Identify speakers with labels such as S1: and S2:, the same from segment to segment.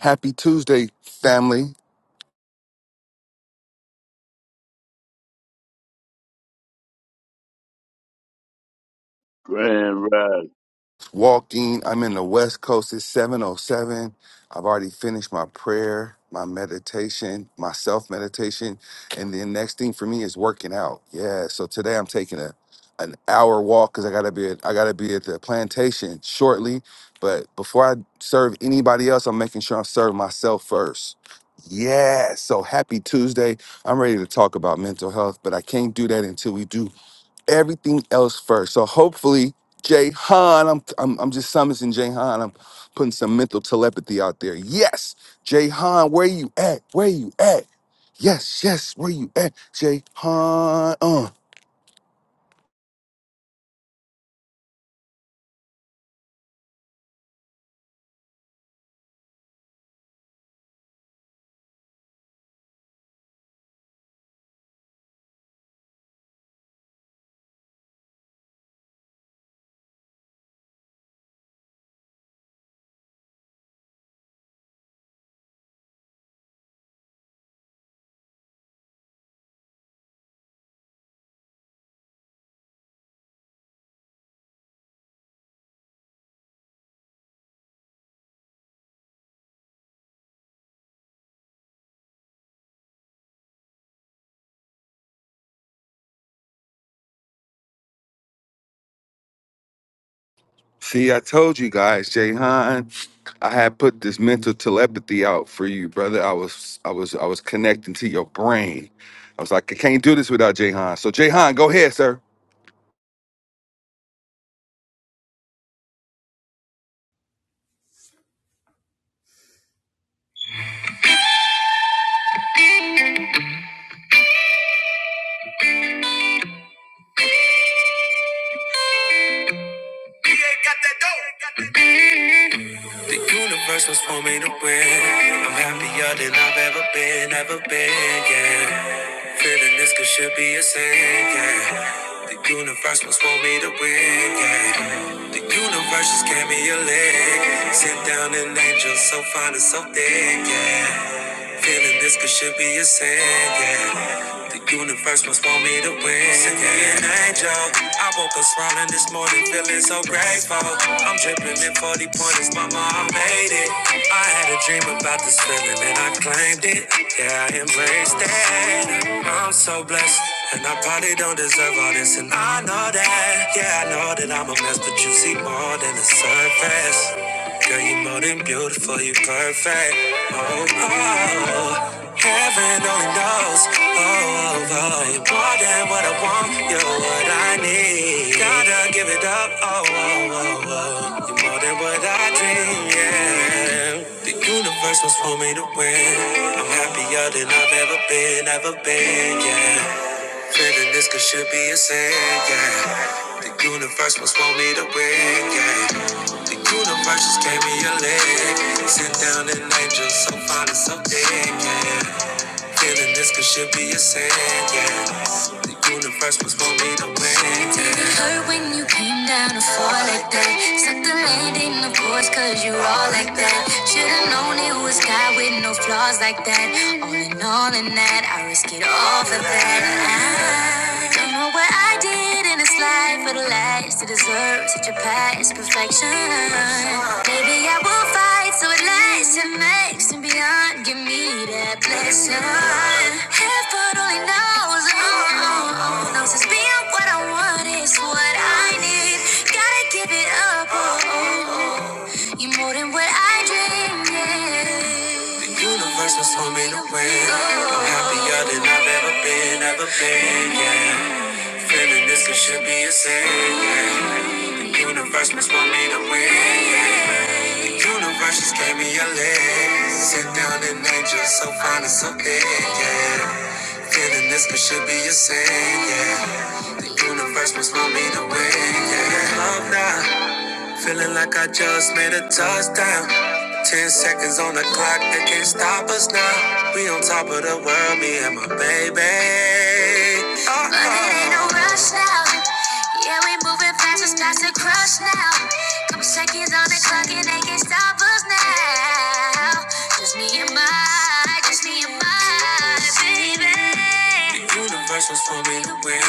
S1: Happy Tuesday, family.
S2: Grand Rise.
S1: It's Walking. I'm in the West Coast. It's 707. I've already finished my prayer, my meditation, my self meditation. And the next thing for me is working out. Yeah. So today I'm taking a an hour walk because I gotta be at I gotta be at the plantation shortly. But before I serve anybody else, I'm making sure I'm serving myself first. Yeah. So happy Tuesday. I'm ready to talk about mental health, but I can't do that until we do everything else first. So hopefully, Jay Han, I'm, I'm, I'm just summoning Jay Han. I'm putting some mental telepathy out there. Yes, Jay Han, where you at? Where you at? Yes, yes, where you at? Jay Han, uh. See, I told you guys, Jay Han, I had put this mental telepathy out for you, brother. I was, I was, I was connecting to your brain. I was like, I can't do this without Jay Han. So Jay Han, go ahead, sir.
S3: The universe was for me to win. I'm happier than I've ever been, ever been, yeah. Feeling this could should be a sin, yeah. The universe was for me to win, yeah. The universe just gave me a leg. Sit down an angel so fine and so thick, yeah. Feeling this could should be a sin, yeah. The universe must want me to win, Send me an angel. I woke up smiling this morning, feeling so grateful. I'm dripping in 40 pointers, mama, I made it. I had a dream about this feeling and I claimed it. Yeah, I embraced it. I'm so blessed. And I probably don't deserve all this, and I know that. Yeah, I know that I'm a mess, but you see more than the surface. Girl, you are more than beautiful, you are perfect. Oh, oh, oh. heaven only knows. Oh, oh, oh, you're more than what I want, you're what I need. Gotta give it up. Oh, oh, oh, oh. you're more than what I dream. Yeah, the universe was for me to win. I'm happier than I've ever been, ever been. Yeah. Feeling this could should be a sin, yeah. The universe must want me to win, yeah. The universe just gave me a leg. Sent down an angel so fine and so dead, yeah. Feeling this could should be a sin, yeah. The universe was for me to win, yeah. Did it hurt when you came down to fall like that? Suck the landing, the course, cause you're all like that. Should've known it was God with no flaws like that. All in all, in that, I risk it all for that. I don't know what I did in this life for the last to deserve such a past perfection. Maybe I will fight so it lasts and makes and beyond. Give me that blessing. Heaven only knows, oh, oh, oh, knows it's being what I want is what I need. Gotta give it up, oh, oh, oh. you more than what I dreamed. Yeah. The universe was homie to win. I'm happier than I've ever been, ever been, yeah. Feeling this it should be a sin. yeah. Universe must want me to win. yeah. Universe just gave me a leg. Sit down and angel, so fine and so big. Yeah. Feeling this it should be a sin. yeah. The universe must want me to win. Yeah, love now. Feeling like I just made a touchdown. Ten seconds on the clock, they can't stop us now. We on top of the world, me and my baby. Uh-oh. But it ain't no rush now. Yeah, we moving fast, it's past the crush now. Couple seconds on the clock, and they can't stop us now. Just me and my, just me and my. The universe was for me to win.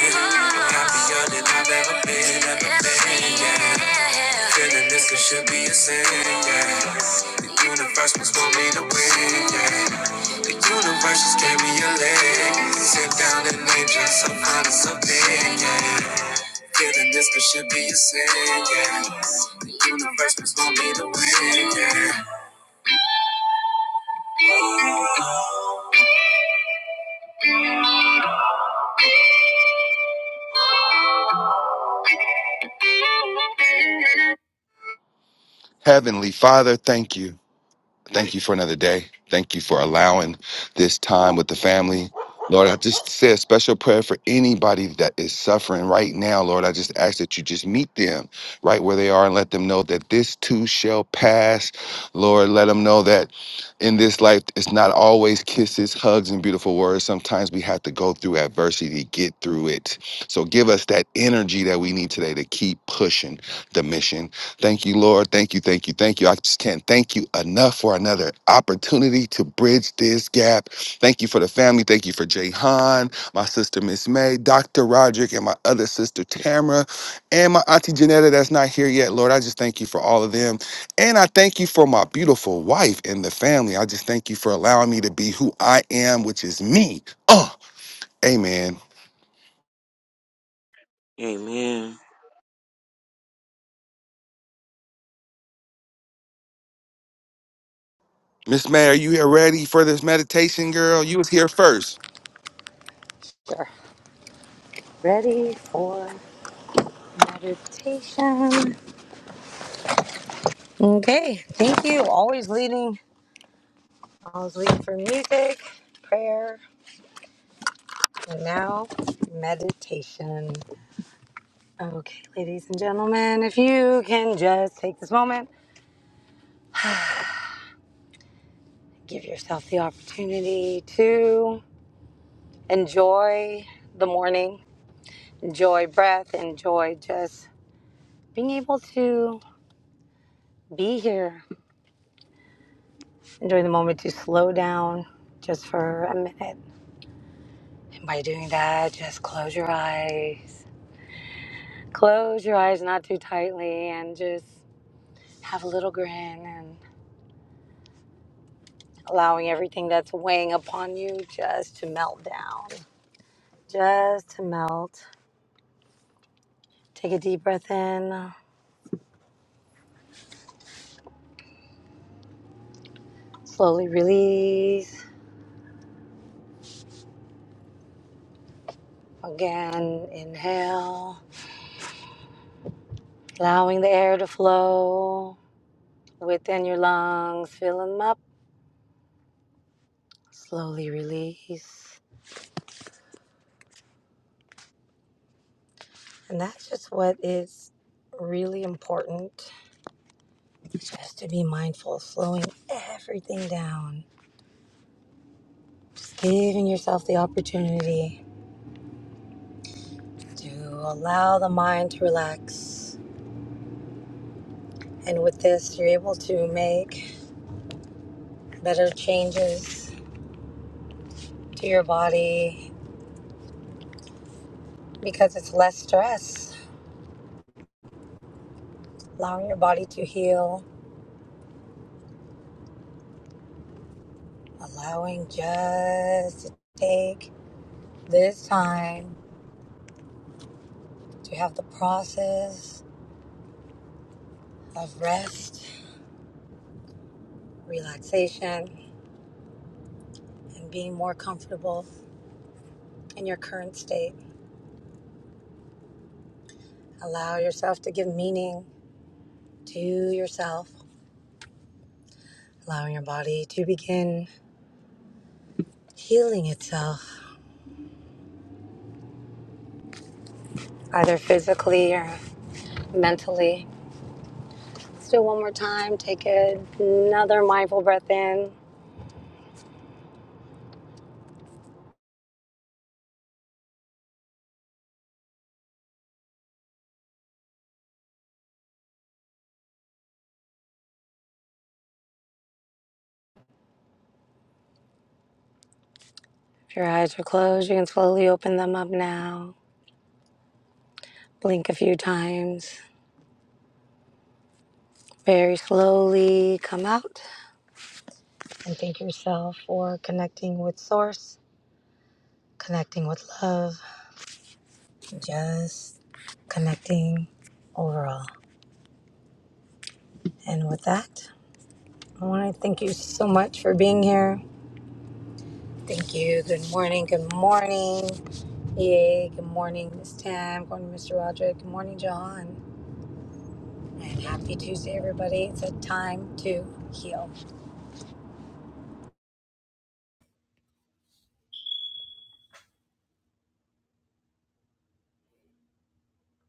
S3: Happier than I've ever been, ever been, yeah. Feeling this it should be a sin, yeah. The universe was for me to win, yeah. The universe just gave me a leg. Sit down and enjoy some honest opinion, yeah. Feeling this could should be a sin, yeah. The universe was for me to win, yeah.
S1: Heavenly Father, thank you. Thank you for another day. Thank you for allowing this time with the family. Lord, I just say a special prayer for anybody that is suffering right now. Lord, I just ask that you just meet them right where they are and let them know that this too shall pass. Lord, let them know that in this life, it's not always kisses, hugs, and beautiful words. Sometimes we have to go through adversity to get through it. So give us that energy that we need today to keep pushing the mission Thank you, Lord. Thank you, thank you, thank you. I just can't thank you enough for another opportunity to bridge this gap. Thank you for the family. Thank you for Jay Han, my sister Miss May, Dr. Roderick, and my other sister Tamara, and my auntie Janetta that's not here yet. Lord, I just thank you for all of them. And I thank you for my beautiful wife and the family. I just thank you for allowing me to be who I am, which is me. Uh, amen.
S4: Amen.
S1: Miss May, are you here ready for this meditation, girl? You was here first.
S5: We're ready for meditation. Okay, thank you. Always leading, always leading for music, prayer, and now meditation. Okay, ladies and gentlemen, if you can just take this moment, give yourself the opportunity to enjoy the morning, enjoy breath, enjoy just being able to be here, enjoy the moment to slow down just for a minute And By doing that, just close your eyes. Close your eyes not too tightly and just have a little grin and allowing everything that's weighing upon you just to melt down. Just to melt. Take a deep breath in. Slowly release. Again, inhale. Allowing the air to flow within your lungs. Fill them up. Slowly release. And that's just what is really important Just to be mindful of slowing everything down, giving yourself the opportunity to allow the mind to relax. And with this, you're able to make better changes to your body because it's less stress, allowing your body to heal, allowing just to take this time to have the process of rest, relaxation, and being more comfortable in your current state. Allow yourself to give meaning to yourself, allowing your body to begin healing itself, either physically or mentally. Let's do it one more time. Take another mindful breath in. If your eyes are closed, you can slowly open them up now. Blink a few times. Very slowly come out and thank yourself for connecting with Source, connecting with love, just connecting overall. And with that, I want to thank you so much for being here. Thank you. Good morning. Good morning. Yay. Good morning, Miss Tam. Good morning, Mr. Roderick. Good morning, John. And happy Tuesday, everybody. It's a time to heal.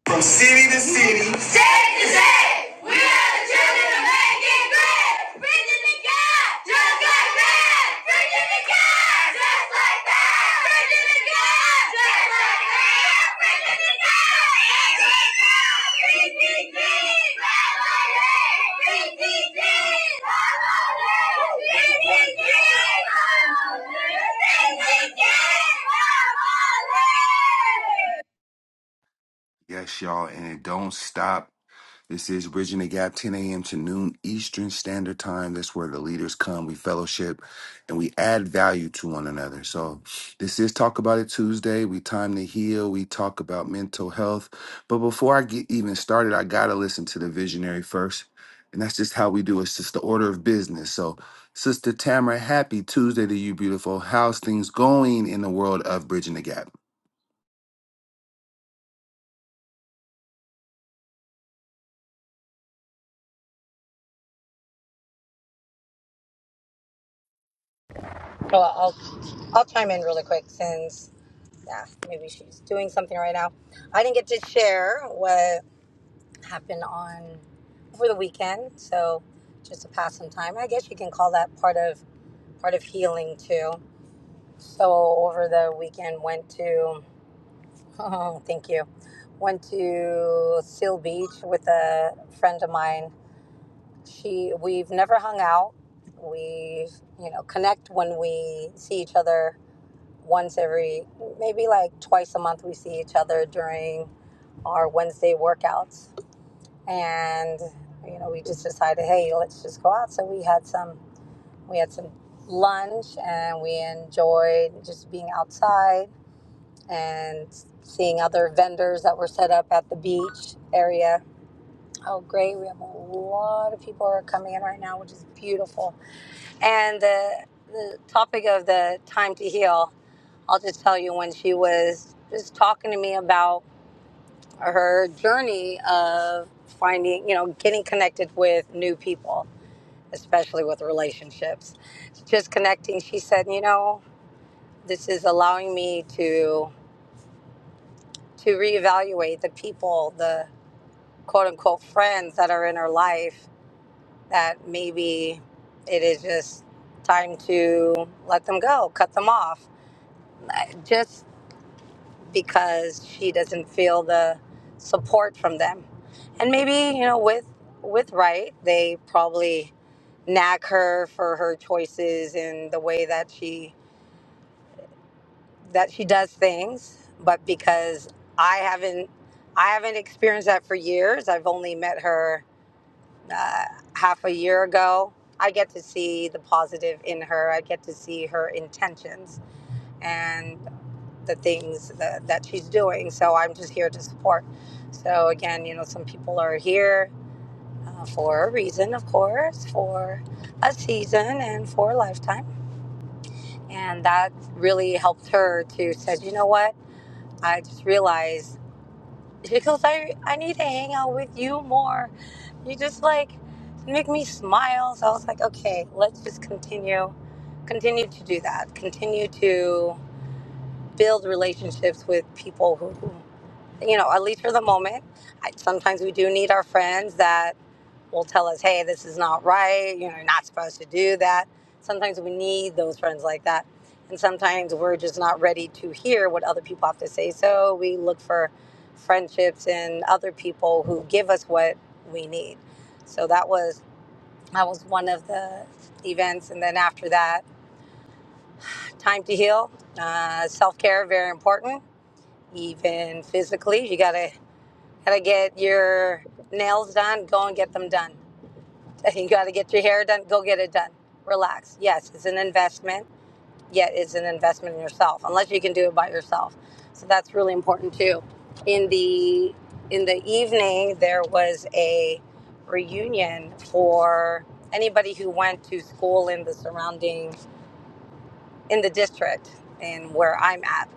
S3: From city to city. State to state. We are the children of making great. Preaching to God just like that. Preaching to God just like that. Preaching to God just like that. Preach it to God just like that. PTG, family. PTG, family. PTG, family. PTG, family.
S1: Yes, y'all, and it don't stop. This is Bridging the Gap, 10 a.m. to noon Eastern Standard Time. That's where the leaders come. We fellowship and we add value to one another. So, this is Talk About It Tuesday. We time to heal. We talk about mental health. But before I get even started, I got to listen to the visionary first. And that's just how we do it. It's just the order of business. So, Sister Tamara, happy Tuesday to you, beautiful. How's things going in the world of Bridging the Gap?
S5: Well, I'll I'll chime in really quick since yeah, maybe she's doing something right now. I didn't get to share what happened on over the weekend, so just to pass some time. I guess you can call that part of part of healing too. So over the weekend, went to oh, thank you, went to Seal Beach with a friend of mine. She we've never hung out. We you know connect when we see each other once every maybe like twice a month. We see each other during our Wednesday workouts, and you know we just decided, hey, let's just go out. So we had some we had some lunch and we enjoyed just being outside and seeing other vendors that were set up at the beach area. Oh, great. We have a lot of people are coming in right now, which is beautiful. And the, the topic of the time to heal, I'll just tell you when she was just talking to me about her journey of finding, you know, getting connected with new people, especially with relationships. Just connecting, she said, you know, this is allowing me to to reevaluate the people, the quote unquote friends that are in her life that maybe it is just time to let them go, cut them off, just because she doesn't feel the support from them. And maybe, you know, with with right, they probably nag her for her choices and the way that she that she does things, but because I haven't I haven't experienced that for years. I've only met her uh, half a year ago. I get to see the positive in her. I get to see her intentions and the things that, that she's doing. So I'm just here to support. So again, you know, some people are here uh, for a reason, of course, for a season and for a lifetime. And that really helped her to say, you know what? I just realized Because I, I need to hang out with you more. You just like make me smile. So I was like, okay, let's just continue, continue to do that. Continue to build relationships with people who, you know, at least for the moment. I, sometimes we do need our friends that will tell us, hey, this is not right. You know, you're not supposed to do that. Sometimes we need those friends like that. And sometimes we're just not ready to hear what other people have to say. So we look for friendships and other people who give us what we need. So that was that was one of the events. And then after that, time to heal. Uh, Self care very important, even physically. You gotta gotta get your nails done. Go and get them done you got to get your hair done, go get it done. Relax. Yes, it's an investment, yet it's an investment in yourself, unless you can do it by yourself. So that's really important too. In the in the evening, there was a reunion for anybody who went to school in the surrounding in the district and where I'm at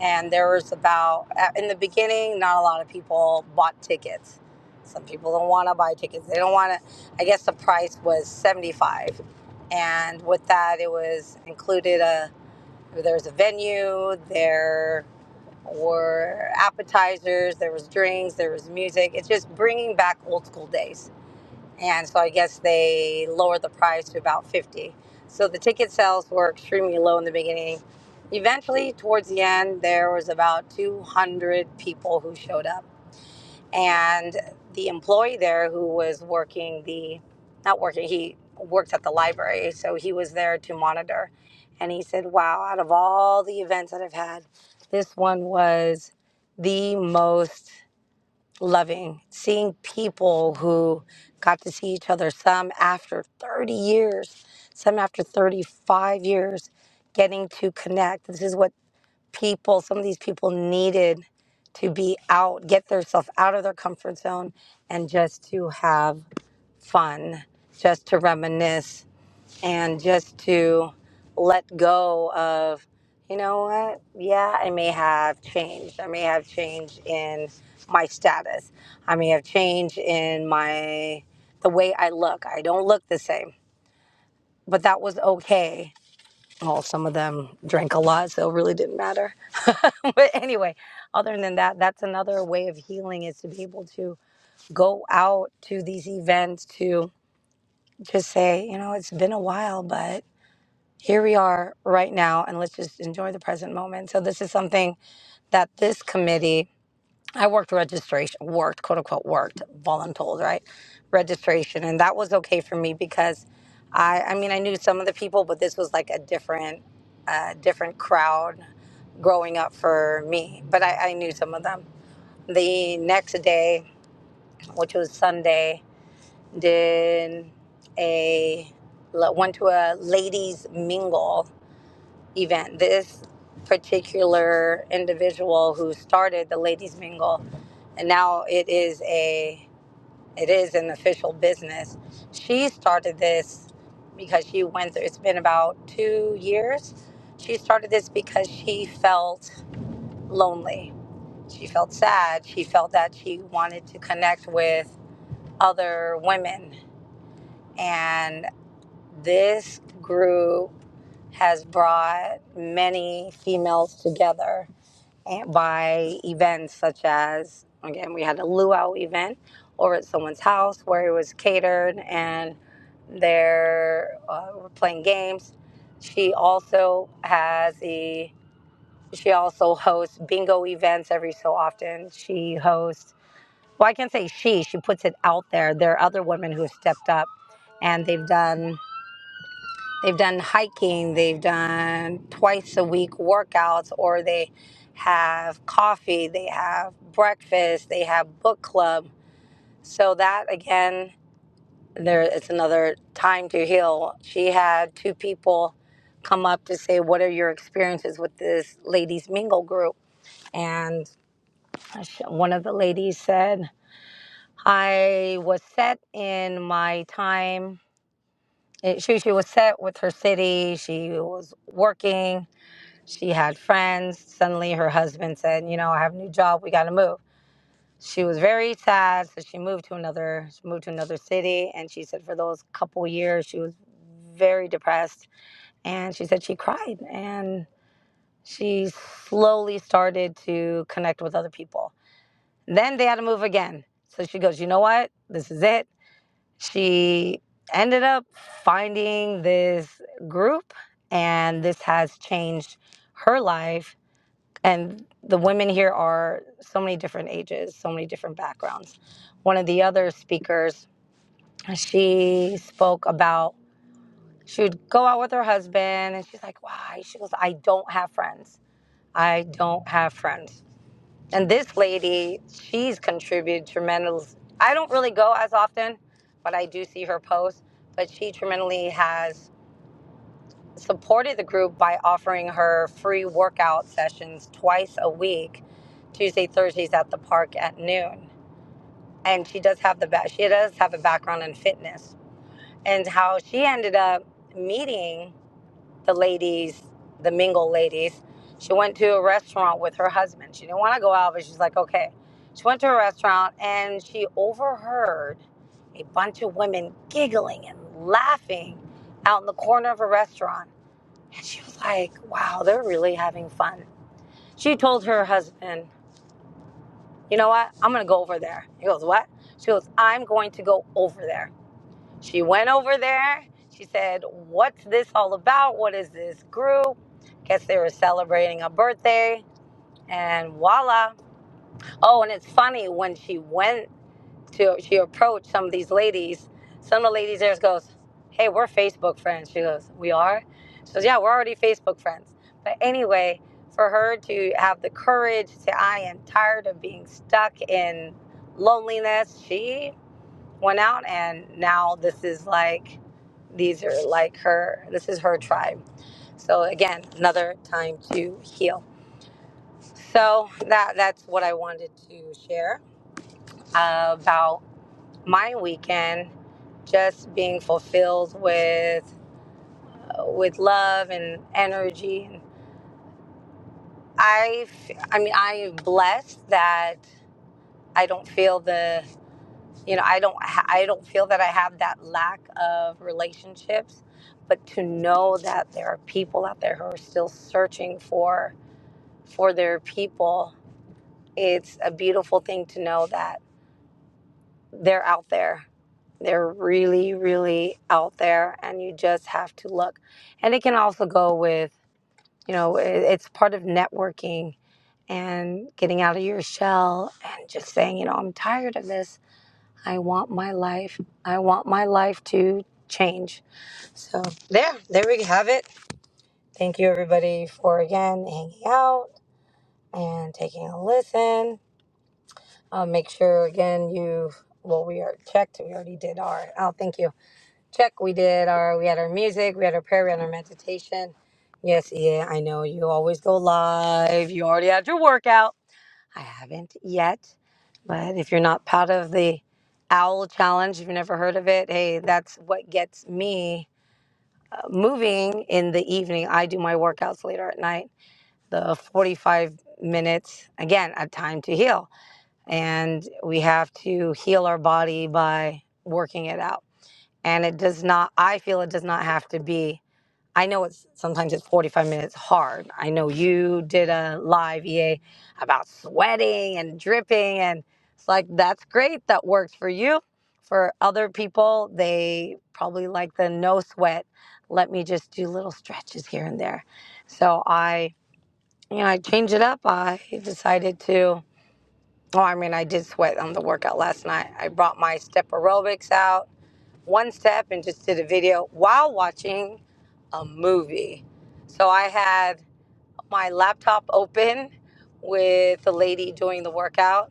S5: and there was about in the beginning not a lot of people bought tickets some people don't want to buy tickets they don't want to i guess the price was 75 dollars. and with that it was included a there was a venue there were appetizers there was drinks there was music it's just bringing back old school days and so I guess they lowered the price to about 50. So the ticket sales were extremely low in the beginning. Eventually, towards the end, there was about 200 people who showed up, and the employee there who was working the, not working, he worked at the library, so he was there to monitor, and he said, "Wow, out of all the events that I've had, this one was the most." loving, seeing people who got to see each other, some after 30 years, some after 35 years, getting to connect. This is what people, some of these people needed to be out, get themselves out of their comfort zone, and just to have fun, just to reminisce and just to let go of you know what yeah i may have changed i may have changed in my status i may have changed in my the way i look i don't look the same but that was okay well some of them drank a lot so it really didn't matter but anyway other than that that's another way of healing is to be able to go out to these events to just say you know it's been a while but here we are right now and let's just enjoy the present moment so this is something that this committee i worked registration worked quote unquote worked voluntold right registration and that was okay for me because i i mean i knew some of the people but this was like a different uh, different crowd growing up for me but I, I knew some of them the next day which was sunday did a went to a ladies mingle event. This particular individual who started the ladies mingle and now it is a it is an official business. She started this because she went through it's been about 2 years. She started this because she felt lonely. She felt sad. She felt that she wanted to connect with other women and this group has brought many females together by events such as again we had a luau event over at someone's house where it was catered and they're uh, were playing games she also has a she also hosts bingo events every so often she hosts well i can't say she she puts it out there there are other women who have stepped up and they've done They've done hiking, they've done twice a week workouts, or they have coffee, they have breakfast, they have book club. So that again, there it's another time to heal. She had two people come up to say, "What are your experiences with this ladies mingle group?" And sh- one of the ladies said, "I was set in my time. It, she she was set with her city. She was working." She had friends. Suddenly, her husband said, "You know, I have a new job. We got to move." She was very sad, so she moved to another she moved to another city. And she said for those couple years, she was very depressed, and she said she cried, and she slowly started to connect with other people. Then they had to move again, so she goes, "You know what? This is it." She ended up finding this group, and this has changed her life and the women here are so many different ages, so many different backgrounds. One of the other speakers, she spoke about she would go out with her husband and she's like, Why? She goes, I don't have friends. I don't have friends. And this lady, she's contributed tremendously. I don't really go as often, but I do see her post. But she tremendously has supported the group by offering her free workout sessions twice a week, Tuesday, Thursdays at the park at noon. And she does have the ba- she does have a background in fitness. And how she ended up meeting the ladies, the mingle ladies. She went to a restaurant with her husband. She didn't want to go out, but she's like, okay. She went to a restaurant and she overheard a bunch of women giggling and laughing out in the corner of a restaurant and she was like, wow, they're really having fun. She told her husband, you know what? I'm going to go over there. He goes, what? She goes, I'm going to go over there. She went over there. She said, what's this all about? What is this group? Guess they were celebrating a birthday. And voila. Oh, and it's funny when she went. she she approached some of these ladies. Some of the ladies there goes, "Hey, we're Facebook friends." She goes, "We are." She goes, "Yeah, we're already Facebook friends." But anyway, for her to have the courage to, say, "I am tired of being stuck in loneliness," she went out and now this is like, these are like her. This is her tribe. So again, another time to heal. So that that's what I wanted to share uh, about my weekend just being fulfilled with with love and energy. I, I mean I'm blessed that I don't feel the you know I don't I don't feel that I have that lack of relationships, but to know that there are people out there who are still searching for for their people, it's a beautiful thing to know that they're out there. They're really, really out there, and you just have to look. And it can also go with, you know, it's part of networking and getting out of your shell and just saying, you know, I'm tired of this. I want my life. I want my life to change. So, there, there we have it. Thank you, everybody, for again hanging out and taking a listen. Uh, make sure, again, you, well, we are checked. We already did our, oh, thank you check. We did our we had our music, we had our prayer, we had our meditation. Yes, yeah, I know you always go live. You already had your workout. I haven't yet, but if you're not part of the owl challenge, if you've never heard of it, hey, that's what gets me uh, moving in the evening. I do my workouts later at night. The 45 minutes again, a time to heal, and we have to heal our body by working it out and it does not i feel it does not have to be i know it's sometimes it's 45 minutes hard i know you did a live ea about sweating and dripping and it's like that's great that works for you for other people they probably like the no sweat let me just do little stretches here and there so i you know i changed it up i decided to oh i mean i did sweat on the workout last night i brought my step aerobics out one step and just did a video while watching a movie. So I had my laptop open with the lady doing the workout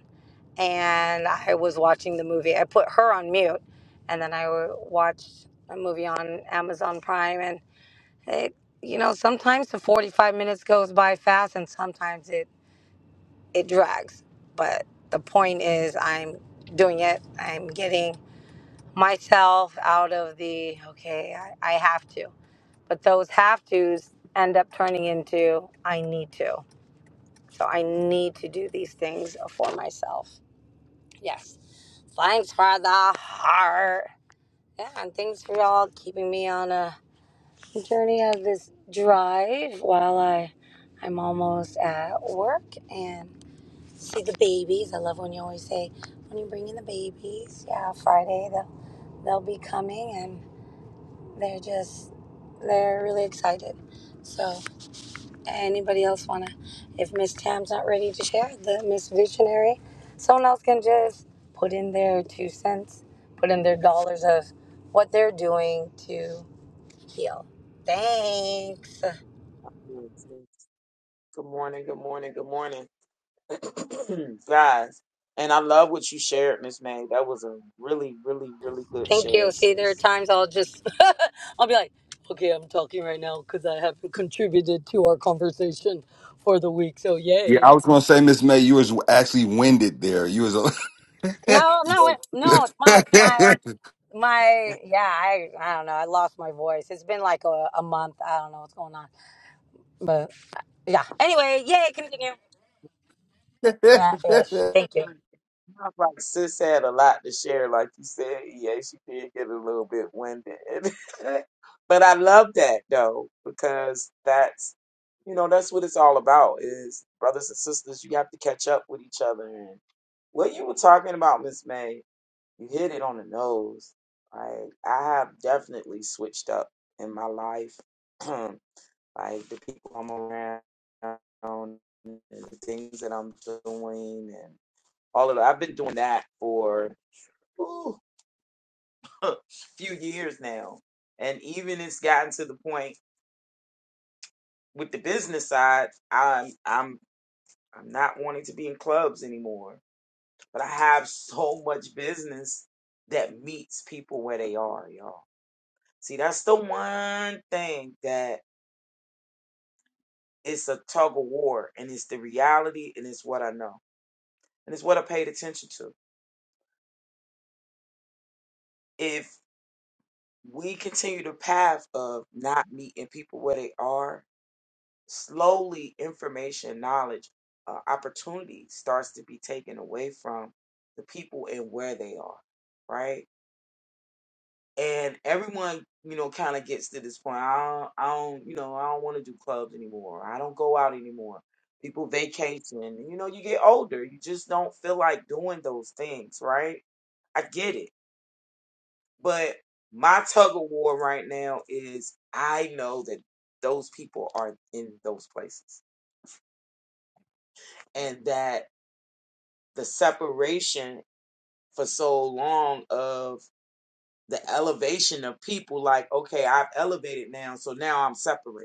S5: and I was watching the movie. I put her on mute and then I w- watched a movie on Amazon Prime and it you know sometimes the 45 minutes goes by fast and sometimes it it drags. But the point is I'm doing it. I'm getting myself out of the okay, I, I have to. But those have tos end up turning into I need to. So I need to do these things for myself. Yes. Thanks for the heart. Yeah, and thanks for y'all keeping me on a journey of this drive while I I'm almost at work and see the babies. I love when you always say when you bring in the babies. Yeah, Friday they'll, they'll be coming and. they're just they're really excited. So anybody else wanna if Miss Tam's not ready to share the Miss Visionary, someone else can just put in their two cents, put in their dollars of what they're doing to heal. Thanks.
S4: Yes, yes. Good morning, good morning, good morning, guys. And I love what you shared, Miss May. That was a really, really, really good
S5: Thank
S4: share,
S5: you. See, there are
S4: sis.
S5: times I'll just I'll be like, okay, I'm talking right now because I haven't contributed to our conversation for the week. So
S1: Yeah, I
S5: yay.
S1: was gonna say, Miss May, you was actually winded there. You was.
S5: No, no,
S4: Yes.
S5: it- no. It's my my. my yeah i i don't know i lost my voice it's been like a, a month i don't know what's going on but yeah anyway yay continue yeah
S1: a.
S5: ish thank you
S4: I Like sis had a lot to share, like you said. Yeah, she did get a little bit winded, but I love that though because that's you know that's what it's all about. Is brothers and sisters, you have to catch up with each other. And what you were talking about, Miss May. You hit it on the nose. Like I have definitely switched up in my life. like the people I'm around and the things that I'm doing and all of that. I've been doing that for ooh, a few years now. And even it's gotten to the point with the business side, I'm I'm I'm not wanting to be in clubs anymore. But I have so much business that meets people where they are, y'all See, that's the one thing that it's a tug of war, and it's the reality, and it's what I know, and it's what I paid attention to. If we continue the path of not meeting people where they are, slowly information, knowledge, uh, opportunity starts to be taken away from the people and where they are, right? and everyone you know kind of gets to this point i don't, I don't you know i don't want to do clubs anymore i don't go out anymore people vacation you know you get older you just don't feel like doing those things right i get it but my tug of war right now is i know that those people are in those places and that the separation for so long of the elevation of people like okay i've elevated now so now i'm separated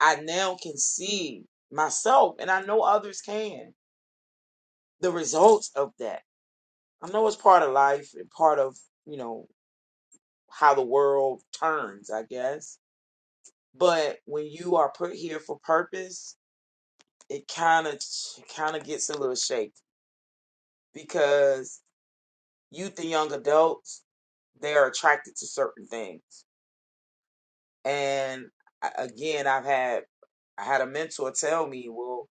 S4: I now can see myself, and I know others can, the results of that. I know it's part of life and part of, you know, how the world turns, I guess. But when you are put here for purpose, it kind of kind of gets a little shaky because youth and young adults they are attracted to certain things. And I- again, I've had I had a mentor tell me, well,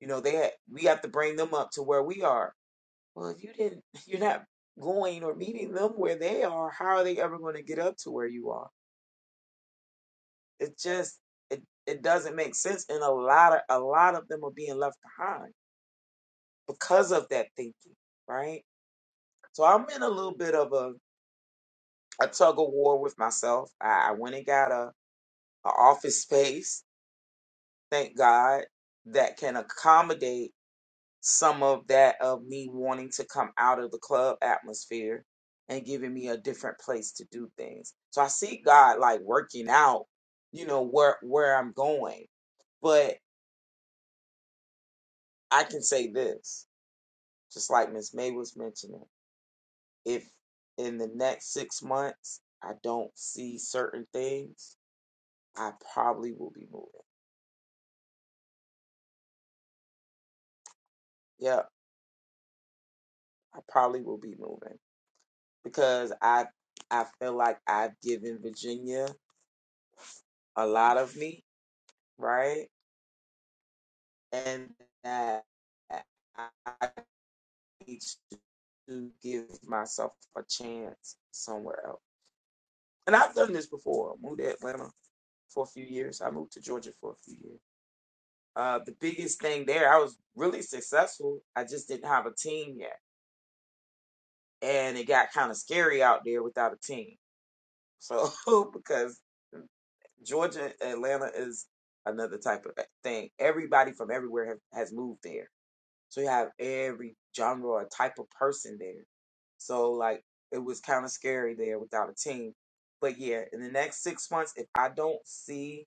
S4: you know, they had, we have to bring them up to where we are Well, if you didn't, you're not going or meeting them where they are, how are they ever going to get up to where you are? It just it it doesn't make sense, and a lot of a lot of them are being left behind because of that thinking, right? So I'm in a little bit of a a tug of war with myself. I, I went and got a, a office space, thank God, that can accommodate some of that of me wanting to come out of the club atmosphere and giving me a different place to do things. So I see God like working out, you know, where where I'm going. But I can say this, just like Miss May was mentioning, if in the next six months I don't see certain things, I probably will be moving. Yep, I probably will be moving because I I feel like I've given Virginia a lot of me, right? and that I need to to give myself a chance somewhere else. And I've done this before. I moved to Atlanta for a few years. I moved to Georgia for a few years. Uh, the biggest thing there, I was really successful. I just didn't have a team yet, and it got kind of scary out there without a team. So because Georgia, Atlanta is another type of thing. Everybody from everywhere have, has moved there So you have every genre or type of person there. So like it was kind of scary there without a team. But yeah, in the next six months, if I don't see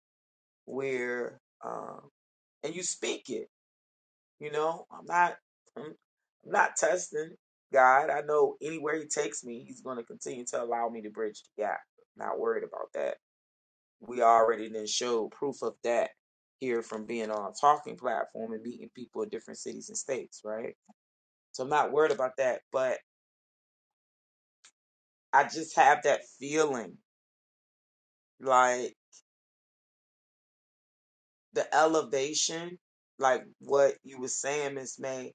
S4: where um and you speak it, you know, I'm not I'm, I'm not testing God. I know anywhere he takes me, he's gonna continue to allow me to bridge the gap. Not worried about that. We already then showed proof of that here from being on a talking platform and meeting people in different cities and states, right? So I'm not worried about that. But I just have that feeling like the elevation, like what you were saying, Miss May.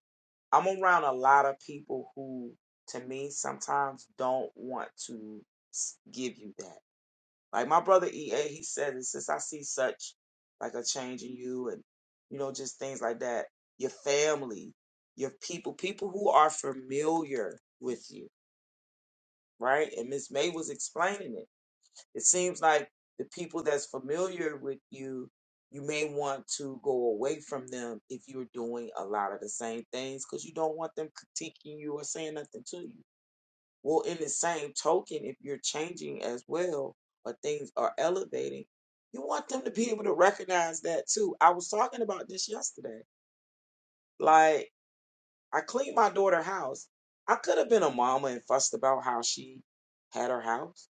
S4: I'm around a lot of people who, to me, sometimes don't want to s- give you that. Like my brother EA, he said it since I see such like a change in you and, you know, just things like that. Your family, your people, people who are familiar with you, right? And Miss May was explaining it It seems like the people that's familiar with you, you may want to go away from them if you're doing a lot of the same things because you don't want them critiquing you or saying nothing to you. Well, in the same token, if you're changing as well or things are elevating, you want them to be able to recognize that too. I was talking about this yesterday. Like, I cleaned my daughter's house. I could have been a mama and fussed about how she had her house.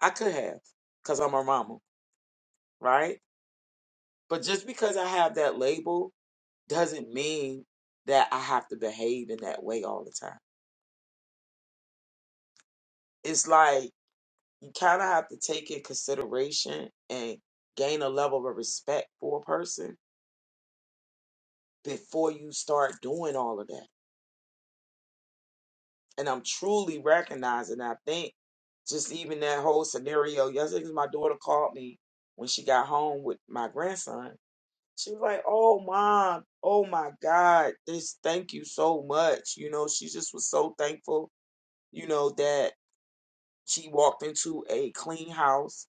S4: I could have, because I'm her mama, right? But just because I have that label doesn't mean that I have to behave in that way all the time. It's like you kind of have to take in consideration and gain a level of respect for a person before you start doing all of that. And I'm truly recognizing, I think, just even that whole scenario yesterday, 'cause my daughter called me when she got home with my grandson. She was like, "Oh, mom, oh my God, this, thank you so much." You know, she just was so thankful you know, that she walked into a clean house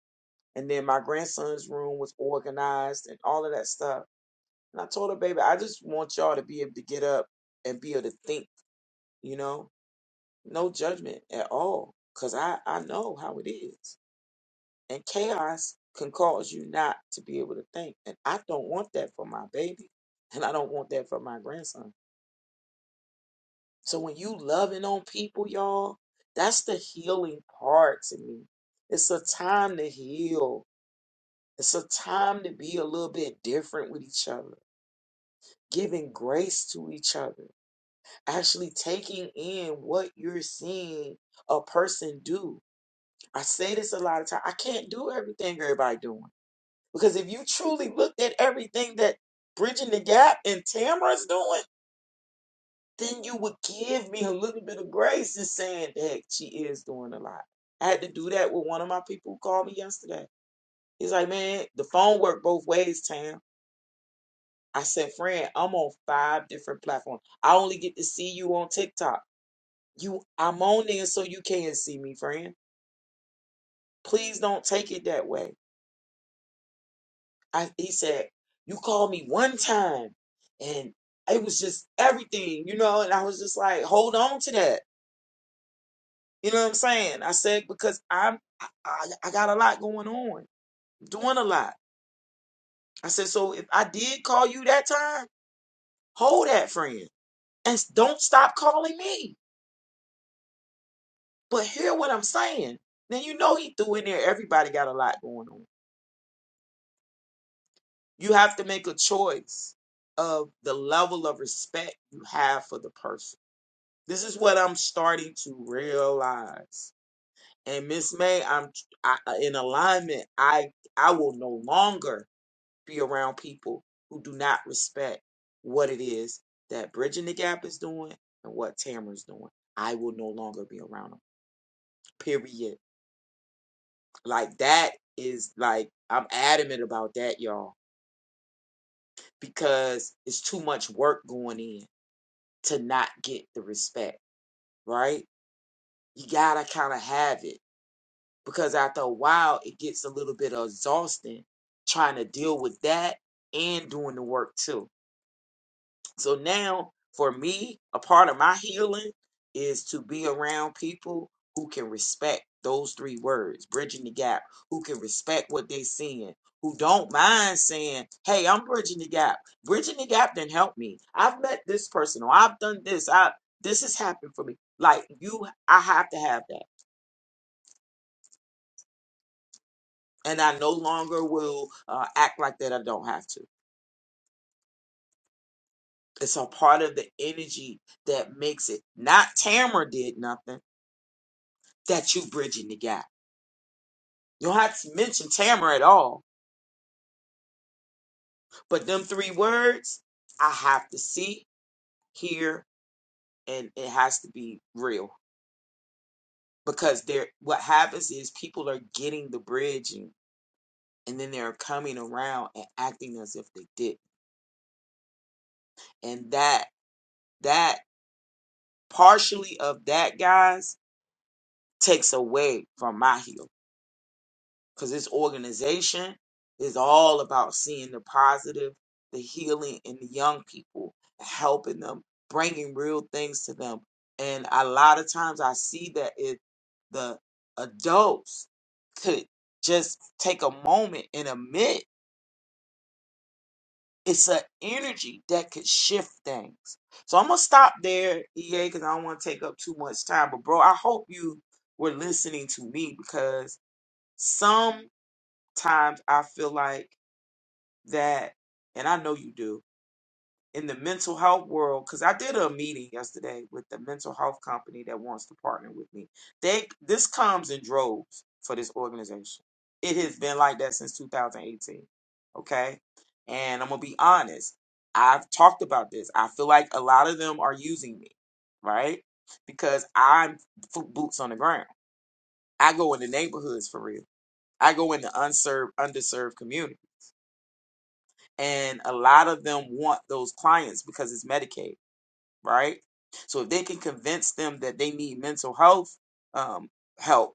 S4: and then my grandson's room was organized and all of that stuff. And I told her, baby, I just want y'all to be able to get up and be able to think, you know, no judgment at all. Cause I, I know how it is. And chaos can cause you not to be able to think. And I don't want that for my baby. And I don't want that for my grandson. So when you loving on people, y'all, that's the healing part to me. It's a time to heal. It's a time to be a little bit different with each other, giving grace to each other, actually taking in what you're seeing a person do. I say this a lot of time. I can't do everything everybody doing because if you truly looked at everything that Bridging the Gap and Tamra's doing, then you would give me a little bit of grace in saying that she is doing a lot. I had to do that with one of my people who called me yesterday. He's like, man, the phone worked both ways, Tam. I said, friend, I'm on five different platforms. I only get to see you on TikTok. You, I'm on there so you can see me, friend. Please don't take it that way. I, he said, you called me one time, and it was just everything, you know. And I was just like, hold on to that. You know what I'm saying? I said because I'm I, I got a lot going on, doing a lot. I said so if I did call you that time, hold that friend and don't stop calling me. But hear what I'm saying. Then you know he threw in there. Everybody got a lot going on. You have to make a choice of the level of respect you have for the person. This is what I'm starting to realize. And Miss May, I'm I- in alignment. I I will no longer be around people who do not respect what it is that Bridging the Gap is doing and what Tamara's doing. I will no longer be around them. Period. Like that is like I'm adamant about that, y'all, because it's too much work going in to not get the respect, right? You gotta kind of have it because after a while, it gets a little bit exhausting trying to deal with that and doing the work too So now, for me, a part of my healing is to be around people who can respect those three words, bridging the gap, who can respect what they're seeing, who don't mind saying, hey, I'm bridging the gap. Bridging the gap didn't help me. I've met this person or I've done this. I this has happened for me. Like you, I have to have that. And I no longer will uh, act like that. I don't have to. It's a part of the energy that makes it. Not Tamara did nothing. that you bridging the gap. You don't have to mention Tamara at all, but them three words, I have to see, hear, and it has to be real because there. What happens is people are getting the bridging, and then they're coming around and acting as if they did, and that that partially of that guys takes away from my healing. because this organization is all about seeing the positive, the healing in the young people, helping them, bringing real things to them. And a lot of times I see that if the adults could just take a moment and admit it's an energy that could shift things. So I'm going to stop there, EA, because I don't want to take up too much time. But, bro, I hope you were listening to me because sometimes I feel like that, and I know you do, in the mental health world, because I did a meeting yesterday with the mental health company that wants to partner with me. They this comes in droves for this organization. It has been like that since 2018. Okay. And I'm gonna be honest. I've talked about this. I feel like a lot of them are using me, right? Because I'm f- boots on the ground. I go in the neighborhoods for real. I go in the unserved, underserved communities. and a lot of them want those clients because it's Medicaid, right? So if they can convince them that they need mental health um, help,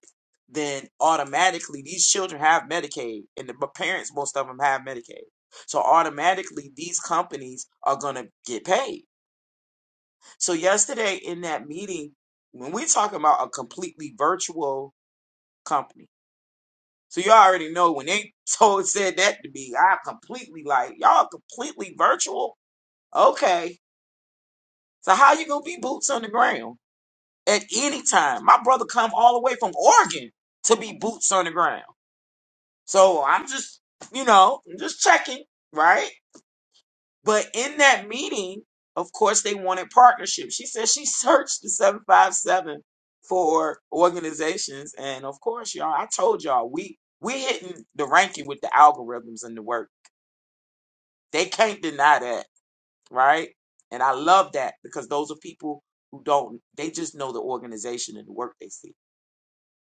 S4: then automatically these children have Medicaid, and the parents, most of them have Medicaid. So automatically these companies are gonna get paid. So yesterday in that meeting, when we talking about a completely virtual company, so you already know when they told said that to me, I completely like y'all completely virtual. Okay, So how you gonna be boots on the ground at any time? My brother come all the way from Oregon to be boots on the ground. So I'm just, you know, I'm just checking, right? But in that meeting, of course, they wanted partnership. She said she searched the 757 for organizations, and of course, y'all, I told y'all we we hitting the ranking with the algorithms and the work. They can't deny that. right? And I love that because those are people who don't they just know the organization and the work they see,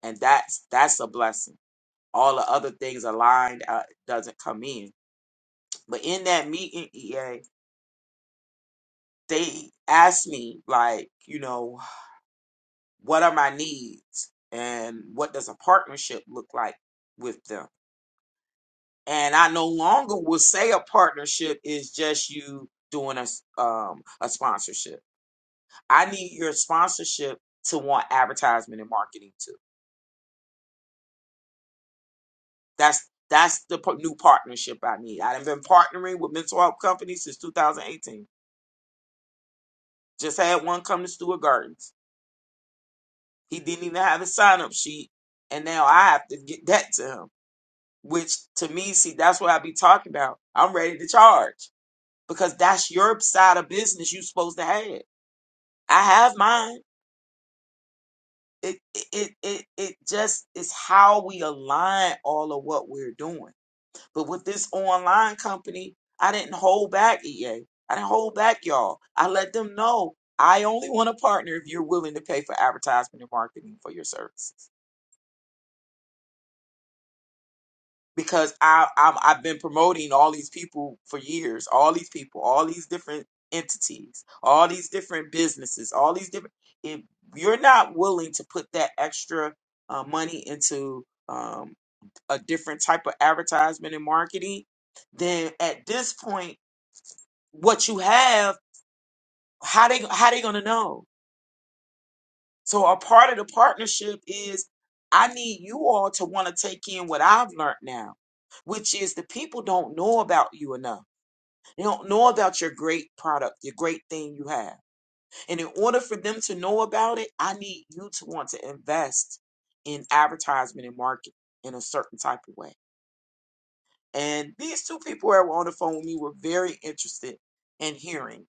S4: and that's that's a blessing. All the other things aligned uh, doesn't come in, but in that meeting, EA they asked me like, you know, what are my needs and what does a partnership look like with them? And I no longer will say a partnership is just you doing a s- um, a sponsorship I need your sponsorship to want advertisement and marketing too. That's that's the p- new partnership I need. I've been partnering with mental health companies since 2018. Just had one come to Stewart Gardens. He didn't even have a sign up sheet, and now I have to get that to him. Which to me, see, that's what I be talking about. I'm ready to charge because that's your side of business you are supposed to have. I have mine. It it it it it just is how we align all of what we're doing But with this online company, I didn't hold back EA. I didn't hold back y'all. I let them know I only want to partner if you're willing to pay for advertisement and marketing for your services. Because I, I'm, I've been promoting all these people for years, all these people, all these different entities, all these different businesses, all these different. If you're not willing to put that extra uh, money into um, a different type of advertisement and marketing, then at this point, what you have, how they how they gonna know? So a part of the partnership is I need you all to want to take in what I've learned now, which is the people don't know about you enough. They don't know about your great product, your great thing you have. And in order for them to know about it, I need you to want to invest in advertisement and marketing in a certain type of way. And these two people that were on the phone with me were very interested in hearing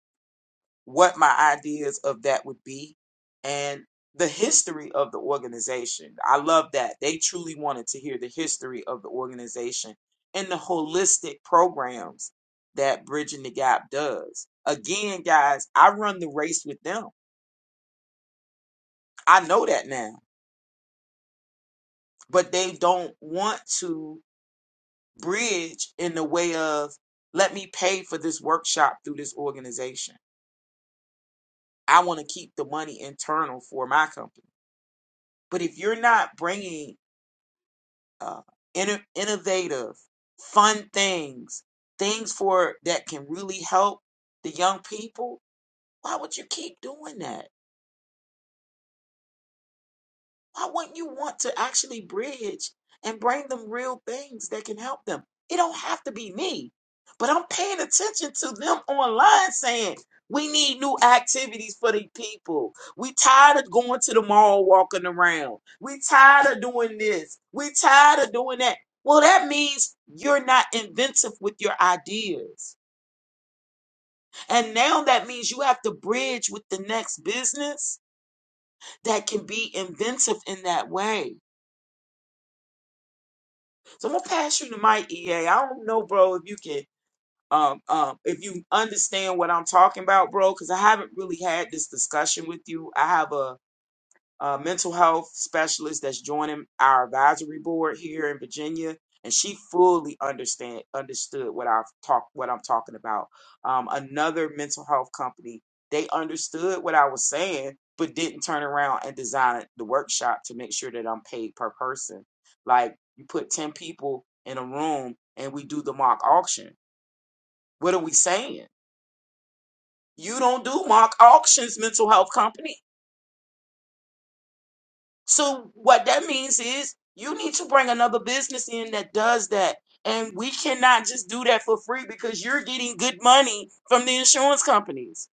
S4: what my ideas of that would be and the history of the organization. I love that. They truly wanted to hear the history of the organization and the holistic programs that Bridging the Gap does. Again, guys, I run the race with them. I know that now, but they don't want to bridge in the way of let me pay for this workshop through this organization. I want to keep the money internal for my company. But if you're not bringing uh, inno- innovative, fun things, things for that can really help the young people, why would you keep doing that? Why wouldn't you want to actually bridge and bring them real things that can help them? It don't have to be me, but I'm paying attention to them online saying we need new activities for the people. We tired of going to the mall walking around. We tired of doing this. We tired of doing that. Well, that means you're not inventive with your ideas. And now that means you have to bridge with the next business that can be inventive in that way So I'm gonna pass you to mic, EA. I don't know, bro, if you can um um if you understand what I'm talking about, bro, because I haven't really had this discussion with you. I have a uh, mental health specialist that's joining our advisory board here in Virginia, and she fully understand understood what I've talked what I'm talking about. Um, another mental health company, they understood what I was saying, but didn't turn around and design the workshop to make sure that I'm paid per person. Like you put ten people in a room and we do the mock auction. What are we saying? You don't do mock auctions, mental health company. So what that means is you need to bring another business in that does that. And we cannot just do that for free because you're getting good money from the insurance companies.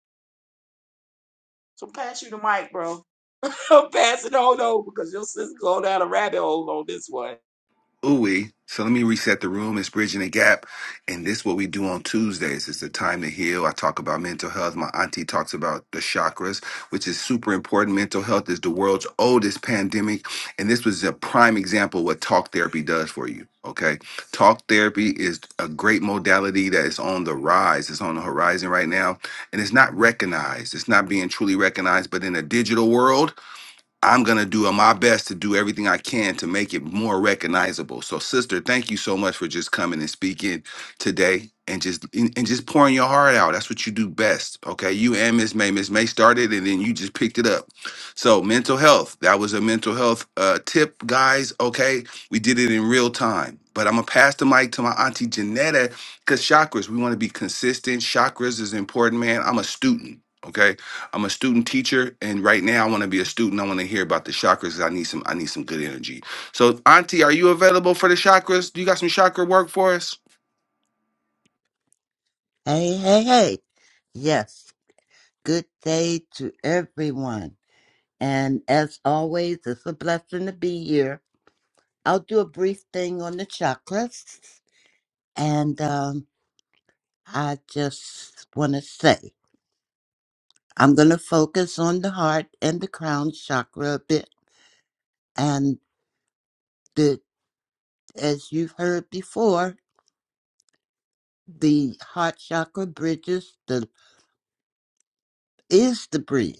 S4: So pass you the mic, bro. I'll pass it on over because your sister go down a rabbit hole on this one.
S1: ooey. So let me reset the room. It's Bridging the Gap. And this is what we do on Tuesdays. It's the time to heal. I talk about mental health. My auntie talks about the chakras, which is super important. Mental health is the world's oldest pandemic. And this was a prime example of what talk therapy does for you. Okay. Talk therapy is a great modality that is on the rise. It's on the horizon right now. And it's not recognized. It's not being truly recognized. But in a digital world, I'm gonna do my best to do everything I can to make it more recognizable. So, sister, thank you so much for just coming and speaking today and just and and just pouring your heart out. That's what you do best. Okay. You and Miss May. Miss May started and then you just picked it up. So mental health. That was a mental health uh tip, guys. Okay. We did it in real time. But I'm gonna pass the mic to my auntie Janetta because chakras, we want to be consistent. Chakras is important, man. I'm a student. Okay. I'm a student teacher, and right now I want to be a student. I want to hear about the chakras. 'cause I need some. I need some good energy. So, Auntie, are you available for the chakras? Do you got some chakra work for us?
S6: Hey, hey, hey. Yes, good day to everyone. And as always, it's a blessing to be here. I'll do a brief thing on the chakras. And um, I just want to say I'm going to focus on the heart and the crown chakra a bit. And the, as you've heard before, the heart chakra bridges the is the bridge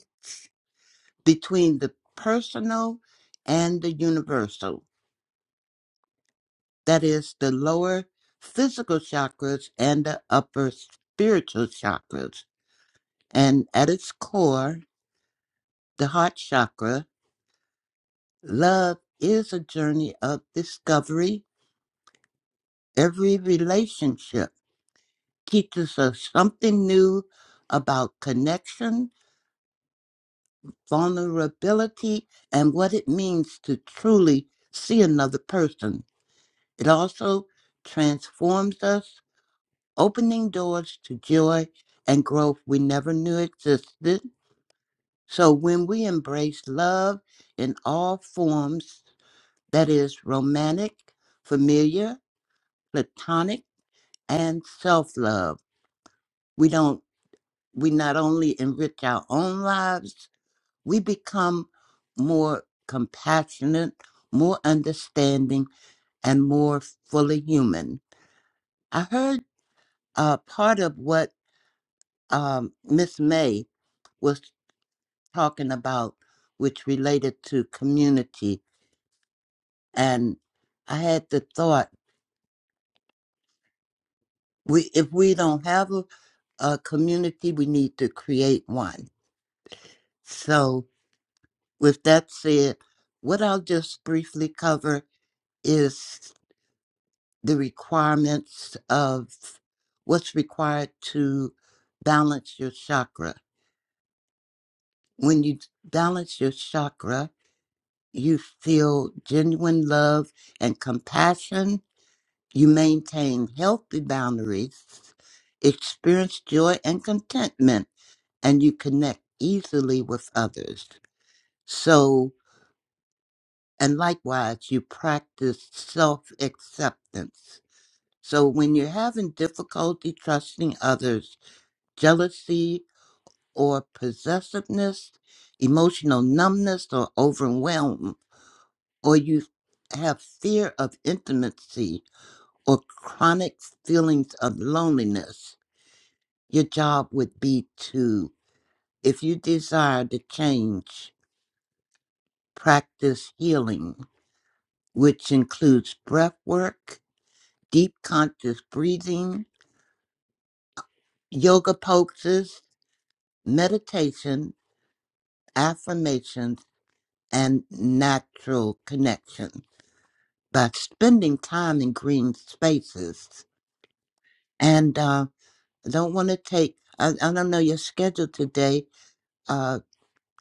S6: between the personal and the universal that is the lower physical chakras and the upper spiritual chakras. And at its core, the heart chakra, love is a journey of discovery. Every relationship teaches us something new about connection, vulnerability, and what it means to truly see another person. It also transforms us opening doors to joy and growth we never knew existed. So when we embrace love in all forms, that is romantic, familiar, platonic, and self-love, we don't we not only enrich our own lives, we become more compassionate, more understanding, and more fully human. I heard uh, part of what um, Miss May was. talking about, which related to community. And I had the thought, we if we don't have a, a community, we need to create one. So with that said, what I'll just briefly cover is the requirements of what's required to balance your chakra. When you balance your chakra, you feel genuine love and compassion You maintain healthy boundaries, experience joy and contentment, and you connect easily with others. So, and likewise, you practice self acceptance. So, when you're having difficulty trusting others, jealousy or possessiveness, emotional numbness or overwhelm, or you have fear of intimacy or chronic feelings of loneliness, Your job would be to, if you desire to change, practice healing, which includes breath work, deep conscious breathing, yoga poses, meditation, affirmations, and natural connection by spending time in green spaces. And uh, I don't want to take, I, I don't know your schedule today, uh,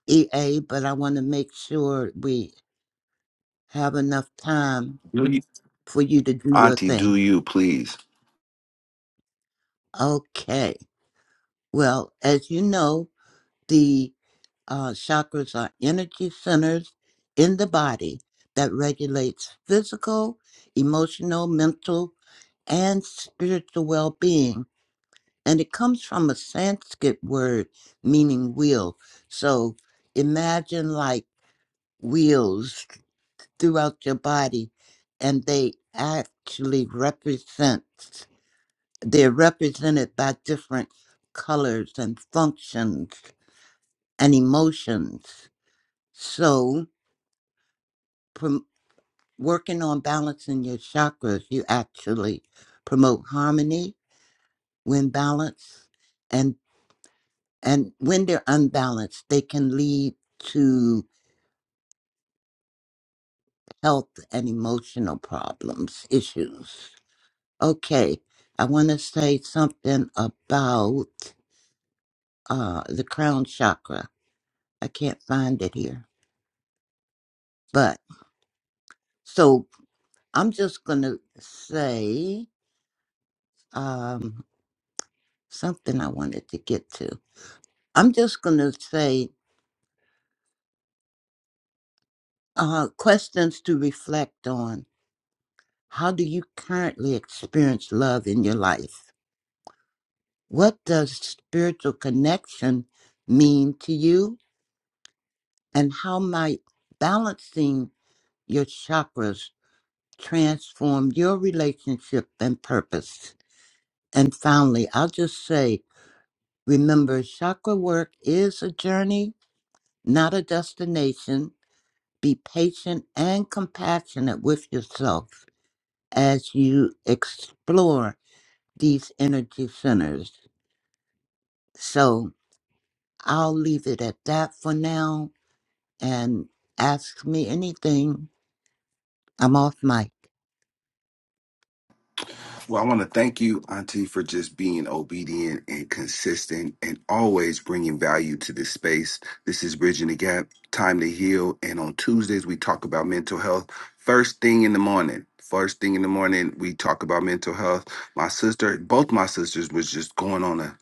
S6: EA, but I want to make sure we have enough time
S1: Do you-
S6: for you to do your
S1: Auntie, do
S6: thing.
S1: you please?
S6: Okay. Well, as you know, the uh, chakras are energy centers in the body that regulates physical, emotional, mental, and spiritual well being. And it comes from a Sanskrit word meaning wheel. So imagine like wheels throughout your body, and they actually represent. They're represented by different colors and functions and emotions. So, prom- working on balancing your chakras, you actually promote harmony when balanced, and and when they're unbalanced, they can lead to health and emotional problems issues. Okay, I want to say something about uh, the crown chakra. I can't find it here, but. So I'm just going to say um, something I wanted to get to. I'm just going to say uh, questions to reflect on. How do you currently experience love in your life? What does spiritual connection mean to you? And how might balancing your chakras transform your relationship and purpose? And finally, I'll just say remember, chakra work is a journey not a destination. Be patient and compassionate with yourself as you explore these energy centers. So I'll leave it at that for now and ask me anything. I'm off mic.
S1: Well, I want to thank you, Auntie, for just being obedient and consistent and always bringing value to this space. This is Bridging the Gap, Time to Heal. And on Tuesdays, we talk about mental health first thing in the morning. First thing in the morning, we talk about mental health. My sister, both my sisters, was just going on a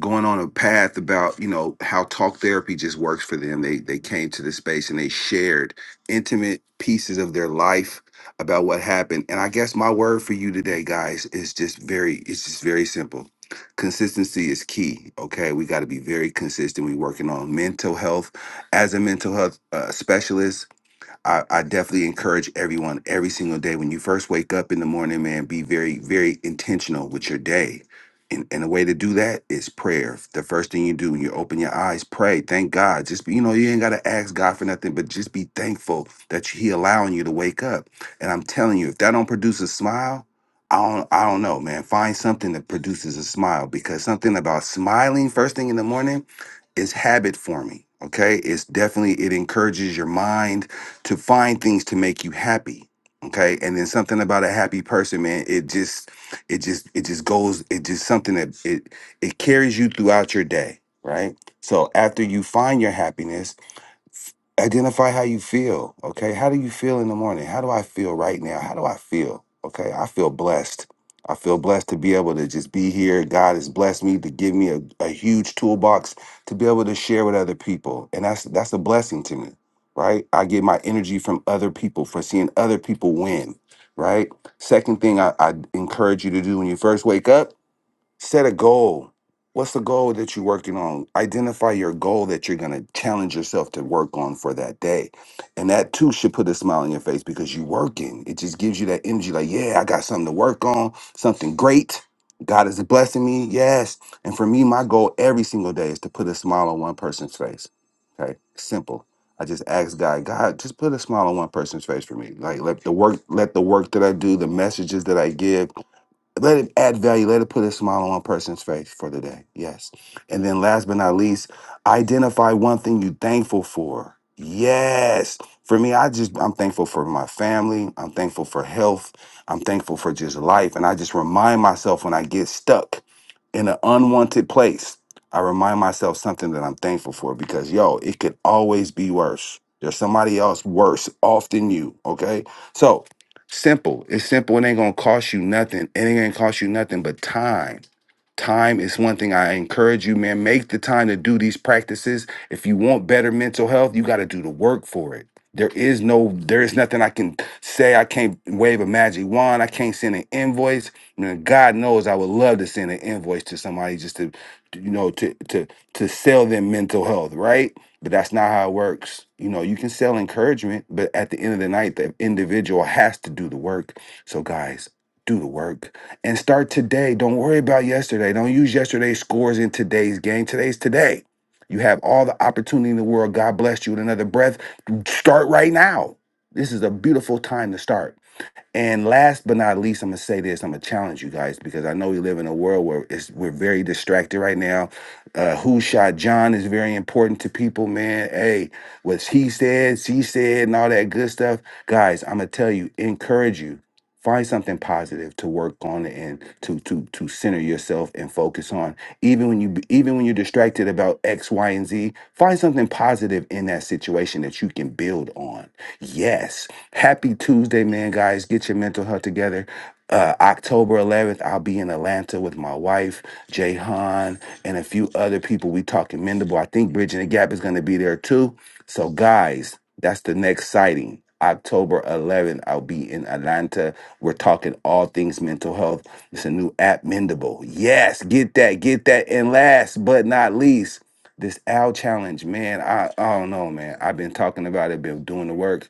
S1: going on a path about you know how talk therapy just works for them. They they came to the space and they shared intimate pieces of their life about what happened. And I guess my word for you today, guys, is just very, it's just very simple. Consistency is key. Okay. We got to be very consistent. We're working on mental health as a mental health uh, specialist I, I definitely encourage everyone every single day when you first wake up in the morning, man, be very, very intentional with your day. And, and a way to do that is prayer. The first thing you do when you open your eyes, pray. Thank God. Just be, you know, you ain't gotta ask God for nothing, but just be thankful that He allowing you to wake up. And I'm telling you, if that don't produce a smile, I don't, I don't know, man. Find something that produces a smile because something about smiling first thing in the morning is habit forming. Okay. It's definitely, it encourages your mind to find things to make you happy. Okay. And then something about a happy person, man, it just, it just, it just goes, it just something that it, it carries you throughout your day. Right. So after you find your happiness, identify how you feel. Okay. How do you feel in the morning? How do I feel right now? How do I feel? Okay. I feel blessed. I feel blessed to be able to just be here. God has blessed me to give me a, a huge toolbox to be able to share with other people. And that's that's a blessing to me. Right. I get my energy from other people for seeing other people win. Right. Second thing I, I encourage you to do when you first wake up set a goal. What's the goal that you're working on? Identify your goal that you're going to challenge yourself to work on for that day. And that too should put a smile on your face because you're working. It just gives you that energy like, yeah, I got something to work on, something great. God is blessing me. Yes. And for me, my goal every single day is to put a smile on one person's face. Okay. Simple. I just ask God, God, just put a smile on one person's face for me. Like let the work, let the work that I do, the messages that I give, let it add value let it put a smile on one person's face for the day yes and then last but not least identify one thing you're thankful for yes for me i just i'm thankful for my family i'm thankful for health i'm thankful for just life and i just remind myself when i get stuck in an unwanted place i remind myself something that i'm thankful for because yo it could always be worse there's somebody else worse off than you okay so Simple. It's simple. It ain't gonna cost you nothing. It ain't gonna cost you nothing but time. Time is one thing I encourage you, man. Make the time to do these practices. If you want better mental health, you got to do the work for it. There is no, there is nothing I can say. I can't wave a magic wand. I can't send an invoice. Man, God knows I would love to send an invoice to somebody just to, to, you know, to to to sell them mental health, right? But that's not how it works. You know, you can sell encouragement, but at the end of the night, the individual has to do the work. So, guys, do the work and start today. Don't worry about yesterday. Don't use yesterday's scores in today's game. Today's today. You have all the opportunity in the world. God bless you with another breath. Start right now. This is a beautiful time to start. And last but not least, I'm gonna say this. I'm gonna challenge you guys because I know we live in a world where it's, we're very distracted right now. Uh, who shot John is very important to people, man. Hey, what he said, she said, and all that good stuff. Guys, I'm gonna tell you, encourage you. Find something positive to work on and to to to center yourself and focus on. Even when you even when you're distracted about X, Y, and Z, find something positive in that situation that you can build on. Yes. Happy Tuesday, man, guys. Get your mental health together. Uh, October 11th, I'll be in Atlanta with my wife, Jay Han, and a few other people. We talking Mendable. I think Bridging the Gap is going to be there too. So, guys, that's the next sighting. October 11th, I'll be in Atlanta. We're talking all things mental health. It's a new app, Mendable. Yes, get that, get that. And last but not least, this Al challenge, man. I, I don't know, man. I've been talking about it, been doing the work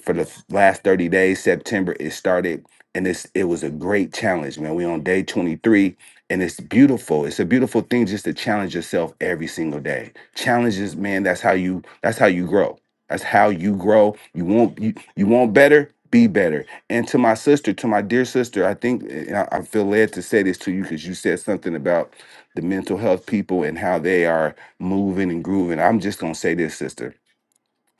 S1: for the last 30 days. September it started, and it's it was a great challenge, man. We on day 23, and it's beautiful. It's a beautiful thing just to challenge yourself every single day challenges, man, that's how you that's how you grow. That's how you grow. You want you you want better, be better. And to my sister, to my dear sister, I think and I, I feel led to say this to you because you said something about the mental health people and how they are moving and grooving. I'm just gonna say this, sister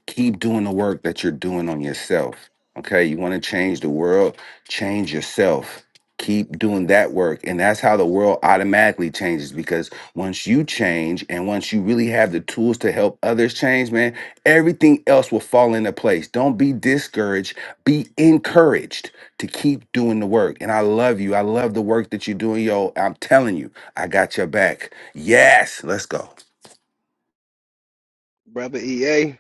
S1: keep doing the work that you're doing on yourself. Okay. You want to change the world, change yourself. Keep doing that work. And that's how the world automatically changes because once you change and once you really have the tools to help others change, man, everything else will fall into place. Don't be discouraged, be encouraged to keep doing the work. And I love you. I love the work that you're doing, yo. I'm telling you, I got your back. Yes. Let's go.
S7: Brother EA,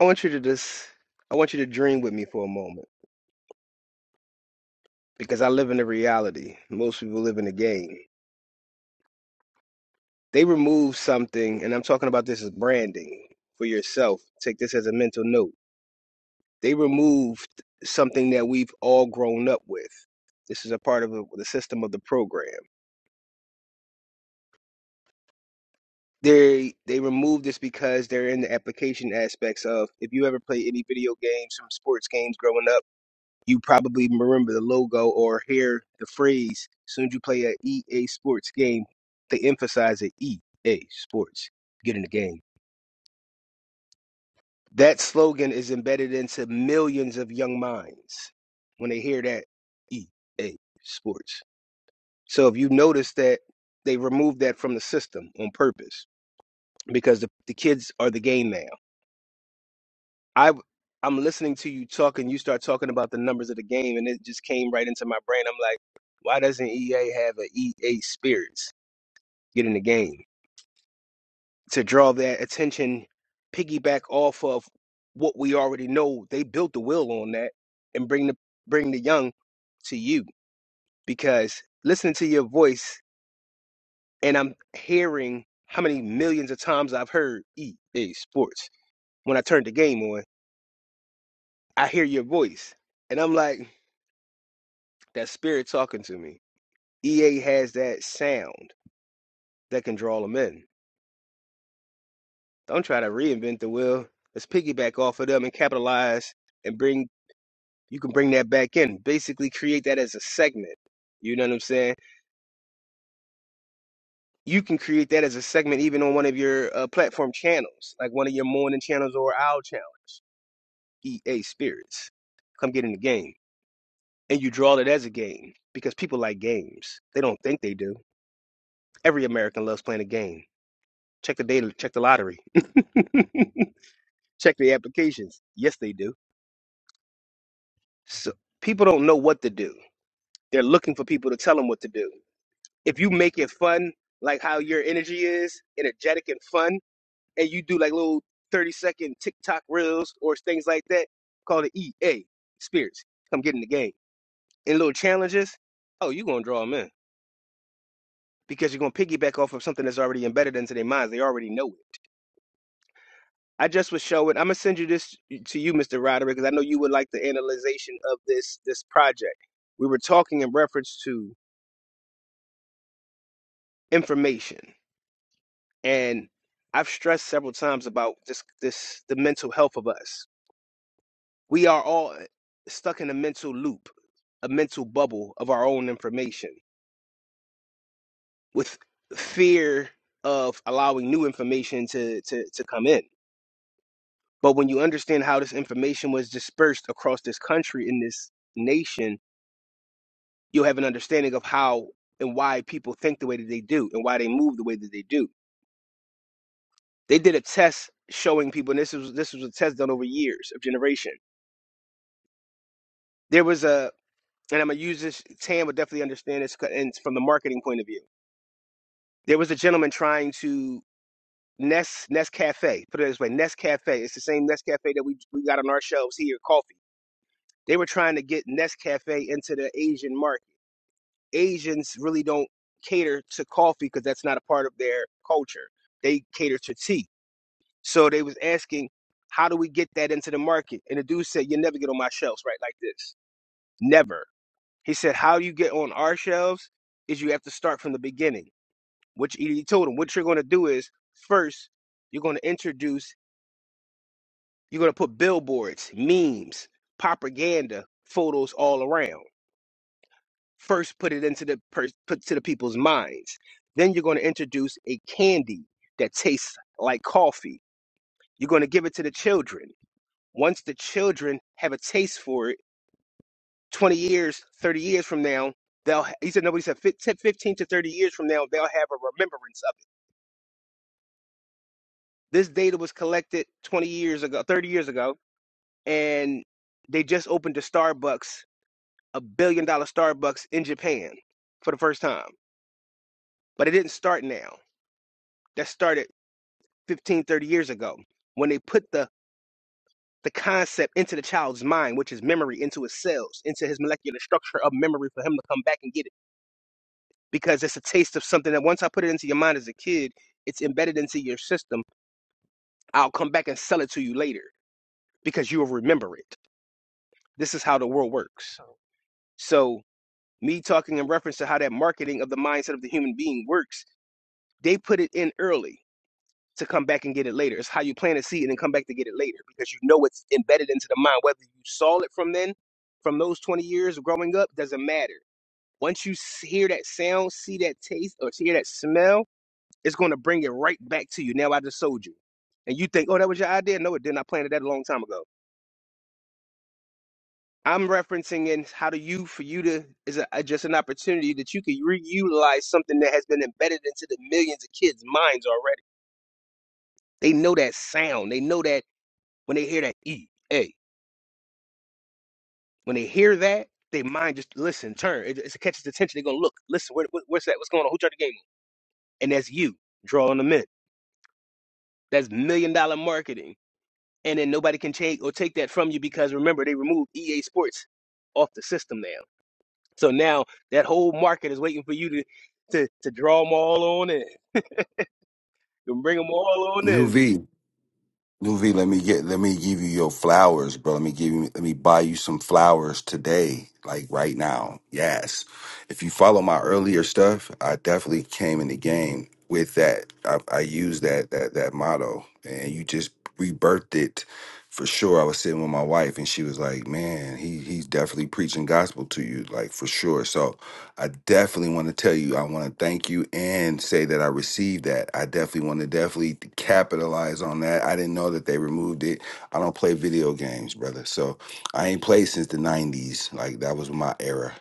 S7: I want you to just, I want you to dream with me for a moment because I live in a reality. Most people live in a game. They remove something, and I'm talking about this as branding for yourself. Take this as a mental note. They removed something that we've all grown up with. This is a part of the the system of the program. They they removed this because they're in the application aspects of if you ever play any video games, some sports games growing up you probably remember the logo or hear the phrase. As soon as you play an E a EA Sports game, they emphasize it EA Sports. Get in the game. That slogan is embedded into millions of young minds when they hear that EA Sports. So if you notice that they removed that from the system on purpose because the, the kids are the game now. i w- I'm listening to you talk and you start talking about the numbers of the game and it just came right into my brain. I'm like, why doesn't EA have an EA Spirits get in the game to draw that attention, piggyback off of what we already know? They built the will on that and bring the bring the young to you because listening to your voice and I'm hearing how many millions of times I've heard EA Sports when I turned the game on. I hear your voice and I'm like. That spirit talking to me. EA has that sound that can draw them in. Don't try to reinvent the wheel. Let's piggyback off of them and capitalize and bring you can bring that back in. Basically create that as a segment. You know what I'm saying? You can create that as a segment even on one of your uh, platform channels, like one of your morning channels or our challenge. EA Spirits. Come get in the game. And you draw it as a game because people like games. They don't think they do. Every American loves playing a game Check the data, check the lottery, check the applications. Yes, they do. So people don't know what to do. They're looking for people to tell them what to do. If you make it fun, like how your energy is, energetic and fun, and you do like little 30 second TikTok reels or things like that, call it EA spirits. Come get in the game. And little challenges, oh, you're going to draw them in because you're going to piggyback off of something that's already embedded into their minds. They already know it. I just was showing. I'm gonna send you this to you, Mr. Roderick, because I know you would like the analyzation of this this project. We were talking in reference to information, and I've stressed several times about this this the mental health of us. We are all eh, stuck in a mental loop, a mental bubble of our own information, with fear of allowing new information to to to come in. But when you understand how this information was dispersed across this country in this nation you'll have an understanding of how and why people think the way that they do and why they move the way that they do. They did a test showing people, and this was this was a test done over years of generation. There was a, and I'm gonna use this. Tam would definitely understand this, and from the marketing point of view, there was a gentleman trying to Nest Nest Cafe. Put it this way, Nest Cafe. It's the same Nest Cafe that we we got on our shelves here, coffee. They were trying to get Nest Cafe into the Asian market Asians really don't cater to coffee because that's not a part of their culture. They cater to tea. So they was asking, how do we get that into the market? And the dude said, you'll never get on my shelves right like this. Never. He said, how you get on our shelves is you have to start from the beginning. Which he told him, what you're going to do is first, you're going to introduce, you're going to put billboards, memes, propaganda, photos all around. first put it into the per- put to the people's minds. Then you're going to introduce a candy that tastes like coffee. You're going to give it to the children. Once the children have a taste for it, 20 years, 30 years from now, they'll ha- he said nobody said fif- 10 15 to 30 years from now they'll have a remembrance of it. This data was collected 20 years ago, 30 years ago, and they just opened a Starbucks, a billion dollar Starbucks in Japan for the first time. But it didn't start now. That started 15 30 years ago when they put the, the concept into the child's mind, which is memory, into his cells, into his molecular structure of memory for him to come back and get it. Because it's a taste of something that once I put it into your mind as a kid, it's embedded into your system. I'll come back and sell it to you later because you'll remember it. This is how the world works. So, me talking in reference to how that marketing of the mindset of the human being works, they put it in early to come back and get it later. It's how you plant a seed and then come back to get it later because you know it's embedded into the mind. Whether you saw it from then, from those 20 years of growing up, doesn't matter. Once you s- hear that sound, see that taste, or hear that smell, it's going to bring it right back to you. Now I just sold you. And you think, oh, that was your idea? No, it didn't. I planted that a long time ago. I'm referencing in how do you, for you to, is a, a- just an opportunity that you can reutilize something that has been embedded into the millions of kids' minds already. They know that sound. They know that. When they hear that E A, when they hear that, they mind just listen, turn. It, it catches attention. They're gonna look, listen. Where, where- where's that? What's going on? Who turned the game on? And that's you drawing them in. That's million dollar marketing. And then nobody can take or take that from you because remember they removed EA Sports off the system now. So now that whole market is waiting for you to to to draw them all on in. You bring them all on
S1: New
S7: in.
S1: V. Nuvi, let me get let me give you your flowers, bro. Let me give you let me buy you some flowers today, like right now. Yes. If you follow my earlier stuff, I definitely came in the game with that. I, I used that that that motto and you just rebirthed it for sure. I was sitting with my wife and she was like, Man, he he's definitely preaching gospel to you, like for sure. So I definitely want to tell you, I want to thank you and say that I received that. I definitely want to definitely capitalize on that. I didn't know that they removed it. I don't play video games, brother. So I ain't played since the 90s. Like that was my era.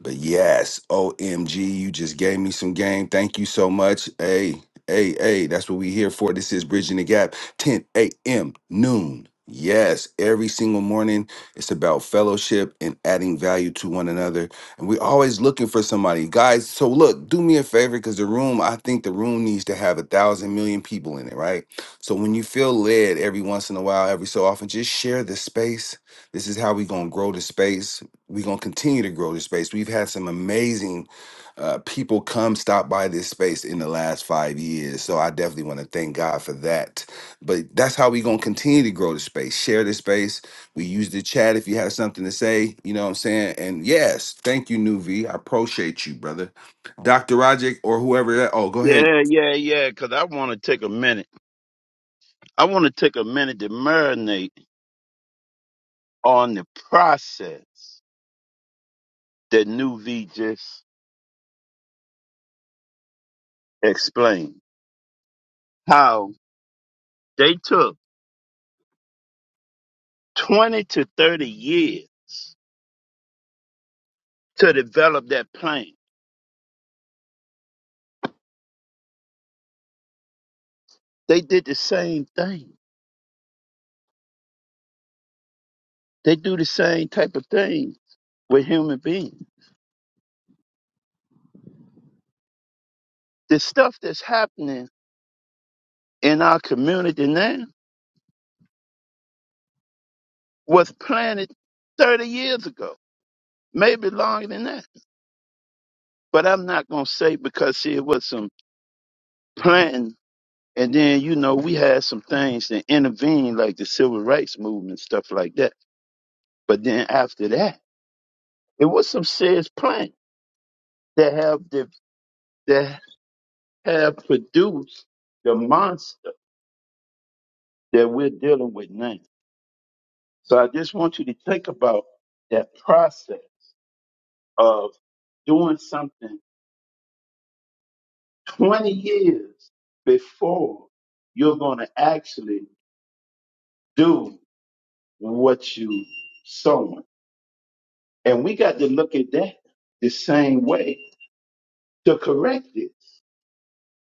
S1: But yes, OMG, you just gave me some game. Thank you so much. Hey, hey, hey, that's what we here for. This is Bridging the Gap, 10 a.m. noon. Yes, every single morning it's about fellowship and adding value to one another. And we're always looking for somebody. Guys, so look, do me a favor because the room, I think the room needs to have a thousand million people in it, right? So when you feel led every once in a while, every so often, just share the space. This is how we gonna grow the space we're going to continue to grow this space. We've had some amazing uh, people come stop by this space in the last five years. So I definitely want to thank God for that. But that's how we're going to continue to grow the space, share the space. We use the chat if you have something to say, you know what I'm saying? And yes, thank you, New V. I appreciate you, brother. Dr. Rajic or whoever that, oh, go ahead,
S2: Yeah, yeah, yeah. Because I want to take a minute. I want to take a minute to marinate on the process that New V just explained. How they took 20 to 30 years to develop that plan. They did the same thing. They do the same type of thing with human beings. The stuff that's happening in our community now was planted 30 years ago, maybe longer than that. but I'm not gonna say because see it was some planting, and then you know we had some things that intervened, like the civil rights movement stuff like that. But then after that, it was some serious planting that have the, that have produced the monster that we're dealing with now. So I just want you to think about that process of doing something 20 years before you're going to actually do what you sowing. And we got to look at that the same way to correct it.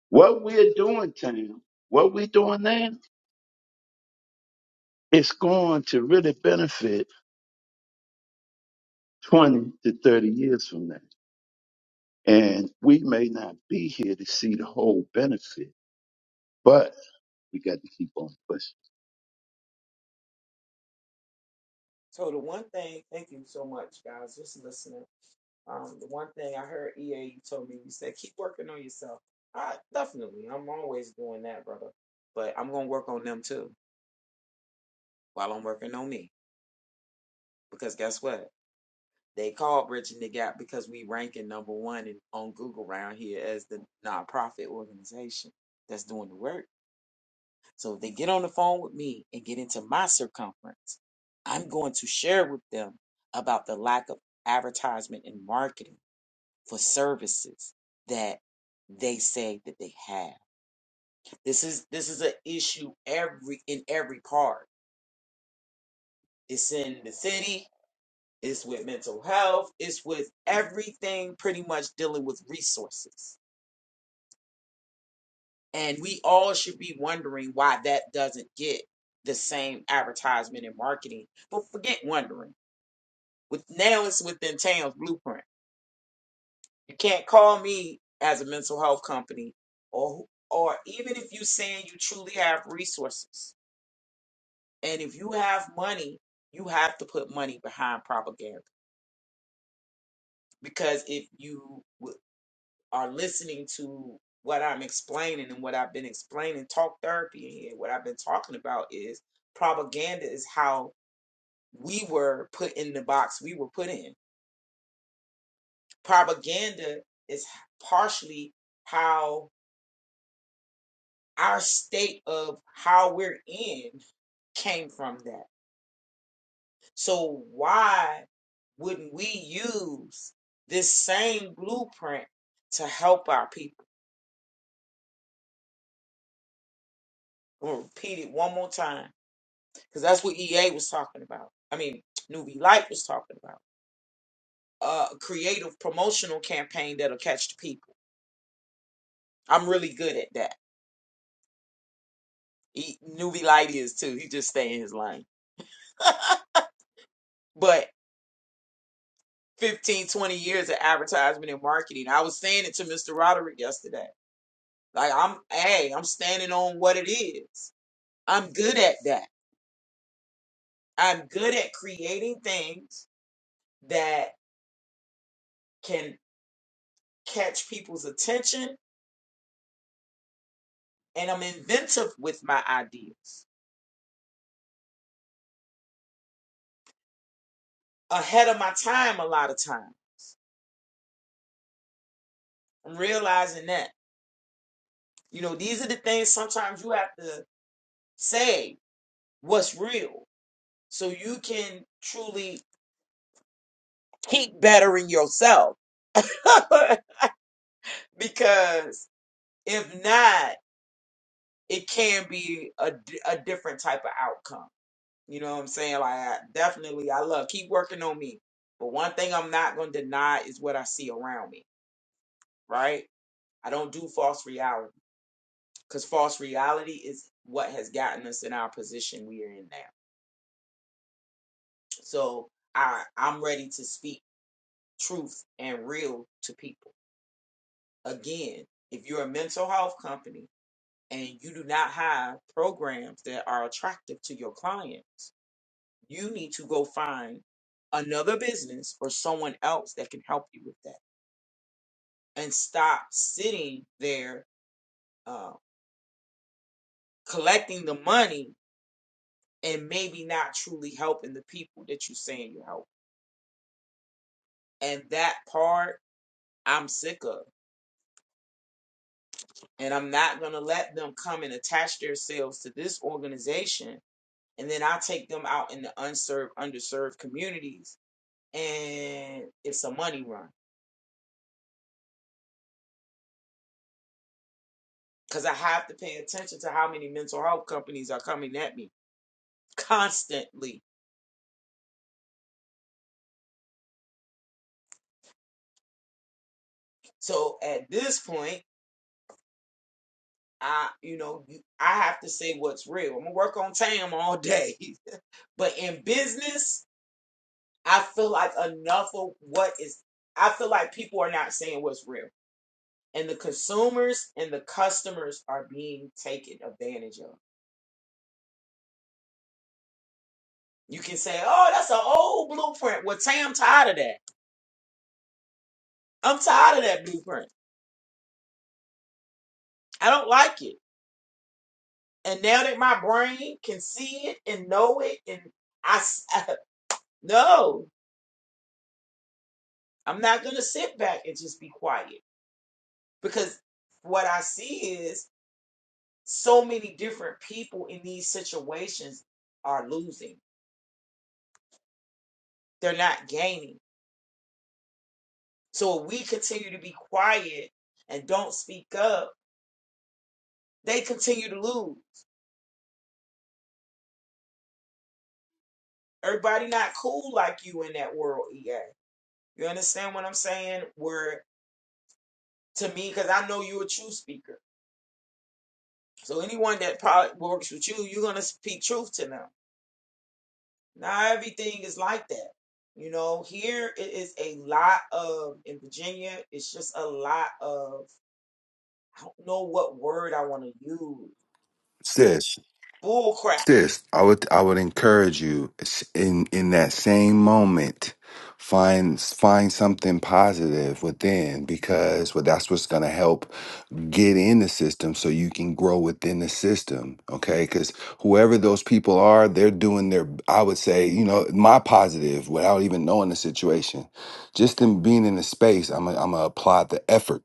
S2: What we're doing, Tam, what we're doing now, it's going to really benefit 20 to 30 years from now. And we may not be here to see the whole benefit, but we got to keep on pushing.
S4: So the one thing, thank you so much, guys, just listening. Um, the one thing I heard EA you told me, you said keep working on yourself. I definitely, I'm always doing that, brother. But I'm gonna work on them too while I'm working on me, because guess what? They called Bridging the Gap because we ranking number one in, on Google around here as the nonprofit organization that's doing the work. So if they get on the phone with me and get into my circumference, I'm going to share with them about the lack of advertisement and marketing for services that they say that they have. This is this is an issue every in every part. It's in the city, It's with mental health. It's with everything pretty much dealing with resources. And we all should be wondering why that doesn't get the same advertisement and marketing. But forget wondering. With now it's within Tam's blueprint. You can't call me as a mental health company or or even if you saying you truly have resources and if you have money, you have to put money behind propaganda. Because if you are listening to what I'm explaining and what I've been explaining, talk therapy in here, what I've been talking about is propaganda is how we were put in the box we were put in. Propaganda is partially how our state of how we're in came from that. So why wouldn't we use this same blueprint to help our people? I'm gonna repeat it one more time because that's what EA was talking about. I mean, Newbie Light was talking about uh, a creative promotional campaign that'll catch the people. I'm really good at that. He, Newbie Light is too. He just stay in his lane. But 15, 20 years of advertisement and marketing. I was saying it to Mr. Roderick yesterday. Like I'm, hey, I'm standing on what it is. I'm good at that. I'm good at creating things that can catch people's attention, and I'm inventive with my ideas. ahead of my time a lot of time. I'm realizing that. You know, these are the things sometimes you have to say what's real so you can truly keep bettering yourself. because if not, it can be a, di- a different type of outcome. You know what I'm saying? Like, I, definitely, I love keep working on me. But one thing I'm not going to deny is what I see around me, right? I don't do false realities. because false reality is what has gotten us in our position we are in now. So I I'm ready to speak truth and real to people. Again, if you're a mental health company and you do not have programs that are attractive to your clients, you need to go find another business or someone else that can help you with that and stop sitting there uh, collecting the money and maybe not truly helping the people that you're saying you're helping. And that part I'm sick of. And I'm not going to let them come and attach themselves to this organization. And then i take them out in the unserved, underserved communities. And it's a money run because I have to pay attention to how many mental health companies are coming at me constantly. So at this point, I, you know, I have to say what's real. I'm going to work on Tam all day. but in business, I feel like enough of what is, I feel like people are not saying what's real. And the consumers and the customers are being taken advantage of. You can say, oh, that's an old blueprint. Well, Tay, I'm tired of that. I'm tired of that blueprint. I don't like it. And now that my brain can see it and know it, and I, s- no, I'm not going to sit back and just be quiet because what I see is so many different people in these situations are losing They're not gaining. So if we continue to be quiet and don't speak up, they continue to lose. Everybody not cool like you in that world, EA. You understand what I'm saying? Where to me, because I know you're a truth speaker. So anyone that probably works with you, you're gonna speak truth to them. Not everything is like that. You know, here it is a lot of in Virginia, it's just a lot of I don't know what word I want to use.
S1: sis.
S4: Bullcrap.
S1: sis, I would I would encourage you s- in in that same moment find find something positive within because well, that's what's going to help get in the system so you can grow within the system okay because whoever those people are they're doing their i would say you know my positive without even knowing the situation just them being in the space i'm gonna I'm gonna apply the effort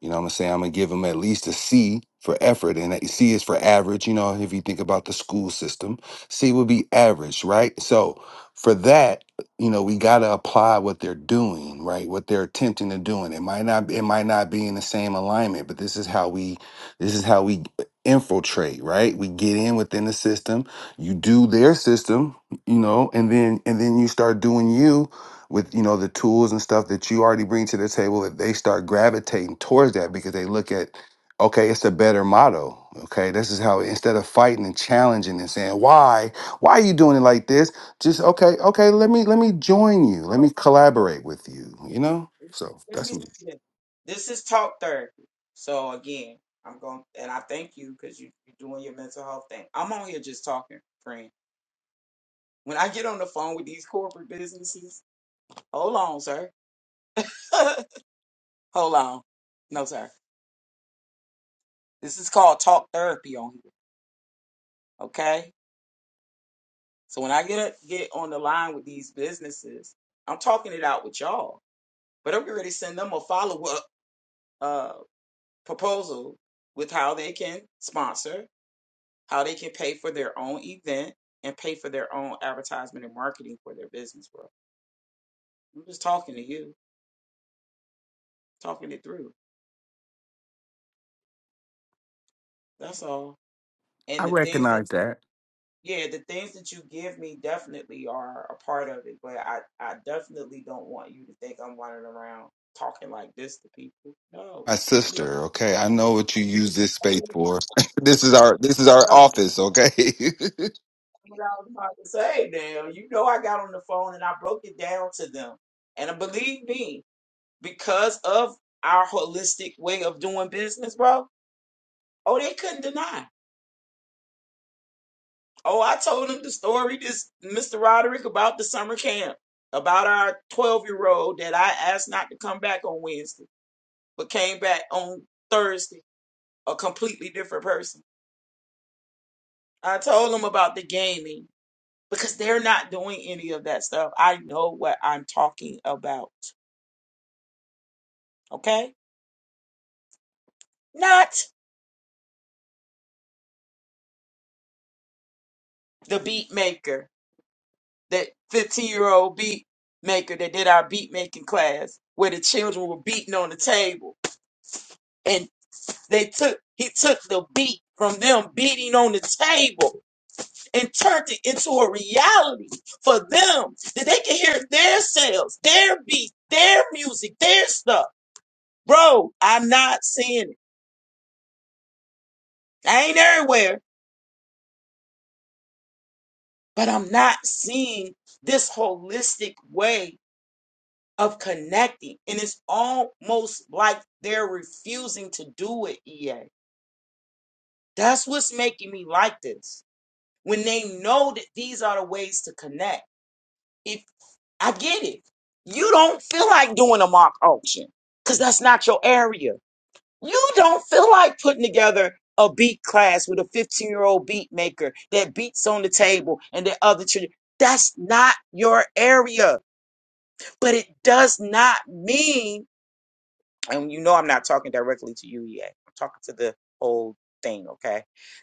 S1: you know what i'm saying i'm gonna give them at least a c for effort and that c is for average you know if you think about the school system c would be average right so for that you know we got to apply what they're doing right what they're attempting to doing it might not it might not be in the same alignment but this is how we this is how we infiltrate right we get in within the system you do their system you know and then and then you start doing you with you know the tools and stuff that you already bring to the table that they start gravitating towards that because they look at okay it's a better model okay this is how instead of fighting and challenging and saying why why are you doing it like this just okay, okay, let me let me join you. Let me collaborate with you, you know? So
S4: Let me
S1: that's
S4: see
S1: me.
S4: this. This is talk therapy. So again, I'm going and I thank you because you, you're doing your mental health thing. I'm on here just talking, friend. When I get on the phone with these corporate businesses, hold on, sir. hold on. No, sir. This is called talk therapy on here. Okay. So when I get get on the line with these businesses, I'm talking it out with y'all. But I'm getting ready to send them a follow up uh, proposal with how they can sponsor how they can pay for their own event and pay for their own advertisement and marketing for their business, bro. I'm just talking to you, talking it through. That's all.
S1: I
S4: And the things that
S1: recognize that.
S4: yeah, the things that you give me definitely are a part of it, but I, I definitely don't want you to think I'm running around talking like this to people. No.
S1: My
S4: Yeah,
S1: sister, okay. I know what you use this
S4: a
S1: space
S4: bit
S1: for.
S4: about
S1: this is
S4: a bit
S1: our this
S4: about
S1: is our
S4: myself to
S1: office,
S4: them.
S1: okay?
S4: What I was about to say, damn, you know I got on the phone and I broke it down to them. And believe me, because of our holistic way of doing business, bro. Oh, they couldn't deny. Oh, I told them the story, this Mr. Roderick, about the summer camp, about our 12 year old that I asked not to come back on Wednesday, but came back on Thursday, a completely different person. I told them about the gaming because they're not doing any of that stuff. I know what I'm talking about. Okay? Not the beat maker that 15 year old beat maker that did our beat making class where the children were beating on the table and they took he took the beat from them beating on the table and turned it into a reality for them that they can hear their selves, their beat, their music, their stuff. Bro, I'm not seeing it. I ain't everywhere, but I'm not seeing this holistic way of connecting. And it's almost like they're refusing to do it, EA. That's what's making me like this. When they know that these are the ways to connect. If I get it, you don't feel like doing a mock auction because that's not your area. You don't feel like putting together a beat class with a 15 year old beat maker that beats on the table and the other children. That's not your area. But it does not mean and you know I'm not talking directly to you yet. I'm talking to the whole thing, okay?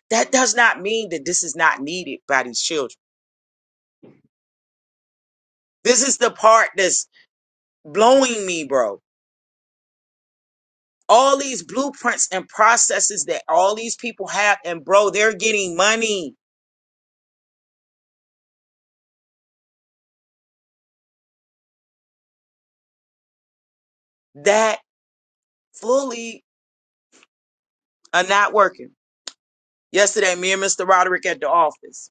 S4: That does not mean that this is not needed by these children. This is the part that's blowing me, bro. All these blueprints and processes that all these people have, and bro, they're getting money that fully are not working. Yesterday, me and Mr. Roderick at the office.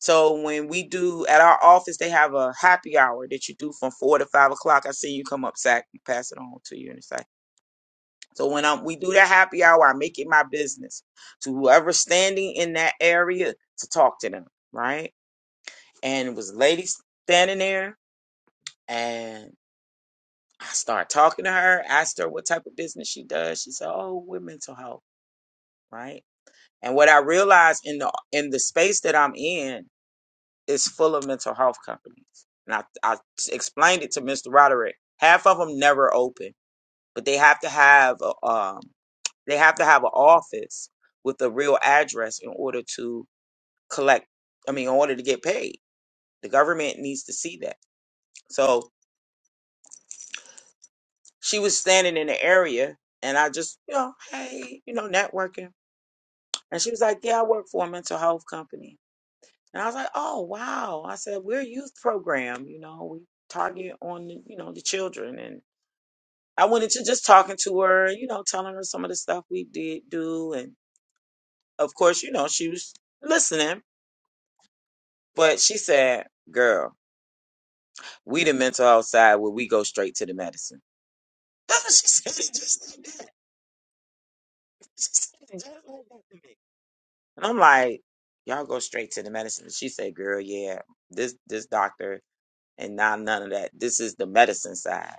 S4: So when we do at our office, they have a happy hour that you do from four to five o'clock. I see you come up, Zach. Pass it on to you in a sec So when I'm, we do that happy hour, I make it my business to whoever's standing in that area to talk to them, right? And it was a lady standing there, and I start talking to her, asked her what type of business she does. She said, "Oh, we're mental health, right?" And what I realized in the in the space that I'm in is full of mental health companies, and I I explained it to Mr. Roderick. Half of them never open but they have to have a, um, they have to have an office with a real address in order to collect i mean in order to get paid the government needs to see that so she was standing in the area and i just you know hey you know networking and she was like yeah i work for a mental health company and i was like oh wow i said we're a youth program you know we target on the, you know the children and i went into just talking to her you know telling her some of the stuff we did do and. Of course, you know, she was listening, but she said, Girl, we the mental health side where we go straight to the medicine. That's what she said it just like that. She said it just like that to me. And I'm like, Y'all go straight to the medicine. And she said, Girl, yeah, this this doctor and not none of that. This is the medicine side.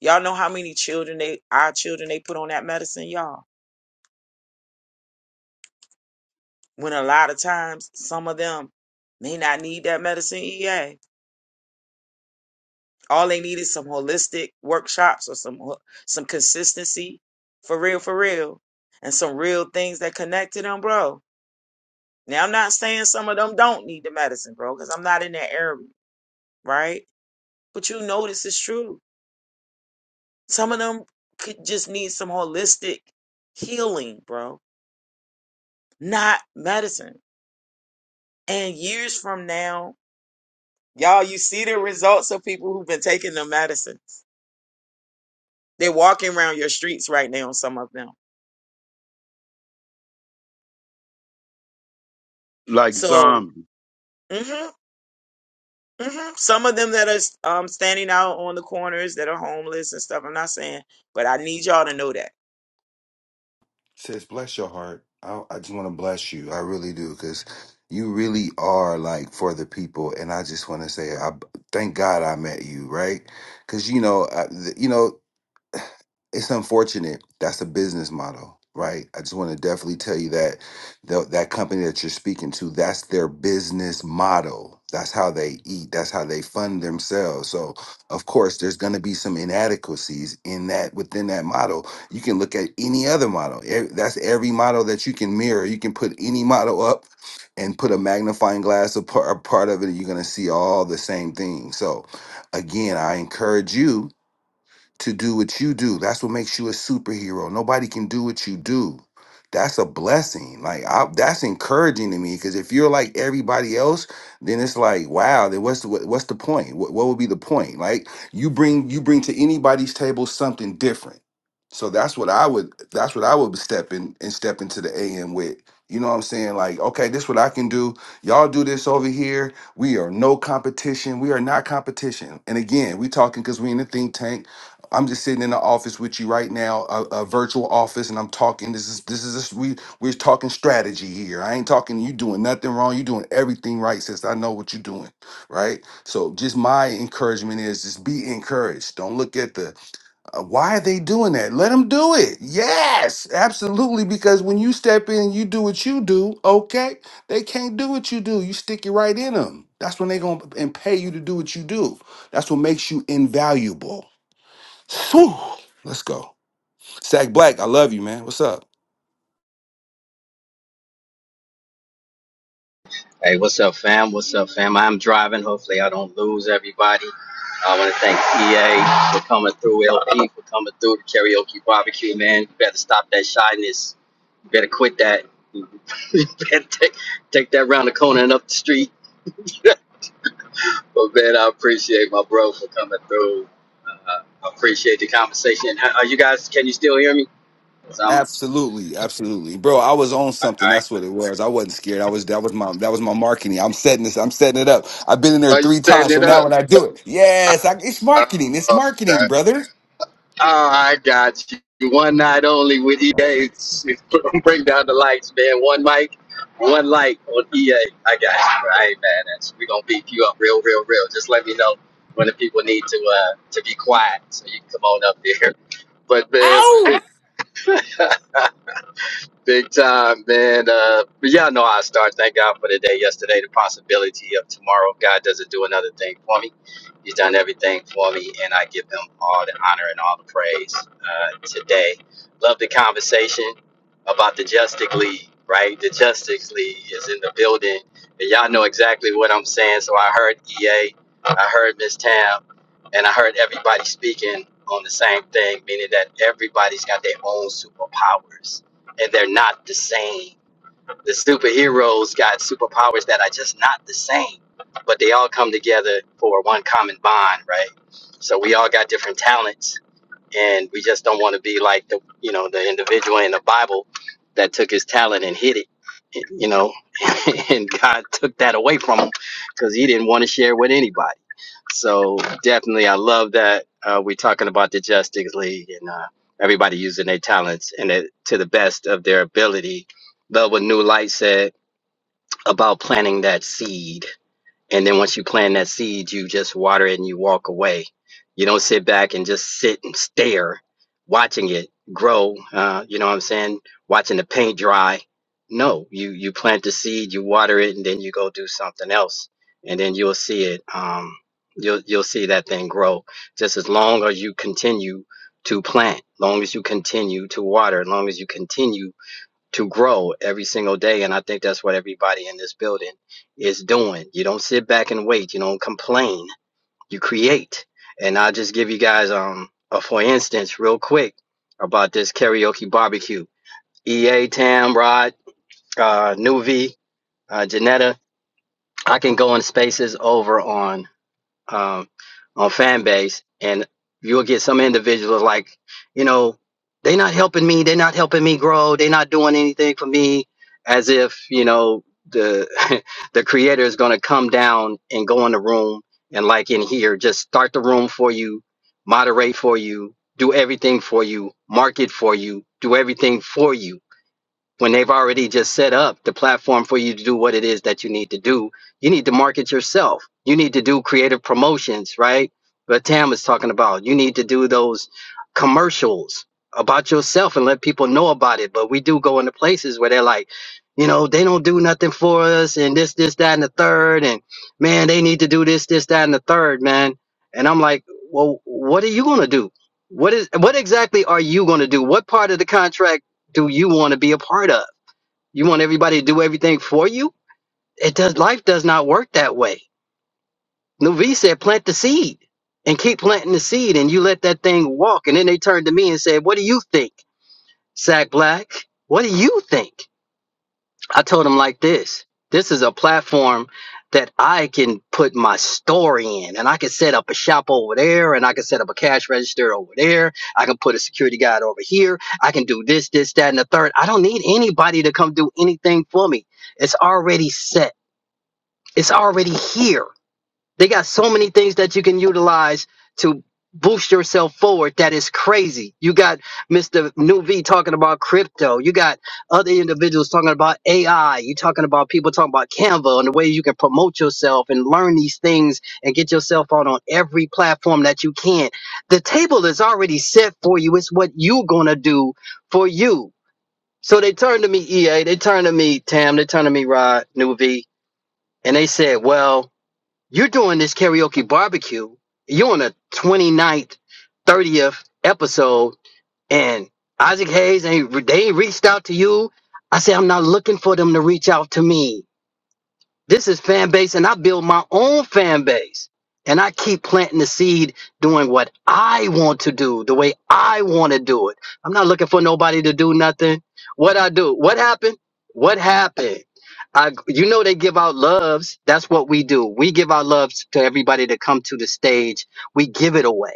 S4: Y'all know how many children they our children they put on that medicine, y'all. When a lot of times some of them may not need that medicine EA All they need is some holistic workshops or some ho- some consistency, for real, for real, and some real things that connect to them, bro. Now I'm not saying some of them don't need the medicine, bro, because I'm not in that area, right? But you know this is true. Some of them could just need some holistic healing, bro, not medicine. And years from now, y'all, you see the results of people who've been taking the medicines. They're walking around your streets right now, some of them.
S2: Like
S4: So,
S2: zombie,
S4: mhm. hmm Some of them that are um, standing out on the corners that are homeless and stuff. I'm not saying, but I need y'all to know that.
S1: Says bless your heart. I, I just want to bless you. I really do, because you really are like for the people, and I just want to say, I thank God I met you, right? Because you know, I, you know, it's unfortunate. That's a business model, right? I just want to definitely tell you that tho- that company that you're speaking to, that's their business model. That's how they eat. That's how they fund themselves. So, of course, there's going to be some inadequacies in that within that model. You can look at any other model. E- That's every model that you can mirror. You can put any model up and put a magnifying glass a part, a part of it, and you're going to see all the same things. So, again, I encourage you to do what you do. That's what makes you a superhero. Nobody can do what you do. That's a blessing. Like I, that's encouraging to me because if you're like everybody else, then it's like, wow, then what's the, what, what's the point? What, what would be the point? Like you bring you bring to anybody's table something different. So that's what I would that's what I would step in and step into the AM with. You know what I'm saying? Like, okay, this what I can do. Y'all do this over here. We are no competition. We are not competition. And again, we talking because we in the think tank. I'm just sitting in the office with you right now, a, a virtual office, and I'm talking. This is this is this, we we're talking strategy here. I ain't talking you doing nothing wrong. you doing everything right, sis. I know what you're doing, right? So just my encouragement is just be encouraged. Don't look at the uh, why are they doing that. Let them do it. Yes, absolutely. Because when you step in, you do what you do. Okay, they can't do what you do. You stick it right in them. That's when they gonna and pay you to do what you do. That's what makes you invaluable Whew. Let's go. Sack Black, I love you, man. What's up?
S8: Hey, what's up, fam? What's up, fam? I'm driving. Hopefully, I don't lose everybody. I want to thank EA for coming through, LP for coming through the karaoke barbecue, man. You better stop that shyness. You better quit that. you better take, take that round the corner and up the street. But, man, I appreciate my bro for coming through. Uh, I appreciate the conversation. Are are you guys, can you still hear me? 'Cause I'm,
S1: Absolutely, absolutely, bro. I was on
S8: all
S1: something.
S8: right.
S1: That's what it was. I wasn't scared. I was that was my that was my marketing. I'm setting this. I'm setting it up. I've been in there
S8: Are you
S1: three
S8: setting
S1: times, so
S8: it
S1: now
S8: up?
S1: when I do it, yes, I, it's marketing. It's marketing, brother.
S8: Oh, I got you. One night only with EA. It's- it's- Bring down the lights, man. One mic, one light on EA. I got you. All right, man. That's, we gonna beef you up real, real, real. Just let me know when the people need to uh to be quiet so you can come on up there. But man,
S1: Ow!
S8: Big time, man. Uh, but yeah, I know how I start. Thank God for the day yesterday, the possibility of tomorrow. If God doesn't do another thing for me. He's done everything for me, and I give him all the honor and all the praise uh, today. Love the conversation about the Justice League, right? The Justice League is in the building, and y'all know exactly what I'm saying. So I heard EA, I heard Miss Tam, and I heard everybody speaking on the same thing, meaning that everybody's got their own superpowers and they're not the same. The superheroes got superpowers that are just not the same, but they all come together for one common bond, right? So we all got different talents and we just don't want to be like the you know the individual in the Bible that took his talent and hid it, you know, and God took that away from him because he didn't want to share with anybody. So definitely, I love that uh, we're talking about the Justice League and uh, everybody using their talents and it, to the best of their ability. Love what New Light said about planting that seed and then once you plant that seed, you just water it and you walk away. You don't sit back and just sit and stare, watching it grow. Uh, you know what I'm saying? Watching the paint dry. No, you you plant the seed, you water it, and then you go do something else, and then you'll see it. Um, you'll you'll see that thing grow. Just as long as you continue to plant, long as you continue to water, long as you continue to grow every single day. And I think that's what everybody in this building is doing. You don't sit back and wait. You don't complain. You create. And I'll just give you guys um a for instance real quick about this karaoke barbecue. EA, Tam, Rod, uh, Nuvi, uh, Janetta. I can go in spaces over on um, on fan base, and you'll get some individuals like, you know, they're not helping me, they're not helping me grow, they're not doing anything for me, as if you know the the creator is going to come down and go in the room and like in here, just start the room for you, moderate for you, do everything for you, market for you, do everything for you when they've already just set up the platform for you to do what it is that you need to do. You need to market yourself. You need to do creative promotions, right? What Tam is talking about. You need to do those commercials about yourself and let people know about it. But we do go into places where they're like, you know, they don't do nothing for us and this, this, that, and the third. And man, they need to do this, this, that, and the third, man. And I'm like, well, what are you going to do? What is what exactly are you going to do? What part of the contract do you want to be a part of? You want everybody to do everything for you? It does life does not work that way. Nuvi said plant the seed and keep planting the seed and you let that thing walk. And then they turned to me and said, What do you think, Sack Black? What do you think? I told him like this. This is a platform that I can put my story in and I can set up a shop over there and I can set up a cash register over there. I can put a security guard over here. I can do this, this, that, and the third. I don't need anybody to come do anything for me. It's already set. It's already here. They got so many things that you can utilize to boost yourself forward that is crazy. You got Mr. New V talking about crypto. You got other individuals talking about AI. You talking about people talking about Canva and the way you can promote yourself and learn these things and get yourself out on every platform that you can. The table is already set for you. It's what you gonna do for you. So they turned to me, EA, they turned to me, Tam, they turned to me, Rod, New V, and they said, well, you're doing this karaoke barbecue. You're on a twenty ninth, 30th episode, and Isaac Hayes ain't they reached out to you. I said I'm not looking for them to reach out to me. This is fan base, and I build my own fan base. And I keep planting the seed, doing what I want to do, the way I want to do it. I'm not looking for nobody to do nothing. What I do? What happened? What happened? I, you know, they give out loves. That's what we do. We give our loves to everybody that come to the stage. We give it away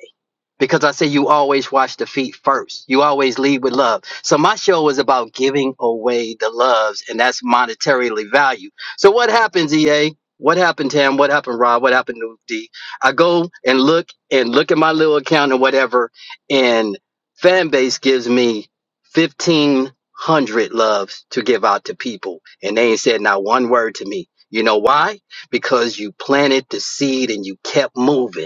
S8: because I say you always wash the feet first. You always lead with love. So my show is about giving away the loves, and that's monetarily value. So what happens, EA? What happened, Tam? What happened, Rob? What happened to D? I go and look and look at my little account and whatever, and Fanbase gives me fifteen hundred loves to give out to people, and they ain't said not one word to me. You know why? Because you planted the seed and you kept moving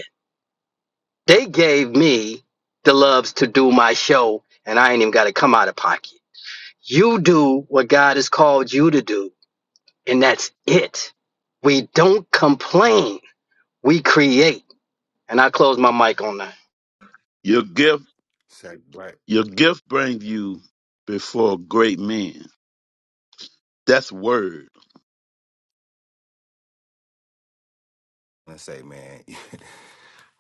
S8: they gave me the loves to do my show, and I ain't even got to come out of pocket. You do what God has called you to do, and that's it. We don't complain, we create. And I close my mic on that.
S2: your gift,
S1: Sack Black.
S2: your gift brings you before great men. That's word.
S1: I say, man.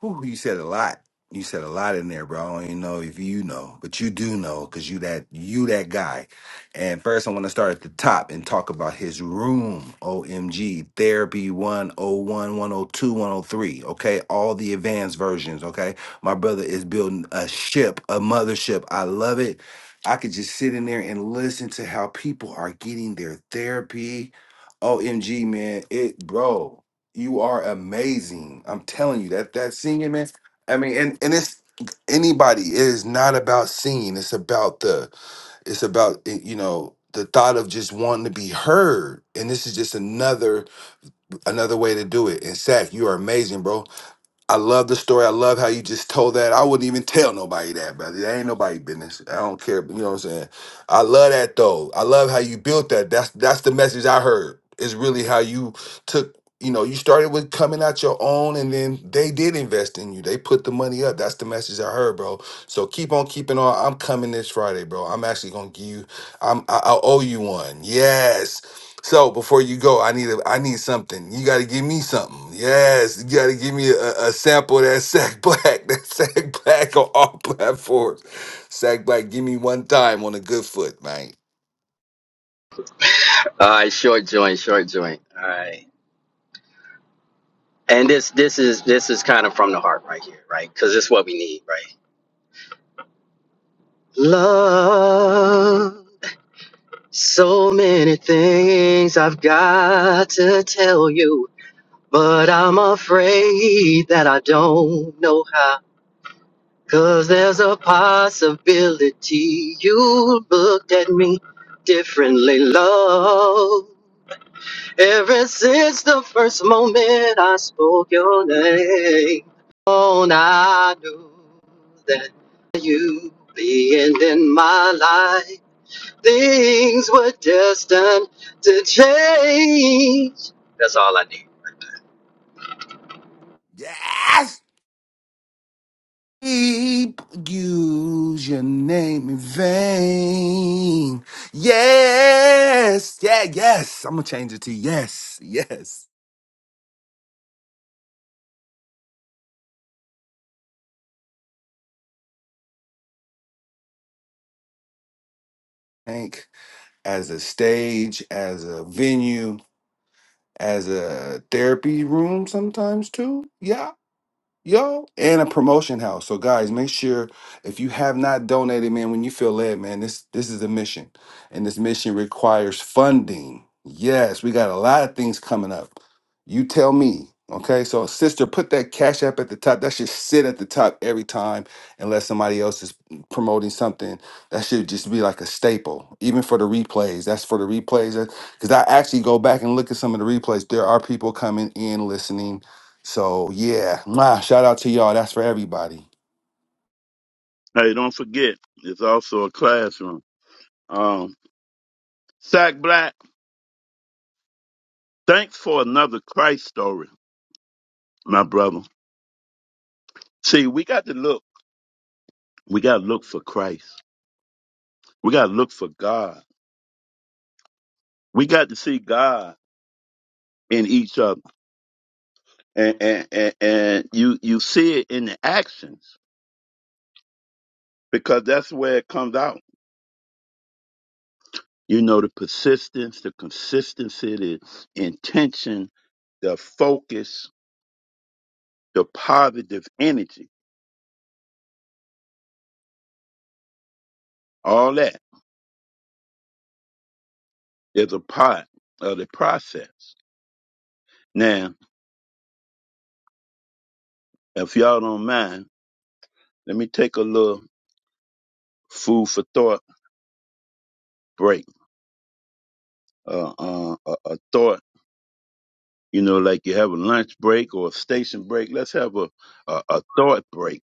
S1: Whew, you said a lot. You said a lot in there, bro. I don't even know if you know, but you do know because you that you that guy. And first, I want to start at the top and talk about his room. OMG, therapy one, oh one, one oh two, one oh three. Okay, all the advanced versions. Okay, my brother is building a ship, a mothership. I love it. I could just sit in there and listen to how people are getting their therapy. OMG, man, it, bro. You are amazing. I'm telling you that that singing, man. I mean, and and it's anybody. It is not about singing. It's about the. It's about eh, you know the thought of just wanting to be heard. And this is just another another way to do it. And Sack, you are amazing, bro. I love the story. I love how you just told that. I wouldn't even tell nobody that, brother. That ain't nobody business. I don't care. You know what I'm saying? I love that though. I love how you built that. That's that's the message I heard. Is really how you took. You know, you started with coming out your own, and then they did invest in you. They put the money up. That's the message I heard, bro. So keep on keeping on. I'm coming this Friday, bro. I'm actually gonna give you. I'm. I, I owe you one. Yes. So before you go, I need a, I need something. You got to give me something. Yes, you got to give me a, a sample of that Sack Black. That Sack Black on all platforms. Sack Black, give me one time on a good foot, man.
S8: All right, short joint, short joint. All right. And this this is this is kind of from the heart right here, right? Because it's what we need, right? Love. So many things I've got to tell you. But I'm afraid that I don't know how, 'cause there's a possibility you looked at me differently, love. Ever since the first moment I spoke your name, on I knew that you being in my life, things were destined to change. That's all I need.
S1: Yes. Keep use your name in vain. Yes, yeah, yes. I'm gonna change it to yes, yes. Thank as a stage, as a venue as a therapy room sometimes too. Yeah, Yo, and a promotion house. So guys, make sure if you have not donated, man, when you feel led, man, this this is a mission. And this mission requires funding. Yes, we got a lot of things coming up. You tell me. Okay. So sister, put that cash app at the top. That should sit at the top every time unless somebody else is promoting something. That should just be like a staple. Even for the replays. That's for the replays. Because I actually go back and look at some of the replays. There are people coming in listening so yeah, Mwah. shout out to y'all. That's for everybody.
S2: Hey, don't forget, it's also a classroom. Um, Sack Black, thanks for another Christ story, my brother. See, we got to look. We got to look for Christ. We got to look for God. We got to see God in each other, and and and, and you you see it in the actions because that's where it comes out. You know, the persistence, the consistency, the intention, the focus, the positive energy, all that is a part of the process. Now, if y'all don't mind. let me take a little food for thought break. Uh, uh, a, a thought, you know, like you have a lunch break or a station break. Let's have a, a, a thought break.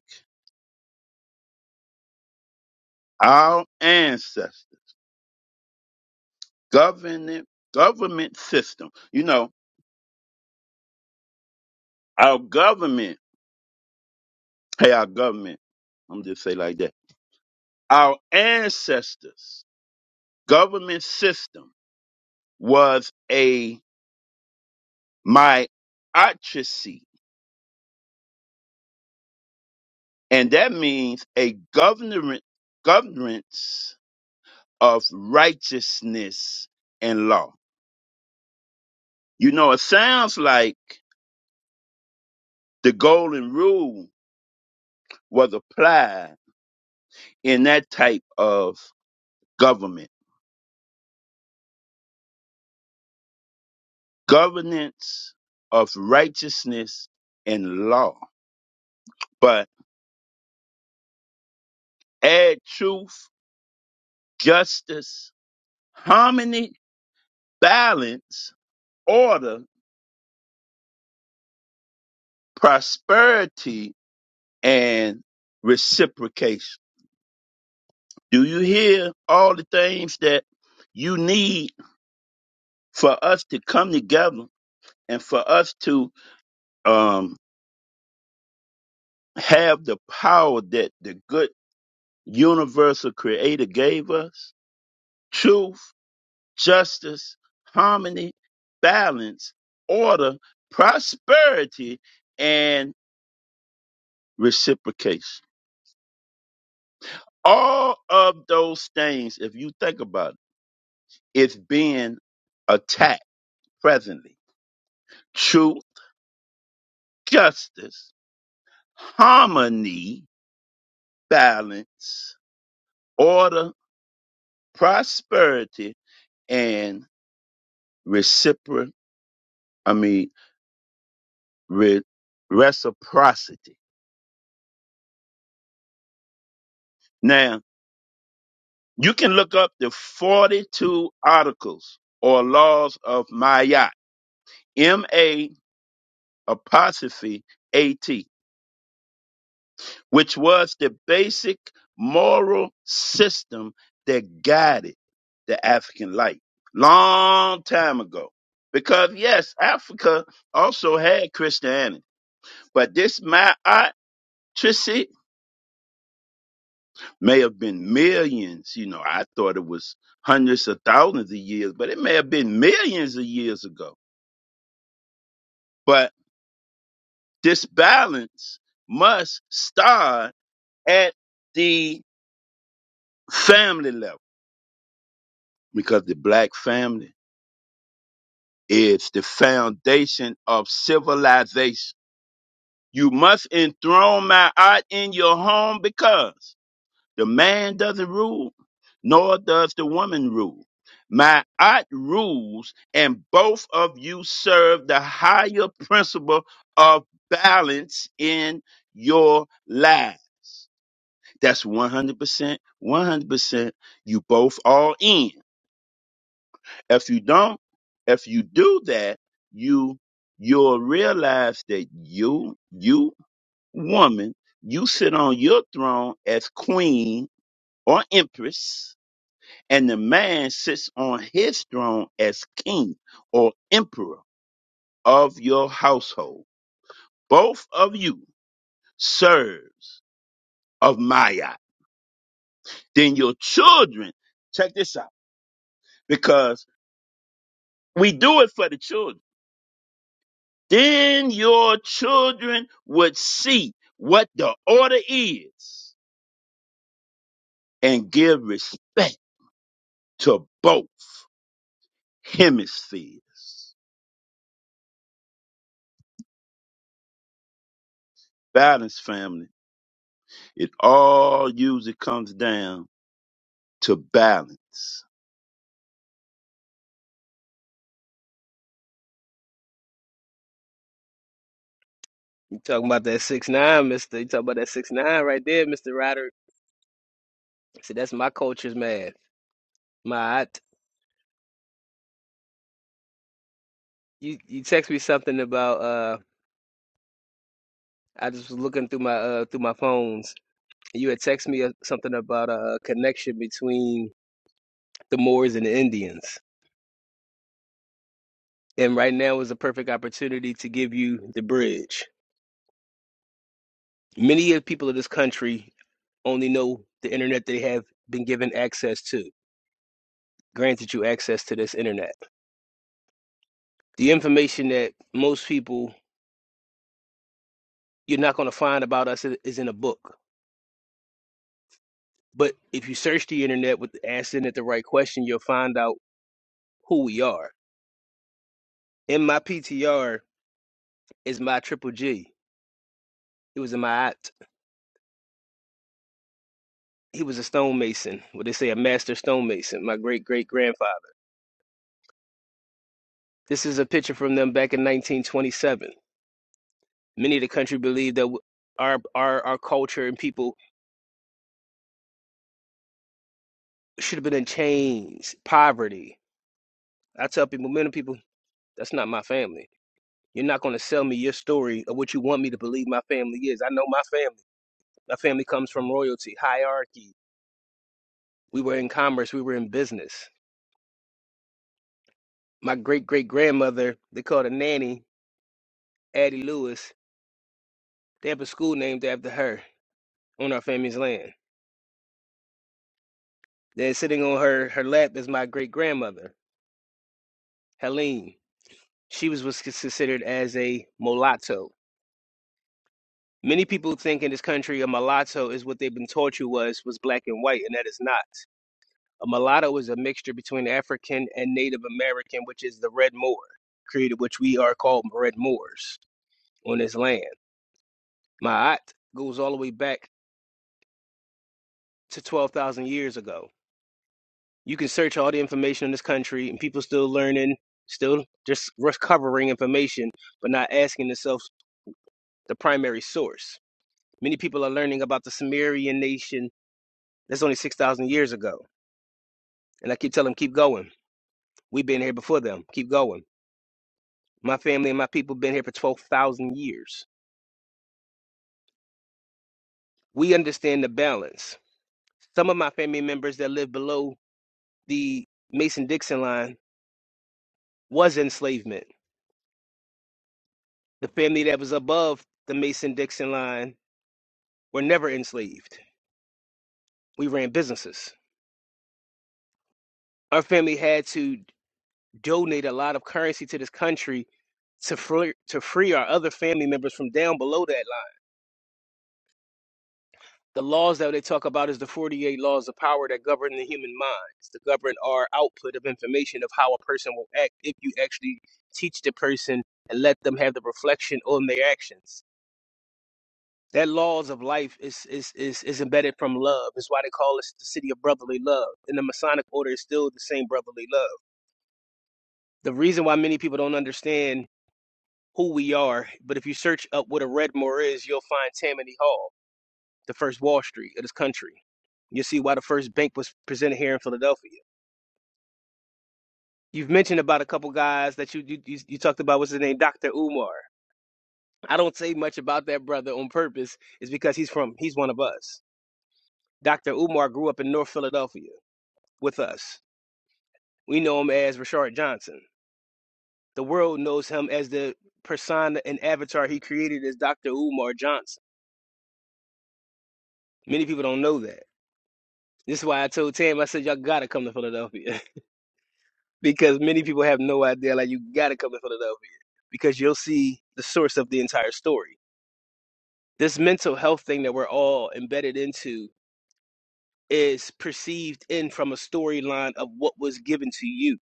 S2: Our ancestors, government, government system, you know, our government, hey, our government, I'm just say like that. Our ancestors, government system was a myocracy, and that means a government governance of righteousness and law. You know, it sounds like the golden rule was applied in that type of government, governance of righteousness and law. But add truth, justice, harmony, balance, order, prosperity, and reciprocation. Do you hear all the things that you need for us to come together and for us to um, have the power that the good universal creator gave us truth, justice, harmony, balance, order, prosperity, and reciprocation. All of those things, if you think about it, is being attacked presently. Truth, justice, harmony, balance, order, prosperity and recipro I mean re- reciprocity. Now you can look up the 42 articles or laws of Mayat M A apostrophe A T, which was the basic moral system that guided the African life long time ago. Because yes, Africa also had Christianity, but this Maya May have been millions, you know, I thought it was hundreds of thousands of years, but it may have been millions of years ago. But this balance must start at the family level because the black family is the foundation of civilization. You must enthrone my art in your home because The man doesn't rule, nor does the woman rule. My art rules, and both of you serve the higher principle of balance in your life. That's 100%, 100%. You both all in. If you don't, if you do that, you you'll realize that you you woman, you sit on your throne as queen or empress and the man sits on his throne as king or emperor of your household. Both of you serves of Maya. Then your children, check this out, because we do it for the children. Then your children would see what the order is and give respect to both hemispheres. Balance family. It all usually comes down to balance
S7: You talking about that six nine, Mister? You talking about that six nine right there, Mister Ryder? See, that's my culture's math. you you text me something about uh I just was looking through my uh through my phones. You had text me uh, something about uh, a connection between the Moors and the Indians. And right now is a perfect opportunity to give you the bridge. Many of the people of this country only know the internet they have been given access to, granted you access to this internet. The information that most people you're not going to find about us i- is in a book. But if you search the internet with asking it the right question, you'll find out who we are In my PTR is my Triple G. He was in my act. He was a stonemason, what they say, a master stonemason, my great great grandfather. This is a picture from them back in 1927. Many of the country believed that our, our, our culture and people should have been in chains, poverty. I tell people, many people, that's not my family. You're not going to sell me your story of what you want me to believe my family is. I know my family. My family comes from royalty, hierarchy. We were in commerce, we were in business. my great great grandmother, they called her nanny, Addie Lewis. They have a school named after her on our family's land. Then sitting on her, her lap is my great grandmother, Helene. She was, was considered as a mulatto. Many people think in this country a mulatto is what they've been taught you was was black and white, and that is not. A mulatto is a mixture between African and Native American, which is the Red Moor, created which we are called Red Moors on this land. My aunt goes all the way back to twelve thousand years ago You can search all the information in this country, and people still learning, still just recovering information, but not asking themselves the primary source. Many people are learning about the Sumerian nation that's only 6,000 years ago. And I keep telling them, keep going. We've been here before them. Keep going. My family and my people been here for 12,000 years. We understand the balance. Some of my family members that live below the Mason Dixon line was enslavement. The family that was above the Mason Dixon line were never enslaved. We ran businesses. Our family had to donate a lot of currency to this country to free, to free our other family members from down below that line. The laws that they talk about is the 48 laws of power that govern the human minds, to govern our output of information of how a person will act if you actually teach the person and let them have the reflection on their actions. That laws of life is is is, is embedded from love. It's why they call us the city of brotherly love. And the Masonic order is still the same brotherly love the reason why many people don't understand who we are, but if you search up what a Redmore is, you'll find Tammany Hall, the first Wall Street of this country. You'll see why the first bank was presented here in Philadelphia. You've mentioned about a couple guys that you you, you talked about. What's his name? Dr. Umar. I don't say much about that brother on purpose. It's because he's from he's one of us. Dr. Umar grew up in North Philadelphia with us. We know him as Rashard Johnson. The world knows him as the persona and avatar he created as Dr. Umar Johnson Many people don't know that. This is why I told Tam, I said, y'all gotta come to Philadelphia because many people have no idea. Like, you gotta come to Philadelphia because you'll see the source of the entire story. This mental health thing that we're all embedded into is perceived in from a storyline of what was given to you.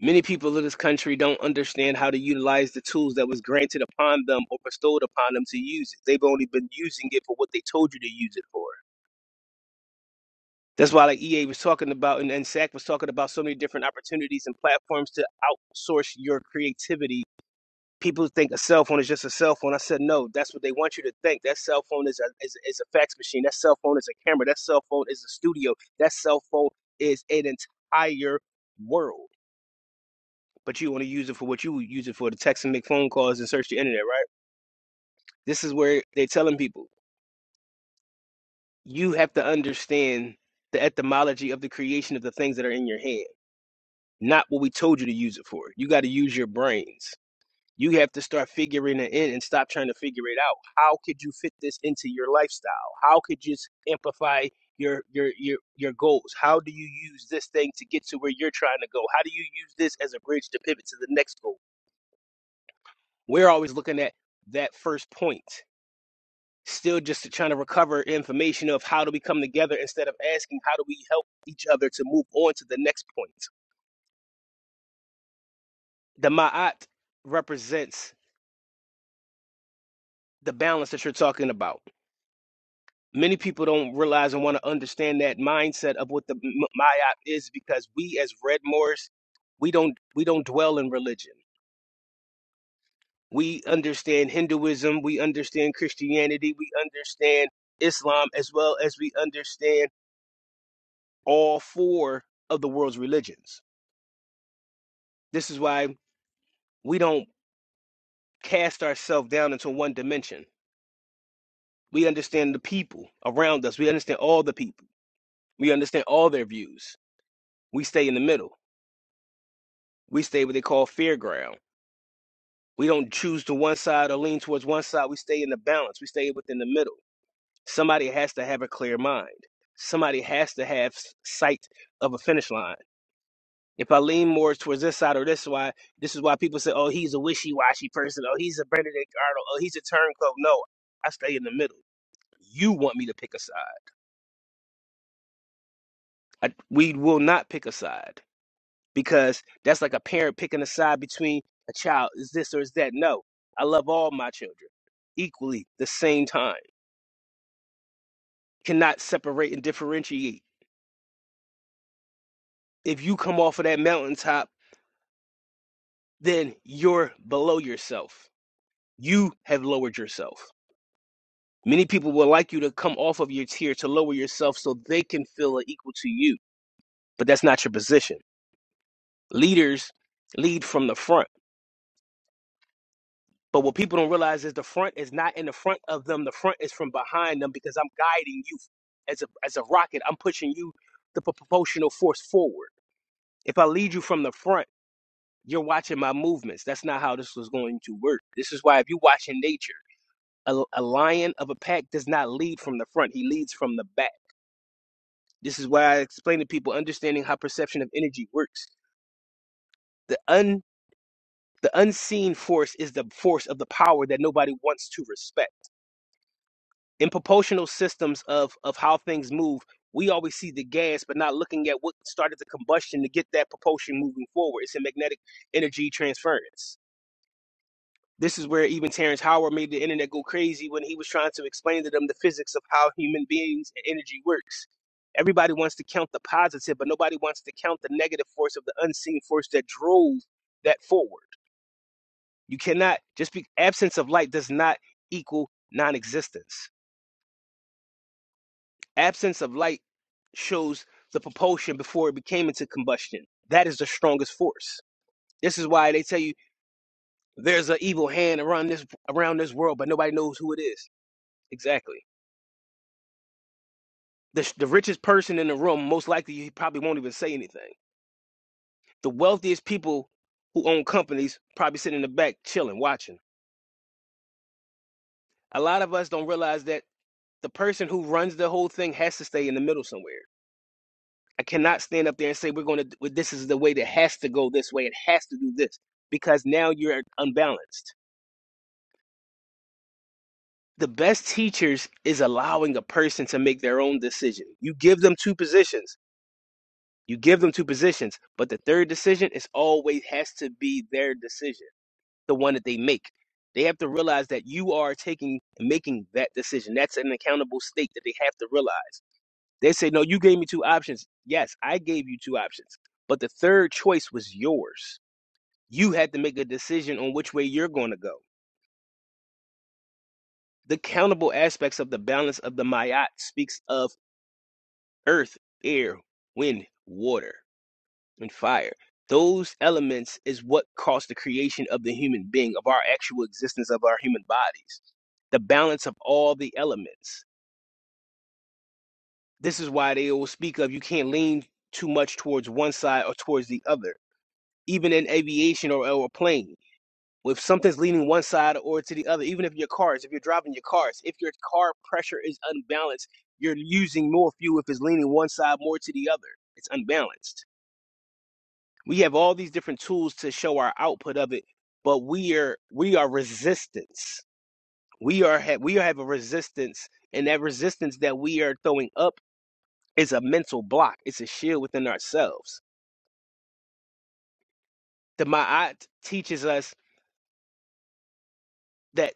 S7: Many people in this country don't understand how to utilize the tools that was granted upon them or bestowed upon them to use it. They've only been using it for what they told you to use it for. That's why like EA was talking about and, and SAC was talking about so many different opportunities and platforms to outsource your creativity. People think a cell phone is just a cell phone. I said, no, that's what they want you to think. That cell phone is a, is, is a fax machine. That cell phone is a camera. That cell phone is a studio. That cell phone is an entire world. But you want to use it for what you use it for, to text and make phone calls and search the internet, right? This is where they're telling people, you have to understand the etymology of the creation of the things that are in your hand not what we told you to use it for. You got to use your brains. You have to start figuring it in and stop trying to figure it out. How could you fit this into your lifestyle? How could you amplify your your your your goals? How do you use this thing to get to where you're trying to go? How do you use this as a bridge to pivot to the next goal? We're always looking at that first point. Still just trying to recover information of how do we come together instead of asking how do we help each other to move on to the next point. The Ma'at represents the balance that you're talking about. Many people don't realize and want to understand that mindset of what the m- myop is because we, as red Moors, we don't we don't dwell in religion. We understand Hinduism, we understand Christianity, we understand Islam, as well as we understand all four of the world's religions. This is why we don't cast ourselves down into one dimension. We understand the people around us. We understand all the people. We understand all their views. We stay in the middle We stay what they call fair ground. We don't choose to one side or lean towards one side. We stay in the balance. We stay within the middle. Somebody has to have a clear mind. Somebody has to have s- sight of a finish line. If I lean more towards this side or this why this is why people say, "Oh, he's a wishy-washy person. Oh, he's a Benedict Arnold. Oh, he's a turncoat." No, I stay in the middle. You want me to pick a side. I, we will not pick a side. because that's like a parent picking a side between a child is this or is that. No, I love all my children equally, the same time. Cannot separate and differentiate. If you come off of that mountaintop, then you're below yourself. You have lowered yourself. Many people would like you to come off of your tier to lower yourself so they can feel equal to you, but that's not your position. Leaders lead from the front But what people don't realize is the front is not in the front of them. The front is from behind them because I'm guiding you as a as a rocket. I'm pushing you the p- proportional force forward. If I lead you from the front, you're watching my movements. That's not how this was going to work. This is why if you watch in nature, a, a lion of a pack does not lead from the front. He leads from the back. This is why I explain to people understanding how perception of energy works. The un the unseen force is the force of the power that nobody wants to respect in proportional systems of of how things move we always see the gas but not looking at what started the combustion to get that propulsion moving forward it's a magnetic energy transference this is where even terrence howard made the internet go crazy when he was trying to explain to them the physics of how human beings and energy works everybody wants to count the positive but nobody wants to count the negative force of the unseen force that drove that forward you cannot just be absence of light does not equal non-existence Absence of light shows the propulsion before it became into combustion. That is the strongest force. This is why they tell you there's an evil hand around this around this world, but nobody knows who it is. Exactly. The, the richest person in the room, most likely, he probably won't even say anything. The wealthiest people who own companies probably sit in the back chilling, watching. A lot of us don't realize that the person who runs the whole thing has to stay in the middle somewhere. I cannot stand up there and say we're going to. This is the way that has to go this way. It has to do this because now you're unbalanced. The best teachers is allowing a person to make their own decision. You give them two positions. You give them two positions, but the third decision is always has to be their decision, the one that they make. They have to realize that you are taking and making that decision. That's an accountable state that they have to realize. They say, "No, you gave me two options." Yes, I gave you two options, but the third choice was yours you had to make a decision on which way you're going to go. The countable aspects of the balance of the Mayat speaks of earth, air, wind, water, and fire. Those elements is what caused the creation of the human being, of our actual existence, of our human bodies. The balance of all the elements. This is why they will speak of you can't lean too much towards one side or towards the other, even in aviation or, or a plane if something's leaning one side or to the other, even if your cars, if you're driving your cars, if your car pressure is unbalanced, you're using more fuel if it's leaning one side more to the other. It's unbalanced. We have all these different tools to show our output of it, but we are we are resistance. We are ha- we have a resistance, and that resistance that we are throwing up is a mental block. It's a shield within ourselves. The Ma'at teaches us that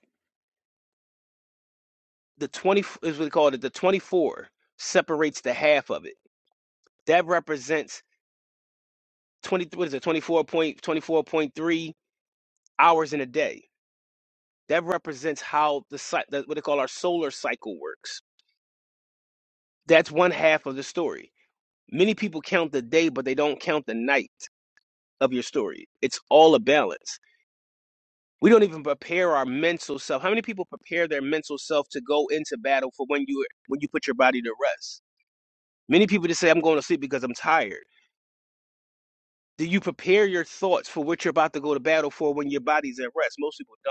S7: the twenty is what they call it. The twenty four separates the half of it That represents 20, what is it, 24 point, 24.3 hours in a day. That represents how the, cy- the what they call our solar cycle works. That's one half of the story. Many people count the day, but they don't count the night of your story. It's all a balance. We don't even prepare our mental self. How many people prepare their mental self to go into battle for when you when you put your body to rest? Many people just say, "I'm going to sleep because I'm tired." Do you prepare your thoughts for what you're about to go to battle for when your body's at rest? Most people don't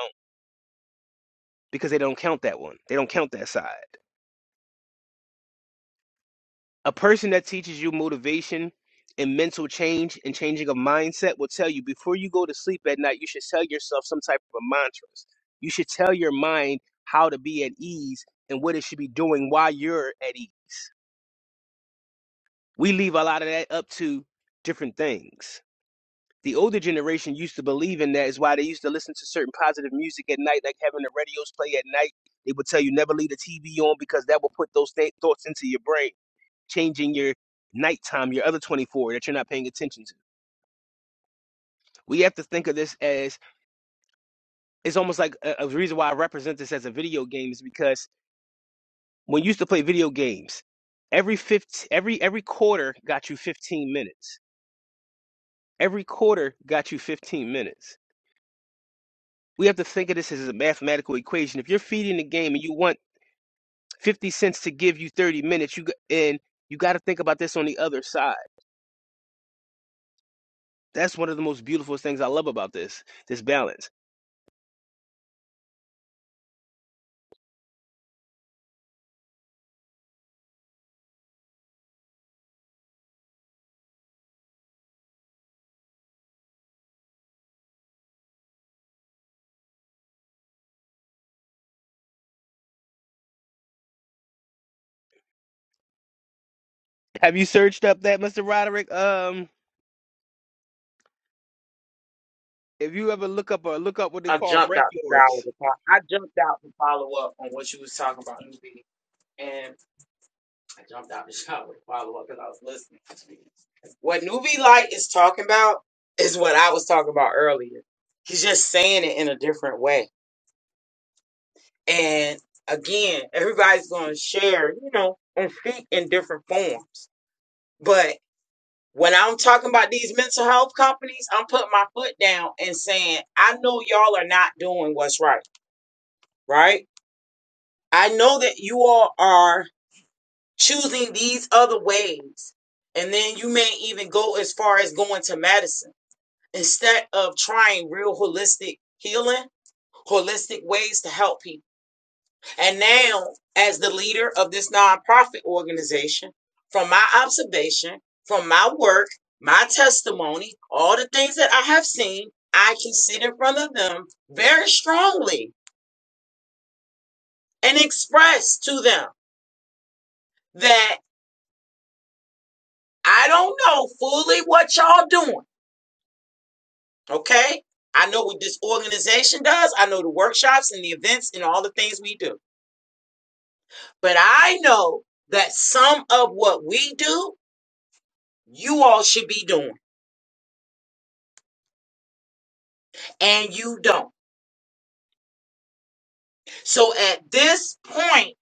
S7: because they don't count that one. They don't count that side. A person that teaches you motivation and mental change and changing of mindset will tell you before you go to sleep at night, you should tell yourself some type of mantras. You should tell your mind how to be at ease and what it should be doing while you're at ease. We leave a lot of that up to different things. The older generation used to believe in that is why they used to listen to certain positive music at night, like having the radios play at night. They would tell you never leave the TV on because that will put those th- thoughts into your brain changing your nighttime, your other 24 that you're not paying attention to. We have to think of this as it's almost like a, a reason why I represent this as a video game is because when you used to play video games, every 15, every every quarter got you 15 minutes. Every quarter got you 15 minutes. We have to think of this as a mathematical equation. If you're feeding the game and you want 50 cents to give you 30 minutes, you g- and you got to think about this on the other side. That's one of the most beautiful things I love about this this balance Have you searched up that, Mr. Roderick? Um, if you ever look up or look up what they
S4: I
S7: call
S4: jumped
S7: red
S4: out the shower.
S7: doors.
S4: To fo- I jumped out to follow up on what you was talking about, newbie, and I jumped out the shower to follow up because I was listening. What newbie light is talking about is what I was talking about earlier. He's just saying it in a different way, and again, everybody's going to share, you know, and speak in different forms. But when I'm talking about these mental health companies, I'm putting my foot down and saying, I know y'all are not doing what's right, right? I know that you all are choosing these other ways. And then you may even go as far as going to Madison instead of trying real holistic healing, holistic ways to help people. And now, as the leader of this nonprofit organization, from my observation, from my work, my testimony, all the things that I have seen, I can sit in front of them very strongly and express to them that. I don't know fully what y'all doing. Okay. I know what this organization does. I know the workshops and the events and all the things we do. But I know that some of what we do, you all should be doing and you don't. So at this point,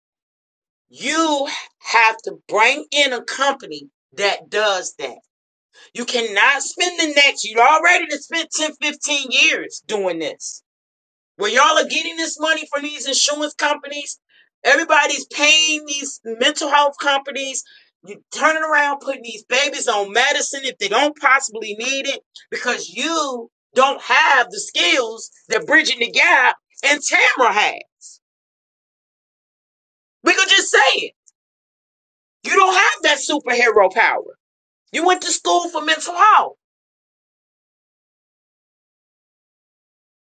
S4: you have to bring in a company that does that. You cannot spend the next, you already done spent 10, 15 years doing this When y'all are getting this money from these insurance companies, everybody's paying these mental health companies. You turning around putting these babies on medicine if they don't possibly need it because you don't have the skills that Bridget the Gap and Tamra had. We could just say it. You don't have that superhero power. You went to school for mental health.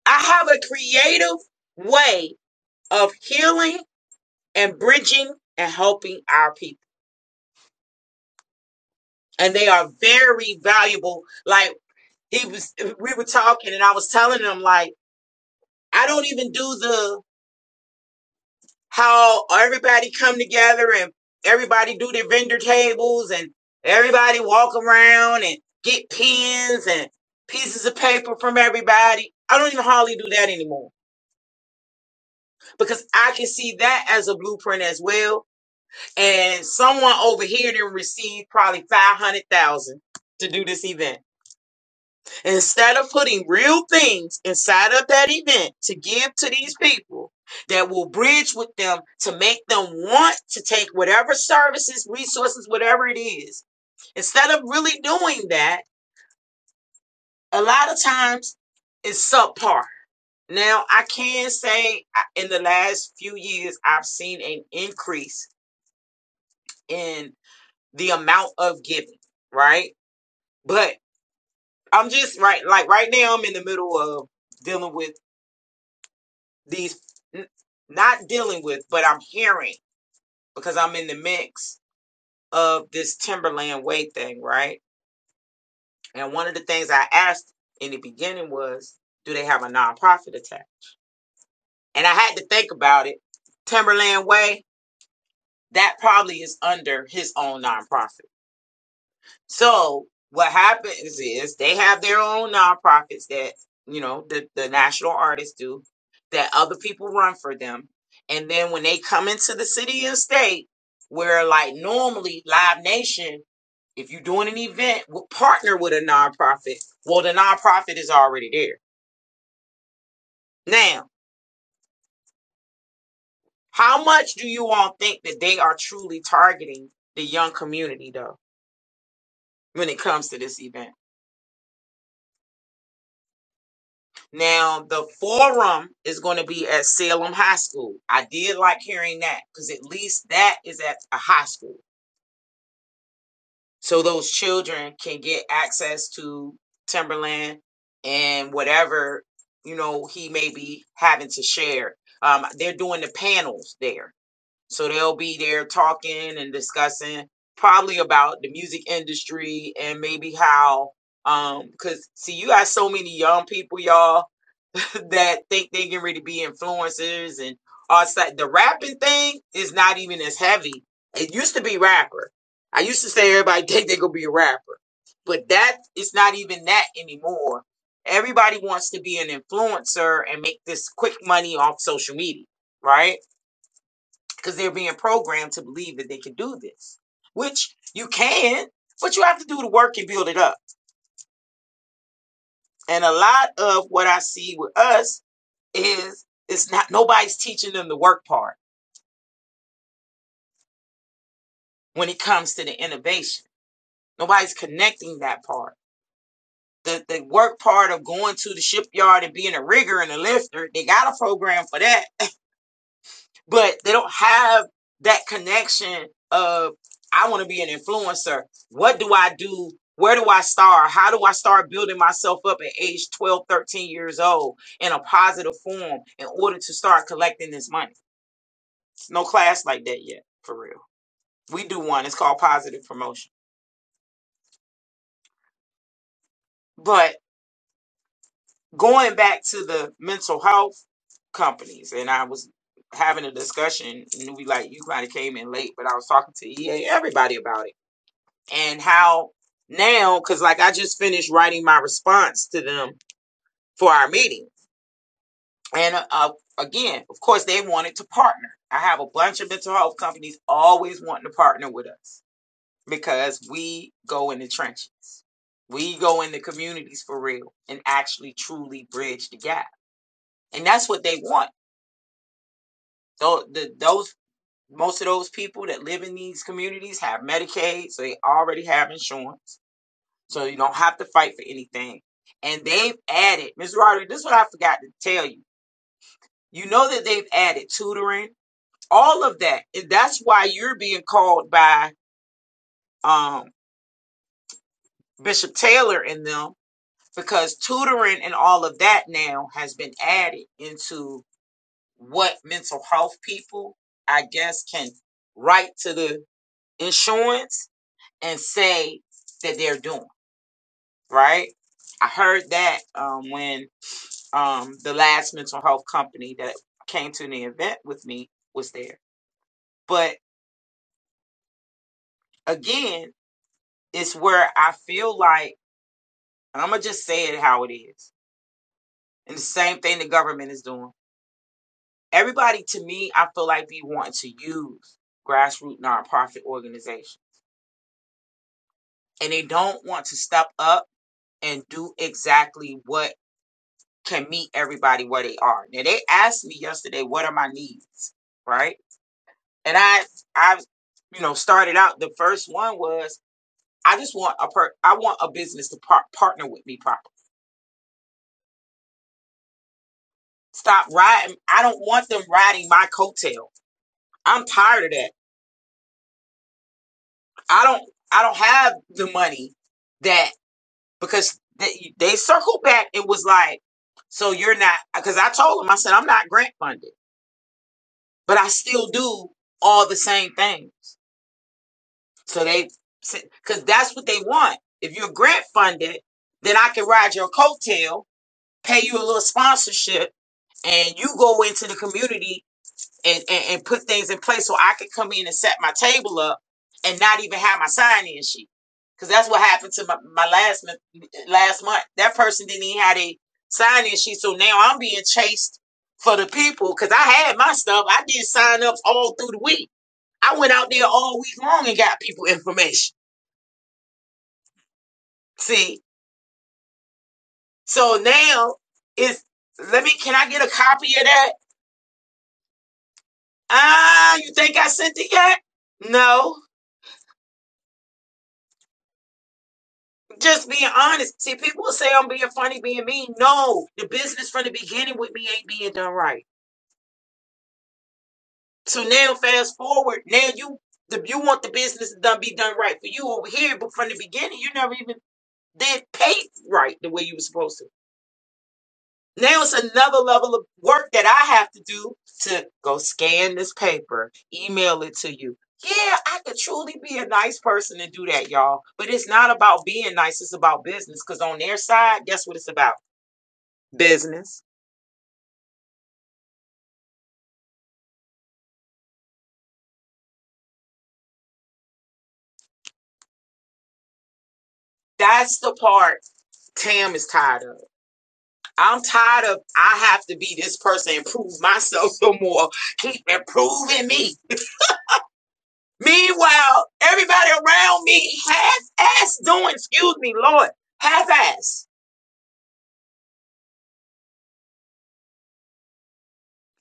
S4: I have a creative way of healing and bridging and helping our people. and they are very valuable. Like he was, we were talking, and I was telling him like I don't even do the how everybody come together and everybody do their vendor tables and everybody walk around and get pens and pieces of paper from everybody. I don't even hardly do that anymore because I can see that as a blueprint as well. And someone over here didn't receive probably five hundred thousand to do this event Instead of putting real things inside of that event to give to these people that will bridge with them to make them want to take whatever services, resources, whatever it is, instead of really doing that, a lot of times it's subpar. Now, I can say in the last few years, I've seen an increase in the amount of giving, right? But I'm just right, like right now, I'm in the middle of dealing with These n- not dealing with, but I'm hearing because I'm in the mix of this Timberland Way thing, right? And one of the things I asked in the beginning was, do they have a nonprofit attack? And I had to think about it. Timberland Way, that probably is under his own nonprofit. So what happens is they have their own nonprofits that you know the, the national artists do that other people run for them. And then when they come into the city and state, where like normally Live Nation, if you're doing an event, will partner with a nonprofit. Well, the nonprofit is already there. Now, how much do you all think that they are truly targeting the young community though when it comes to this event? Now the forum is going to be at Salem High School. I did like hearing that because at least that is at a high school, so those children can get access to Timberland and whatever you know he may be having to share. Um, they're doing the panels there, so they'll be there talking and discussing probably about the music industry and maybe how um because see you got so many young people y'all that think they get ready to be influencers and all that. The rapping thing is not even as heavy. It used to be rapper. I used to say everybody think they gonna be a rapper, but that it's not even that anymore. Everybody wants to be an influencer and make this quick money off social media, right? Because they're being programmed to believe that they can do this, which you can, but you have to do the work and build it up. And a lot of what I see with us is it's not nobody's teaching them the work part when it comes to the innovation. Nobody's connecting that part. The the work part of going to the shipyard and being a rigger and a lifter, they got a program for that, but they don't have that connection of I want to be an influencer. What do I do? Where do I start? How do I start building myself up at age 12, 13 years old in a positive form in order to start collecting this money? No class like that yet, for real. We do one. It's called positive promotion. But going back to the mental health companies, and I was having a discussion, and we like you kind of came in late, but I was talking to EA everybody about it and how now because like I just finished writing my response to them for our meeting, and uh, uh, again, of course, they wanted to partner. I have a bunch of mental health companies always wanting to partner with us because we go in the trenches. We go in the communities for real and actually truly bridge the gap. And that's what they want. Those, the, those most of those people that live in these communities have Medicaid, so they already have insurance. So you don't have to fight for anything. And they've added, Ms. Roderick, this is what I forgot to tell you. You know that they've added tutoring, all of that. And that's why you're being called by um, Bishop Taylor and them because tutoring and all of that now has been added into what mental health people, I guess, can write to the insurance and say that they're doing, right? I heard that um, when um, the last mental health company that came to the event with me was there. But again, it's where I feel like, and I'm going to just say it how it is. And the same thing the government is doing Everybody to me, I feel like be wanting to use grassroots nonprofit organizations. And they don't want to step up and do exactly what can meet everybody where they are. Now they asked me yesterday, what are my needs? Right? And I I you know started out the first one was I just want a per I want a business to par- partner with me properly. Stop riding. I don't want them riding my coattail. I'm tired of that. I don't I don't have the money that because they, they circled back and was like, "So you're not?" Because I told them, I said, "I'm not grant funded, but I still do all the same things." So they, said because that's what they want. If you're grant funded, then I can ride your coattail, pay you a little sponsorship, and you go into the community and, and, and put things in place so I could come in and set my table up and not even have my sign in sheet. Because that's what happened to my, my last last month. That person didn't even have a sign in sheet. So now I'm being chased for the people because I had my stuff. I did sign ups all through the week. I went out there all week long and got people information. See? So now it's let me can I get a copy of that? Ah, you think I sent it yet? No. Just being honest. See, people will say I'm being funny, being mean. No, the business from the beginning with me ain't being done right. So now, fast forward, now you the, you want the business to done, be done right for you over here, but from the beginning, you never even did pay right the way you were supposed to. Now it's another level of work that I have to do to go scan this paper, email it to you. Yeah, I could truly be a nice person and do that, y'all. But it's not about being nice, it's about business. Because on their side, guess what it's about? business. That's the part Tam is tired of. I'm tired of I have to be this person and prove myself some more. Keep improving me. Meanwhile, everybody around me half ass doing, excuse me, Lord, half ass.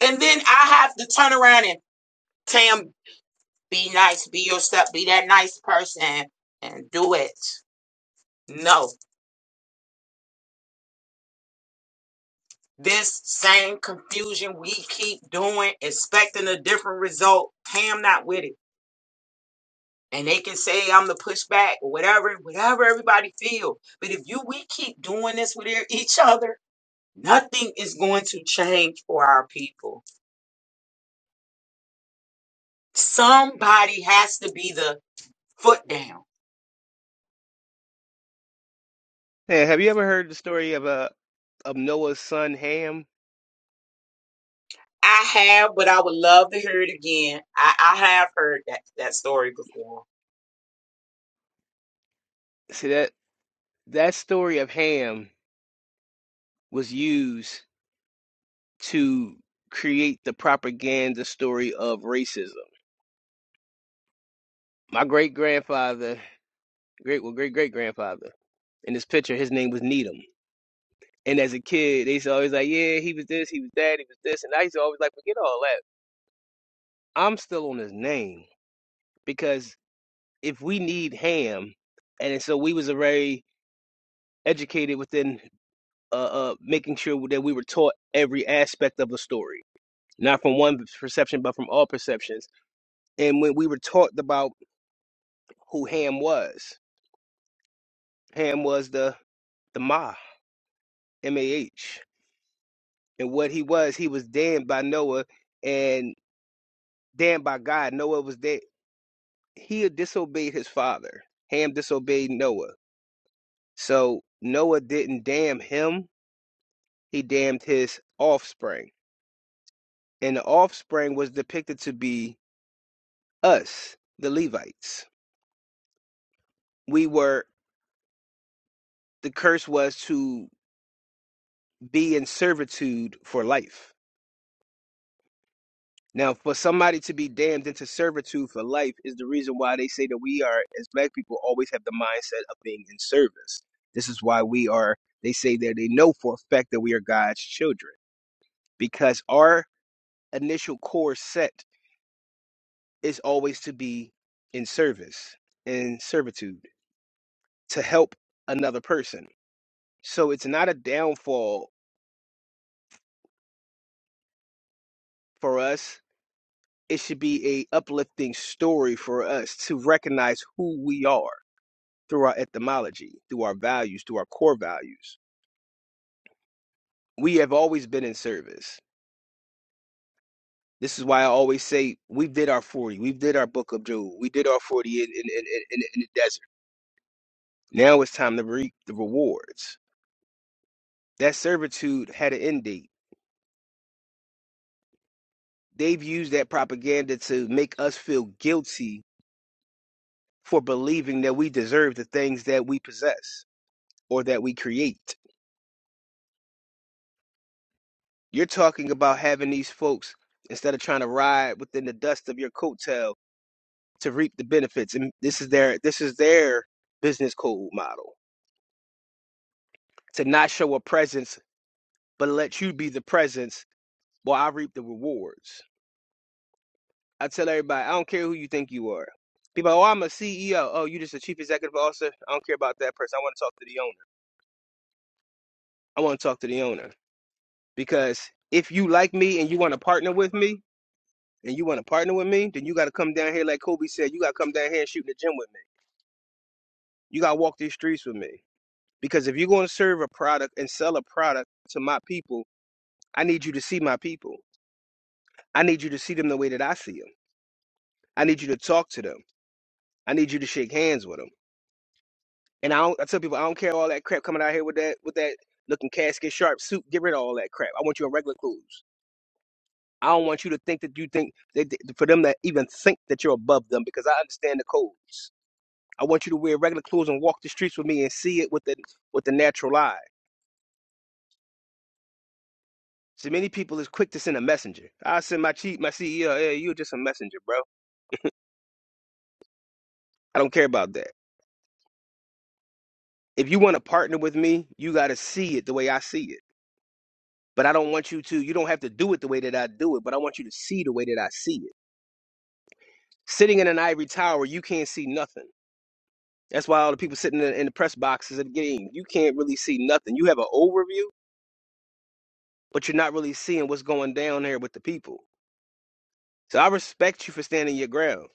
S4: And then I have to turn around and Tam, be nice, be yourself, be that nice person and do it. No. This same confusion we keep doing, expecting a different result. Tam not with it. and they can say I'm the pushback or whatever, whatever everybody feel. But if you we keep doing this with e- each other, nothing is going to change for our people. Somebody has to be the foot down.
S7: Yeah, have you ever heard the story of uh, of Noah's son Ham?
S4: I have, but I would love to hear it again. I, I have heard that that story before.
S7: See that that story of Ham was used to create the propaganda story of racism. My great grandfather, great well great great grandfather, in this picture, his name was Needham. And as a kid, they used to always like, yeah, he was this, he was that, he was this, and I used to always like forget all that. I'm still on his name because if we need ham, and so we was a very educated within uh, uh, making sure that we were taught every aspect of a story, not from one perception, but from all perceptions. And when we were taught about who Ham was, Ham was the the Ma, M A H, and what he was, he was damned by Noah and damned by God. Noah was dead. He had disobeyed his father. Ham disobeyed Noah, so Noah didn't damn him. He damned his offspring and the offspring was depicted to be us, the Levites. We were, the curse was to be in servitude for life. Now, for somebody to be damned into servitude for life is the reason why they say that we are, as black people, always have the mindset of being in service. This is why we are, they say that they know for a fact that we are God's children, because our initial core set is always to be in service, in servitude, to help another person So it's not a downfall for us. It should be a uplifting story for us to recognize who we are through our etymology, through our values, through our core values. We have always been in service. This is why I always say we did our 40, we did our book of Job, we did our 40 in, in, in, in, in in the desert. Now it's time to reap the rewards. That servitude had an end date. They've used that propaganda to make us feel guilty for believing that we deserve the things that we possess or that we create. You're talking about having these folks instead of trying to ride within the dust of your coattail to reap the benefits. And this is their this is their business code model. To not show a presence, but let you be the presence while I reap the rewards. I tell everybody, I don't care who you think you are. People, are, oh, I'm a CEO. Oh, you just a chief executive officer. I don't care about that person. I want to talk to the owner. I want to talk to the owner. Because if you like me and you want to partner with me, and you want to partner with me, then you got to come down here, like Kobe said, you got to come down here and shoot in the gym with me. You got to walk these streets with me. Because if you're going to serve a product and sell a product to my people, I need you to see my people. I need you to see them the way that I see them. I need you to talk to them. I need you to shake hands with them. And I, don't, I tell people, I don't care all that crap coming out here with that, with that looking casket sharp suit. Get rid of all that crap. I want you in regular clothes. I don't want you to think that you think that, that- for them to even think that you're above them because I understand the codes. I want you to wear regular clothes and walk the streets with me and see it with the with the natural eye. See, many people is quick to send a messenger. I send my chief, my CEO, hey, you're just a messenger, bro. I don't care about that. If you want to partner with me, you got to see it the way I see it. But I don't want you to, you don't have to do it the way that I do it, but I want you to see the way that I see it. Sitting in an ivory tower, you can't see nothing. That's why all the people sitting in in the press boxes at the game, you can't really see nothing. You have an overview, but you're not really seeing what's going down there with the people. So I respect you for standing your ground.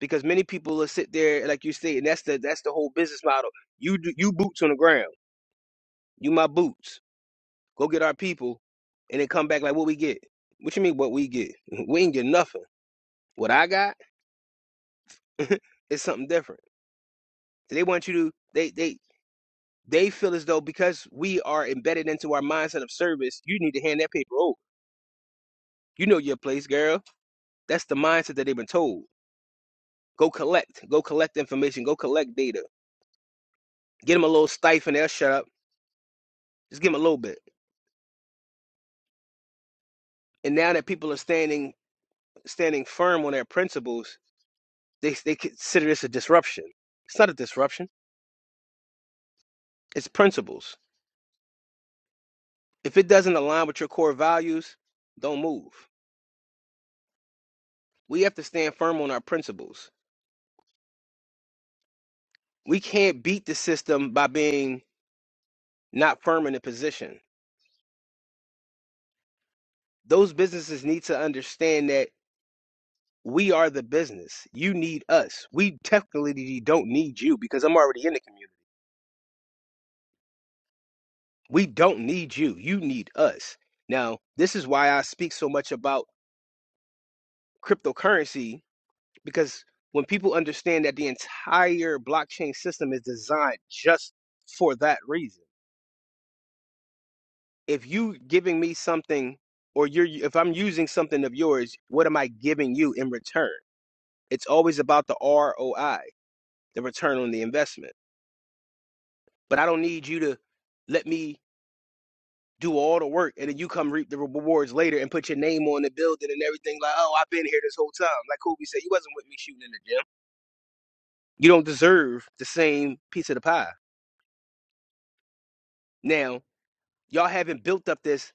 S7: because many people will sit there like you say, and that's the that's the whole business model. You do, you boots on the ground. You my boots. Go get our people, and then come back like what we get. What you mean what we get? We ain't get nothing. What I got is something different. So they want you to they they they feel as though because we are embedded into our mindset of service, you need to hand that paper over. You know your place, girl. That's the mindset that they've been told. Go collect. Go collect information. Go collect data. Get them a little stipend. They'll shut up. Just give them a little bit. And now that people are standing standing firm on their principles, they they consider this a disruption. It's not a disruption. It's principles. If it doesn't align with your core values, don't move. We have to stand firm on our principles. We can't beat the system by being not firm in a position. Those businesses need to understand that we are the business. You need us. We technically don't need you because I'm already in the community. We don't need you. You need us. Now, this is why I speak so much about cryptocurrency because when people understand that the entire blockchain system is designed just for that reason if you giving me something or you're if i'm using something of yours what am i giving you in return it's always about the roi the return on the investment but i don't need you to let me do all the work and then you come reap the rewards later and put your name on the building and everything like oh i've been here this whole time like kobe said you wasn't with me shooting in the gym you don't deserve the same piece of the pie Now, y'all haven't built up this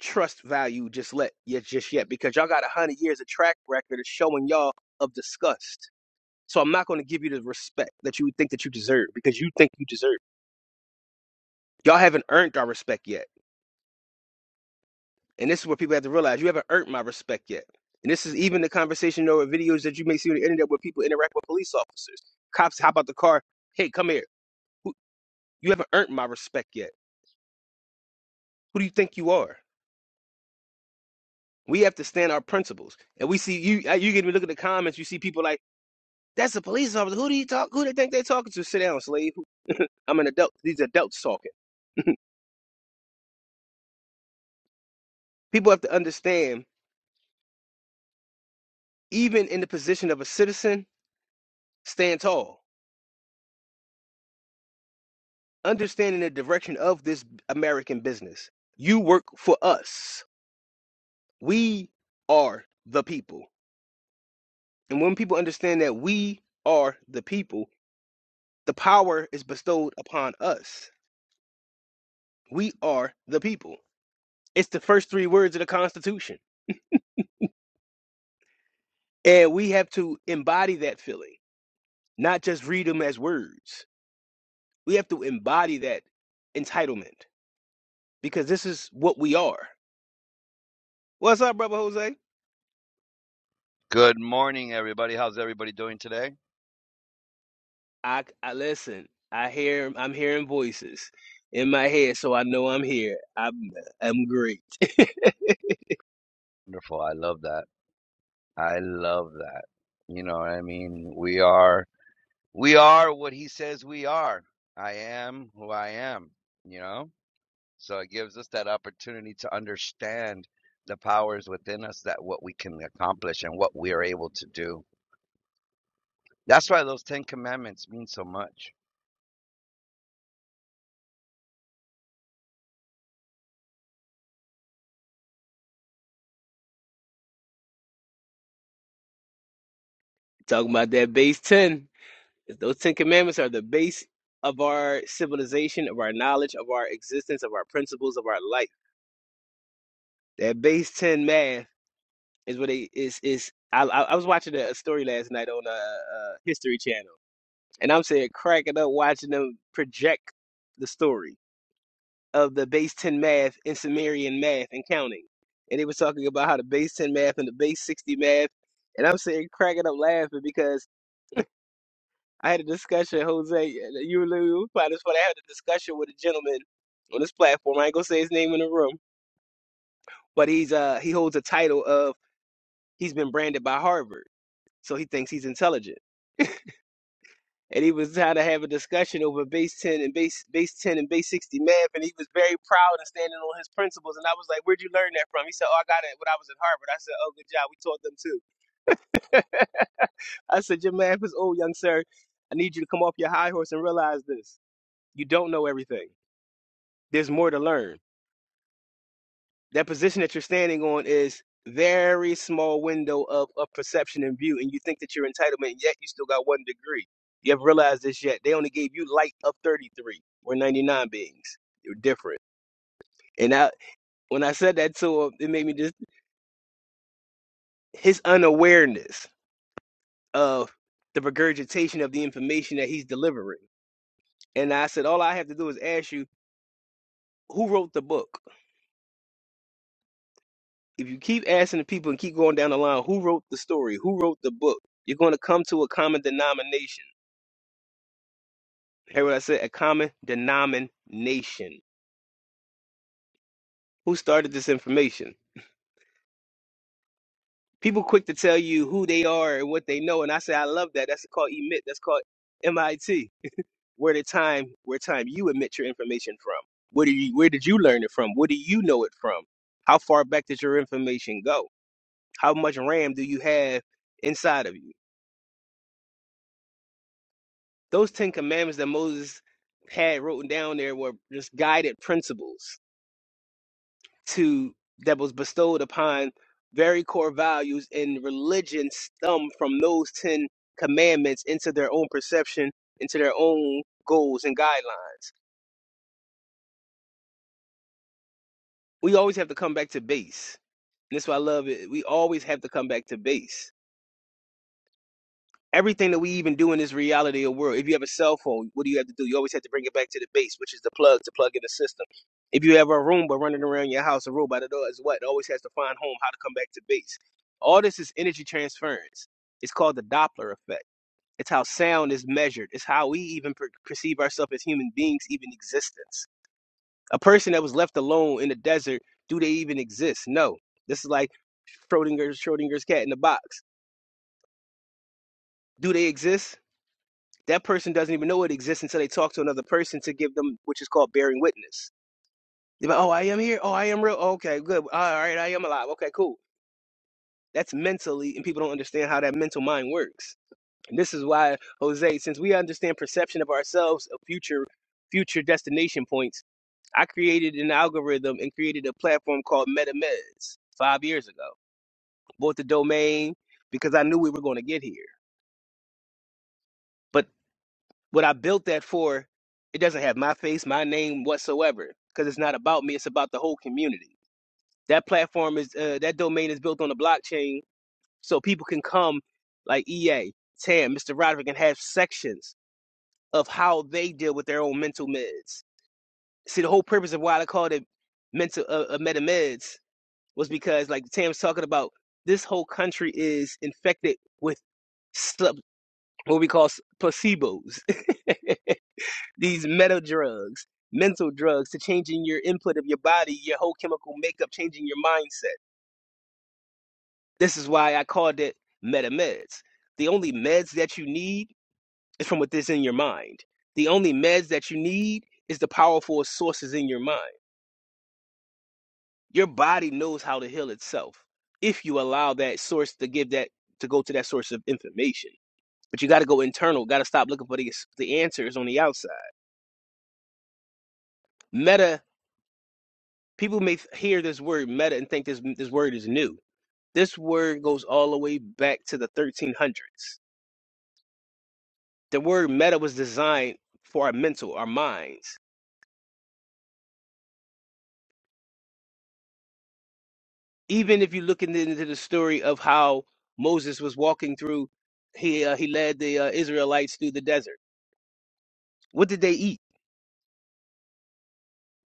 S7: trust value just let yet just yet because y'all got a hundred years of track record of showing y'all of disgust. So I'm not going to give you the respect that you think that you deserve because you think you deserve. it. Y'all haven't earned our respect yet, and this is what people have to realize: you haven't earned my respect yet. And this is even the conversation or videos that you may see on the internet where people interact with police officers, cops. How about the car? Hey, come here. Who, you haven't earned my respect yet. Who do you think you are? We have to stand our principles. And we see you. uh, You can look at the comments. You see people like, "That's a police officer. Who do you talk? Who do they think they are talking to? Sit down, slave. I'm an adult. These adults talking." people have to understand, even in the position of a citizen, stand tall. Understanding the direction of this American business. You work for us. We are the people. And when people understand that we are the people, the power is bestowed upon us. We are the people. It's the first three words of the Constitution. And we have to embody that feeling, not just read them as words. We have to embody that entitlement because this is what we are. What's up, brother Jose?
S9: Good morning, everybody. How's everybody doing today?
S7: I, I listen. I hear. I'm hearing voices in my head, so I know I'm here. I'm I'm great.
S9: Wonderful. I love that. I love that. You know what I mean? We are we are what he says we are. I am who I am, you know? So it gives us that opportunity to understand the powers within us that what we can accomplish and what we are able to do. That's why those 10 commandments mean so much
S7: Talking about that base ten. Those Ten Commandments are the base of our civilization, of our knowledge, of our existence, of our principles, of our life. That base ten math is what they is is I, I I was watching a story last night on uh, uh History Channel, and I'm saying cracking up watching them project the story of the base ten math and Sumerian math and counting, and they were talking about how the base ten math and the base sixty math, and I'm saying cracking up laughing because I had a discussion, Jose, you were literally- probably just funny. I had a discussion with a gentleman on this platform. I ain't gonna say his name in the room, but he's uh he holds a title of he's been branded by Harvard, so he thinks he's intelligent and he was trying to have a discussion over base 10 and base base 10 and base 60 math and he was very proud and standing on his principles and i was like where'd you learn that from he said oh i got it when i was at harvard i said oh good job we taught them too i said your math is old young sir i need you to come off your high horse and realize this you don't know everything there's more to learn that position that you're standing on is very small window of, of perception and view and you think that you're entitlement yet you still got one degree you haven't realized this yet they only gave you light of 33 we're 99 beings you're different and I, when i said that to him it made me just his unawareness of the regurgitation of the information that he's delivering and i said all i have to do is ask you who wrote the book if you keep asking the people and keep going down the line who wrote the story who wrote the book you're going to come to a common denomination hear what I said? A common denomination. Who started this information? People quick to tell you who they are and what they know, and I say I love that. That's called emit. That's called MIT. Where the time, where time you emit your information from? Where do you, where did you learn it from? Where do you know it from? How far back did your information go? How much RAM do you have inside of you? Those Ten Commandments that Moses had written down there were just guided principles to that was bestowed upon very core values and religion stem from those 10 commandments into their own perception into their own goals and guidelines we always have to come back to base and that's why i love it we always have to come back to base everything that we even do in this reality of world. If you have a cell phone, what do you have to do? You always have to bring it back to the base, which is the plug to plug in the system. If you have a Roomba running around your house, a robot at all is what? It always has to find home, how to come back to base. All this is energy transference. It's called the Doppler effect. It's how sound is measured. It's how we even per- perceive ourselves as human beings, even existence. A person that was left alone in the desert, do they even exist? No. This is like Schrodinger's Schrodinger's cat in the box. Do they exist? That person doesn't even know it exists until they talk to another person to give them, which is called bearing witness. They're like, oh, I am here. Oh, I am real. Oh, Okay, good. All right, I am alive. Okay, cool. That's mentally, and people don't understand how that mental mind works. And this is why, Jose, since we understand perception of ourselves, of future, future destination points, I created an algorithm and created a platform called MetaMeds five years ago. Bought the domain because I knew we were going to get here but. What I built that for, it doesn't have my face, my name whatsoever, because it's not about me. It's about the whole community. That platform is uh, that domain is built on the blockchain, so people can come, like EA, Tam, Mr. Roderick, and have sections of how they deal with their own mental meds. See, the whole purpose of why I called it mental uh, uh, meta meds was because, like Tam's talking about, this whole country is infected with sub, what we call s- placebos. these meta drugs, mental drugs to changing your input of your body, your whole chemical makeup, changing your mindset. This is why I called it meta meds. The only meds that you need is from what's in your mind. The only meds that you need is the powerful sources in your mind. Your body knows how to heal itself if you allow that source to give that to go to that source of information. But you got to go internal. Got to stop looking for the the answers on the outside. Meta people may th- hear this word meta and think this this word is new. This word goes all the way back to the 1300s. The word meta was designed for our mental, our minds. Even if you look in- into the story of how Moses was walking through, he uh, he led the uh, Israelites through the desert. What did they eat?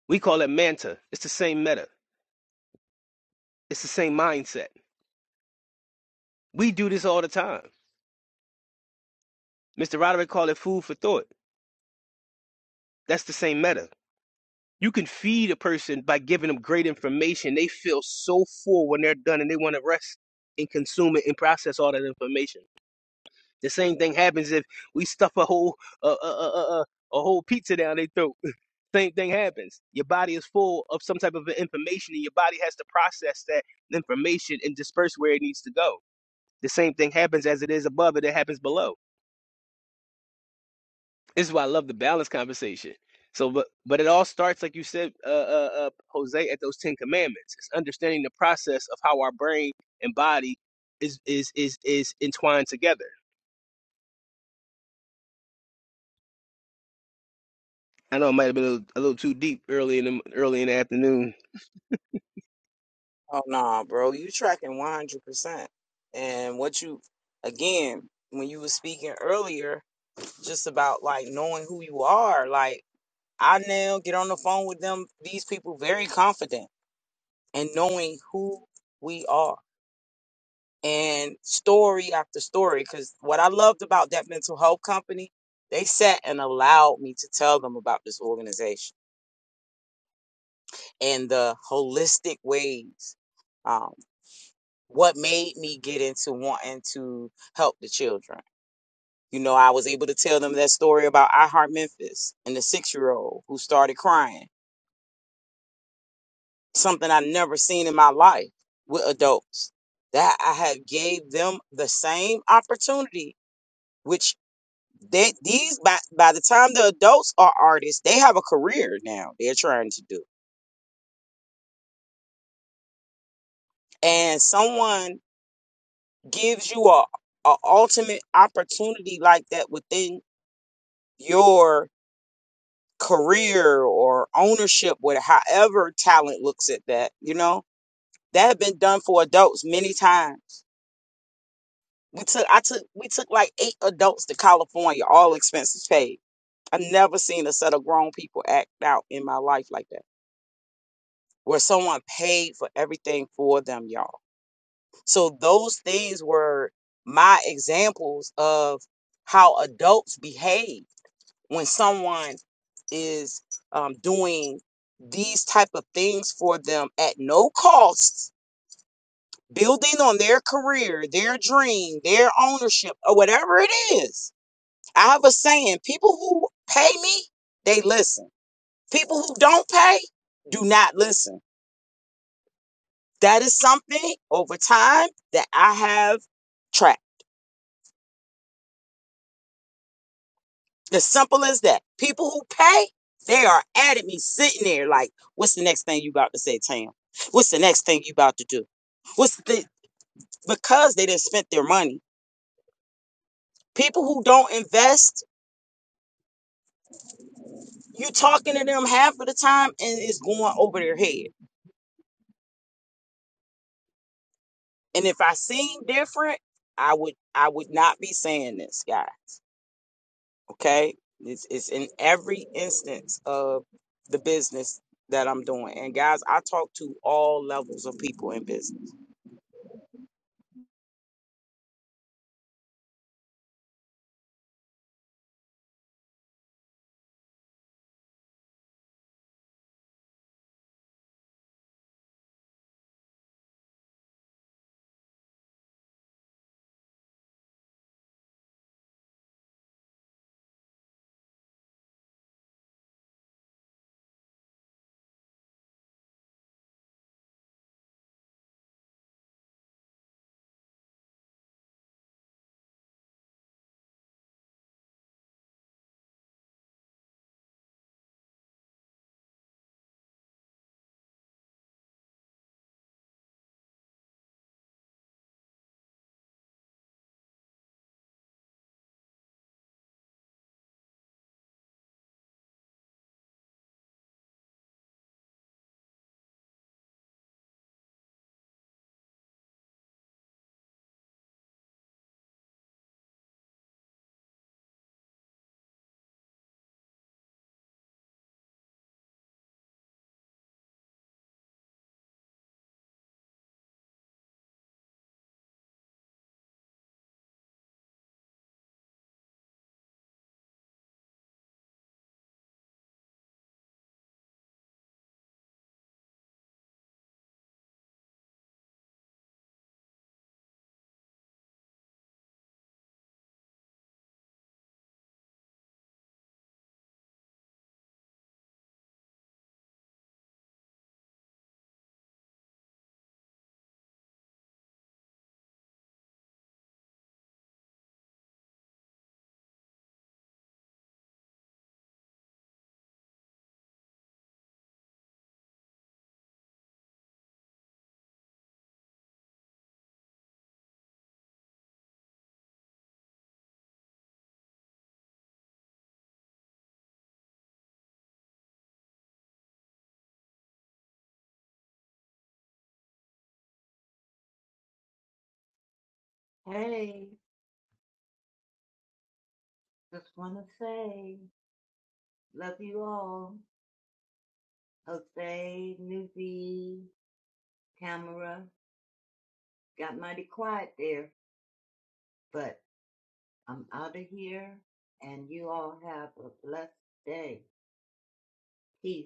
S7: We call it manta. It's the same meta. It's the same mindset. We do this all the time. Mr. Roderick called it food for thought. That's the same meta. You can feed a person by giving them great information. They feel so full when they're done and they want to rest and consume it and process all that information. The same thing happens if we stuff a whole a a a, a, a whole pizza down their throat. The Same thing happens. Your body is full of some type of information and your body has to process that information and disperse where it needs to go. The same thing happens as it is above it, it happens below. This is why I love the balance conversation. So, but but it all starts, like you said, uh, uh, uh, Jose, at those Ten Commandments. It's understanding the process of how our brain and body is is is is entwined together. I know it might have been a little, a little too deep early in the early in the afternoon.
S4: Oh no, bro, you tracking one hundred percent. And what you again when you were speaking earlier, just about like knowing who you are, like. I now get on the phone with them, these people very confident in knowing who we are and story after story. Because what I loved about that mental health company, they sat and allowed me to tell them about this organization and the holistic ways, um, what made me get into wanting to help the children. You know, I was able to tell them that story about I Heart Memphis and the six year old who started crying something I never seen in my life with adults. That I have gave them the same opportunity, which they these by by the time the adults are artists, they have a career now they're trying to do. And someone gives you a, a ultimate opportunity like that within your career or ownership, with however talent looks at that, you know, that have been done for adults many times We took I took we took like eight adults to California, all expenses paid. I never seen a set of grown people act out in my life like that, where someone paid for everything for them, y'all. So those things were my examples of how adults behave when someone is um, doing these type of things for them at no cost, building on their career, their dream, their ownership, or whatever it is I have a saying people who pay me, they listen. People who don't pay do not listen. That is something over time that I have tracked. As simple as that. People who pay, they are at me sitting there like, what's the next thing you about to say, Tam? What's the next thing you about to do? What's the because they didn't spent their money. People who don't invest, you talking to them half of the time and it's going over their head. And if I seem different, I would I would not be saying this, guys. Okay? It's it's in every instance of the business that I'm doing. And guys, I talk to all levels of people in business.
S6: Hey, just want to say, love you all. Jose, Nuvi, Tamara. Got mighty quiet there, but. I'm out of here, and you all have a blessed day. Peace.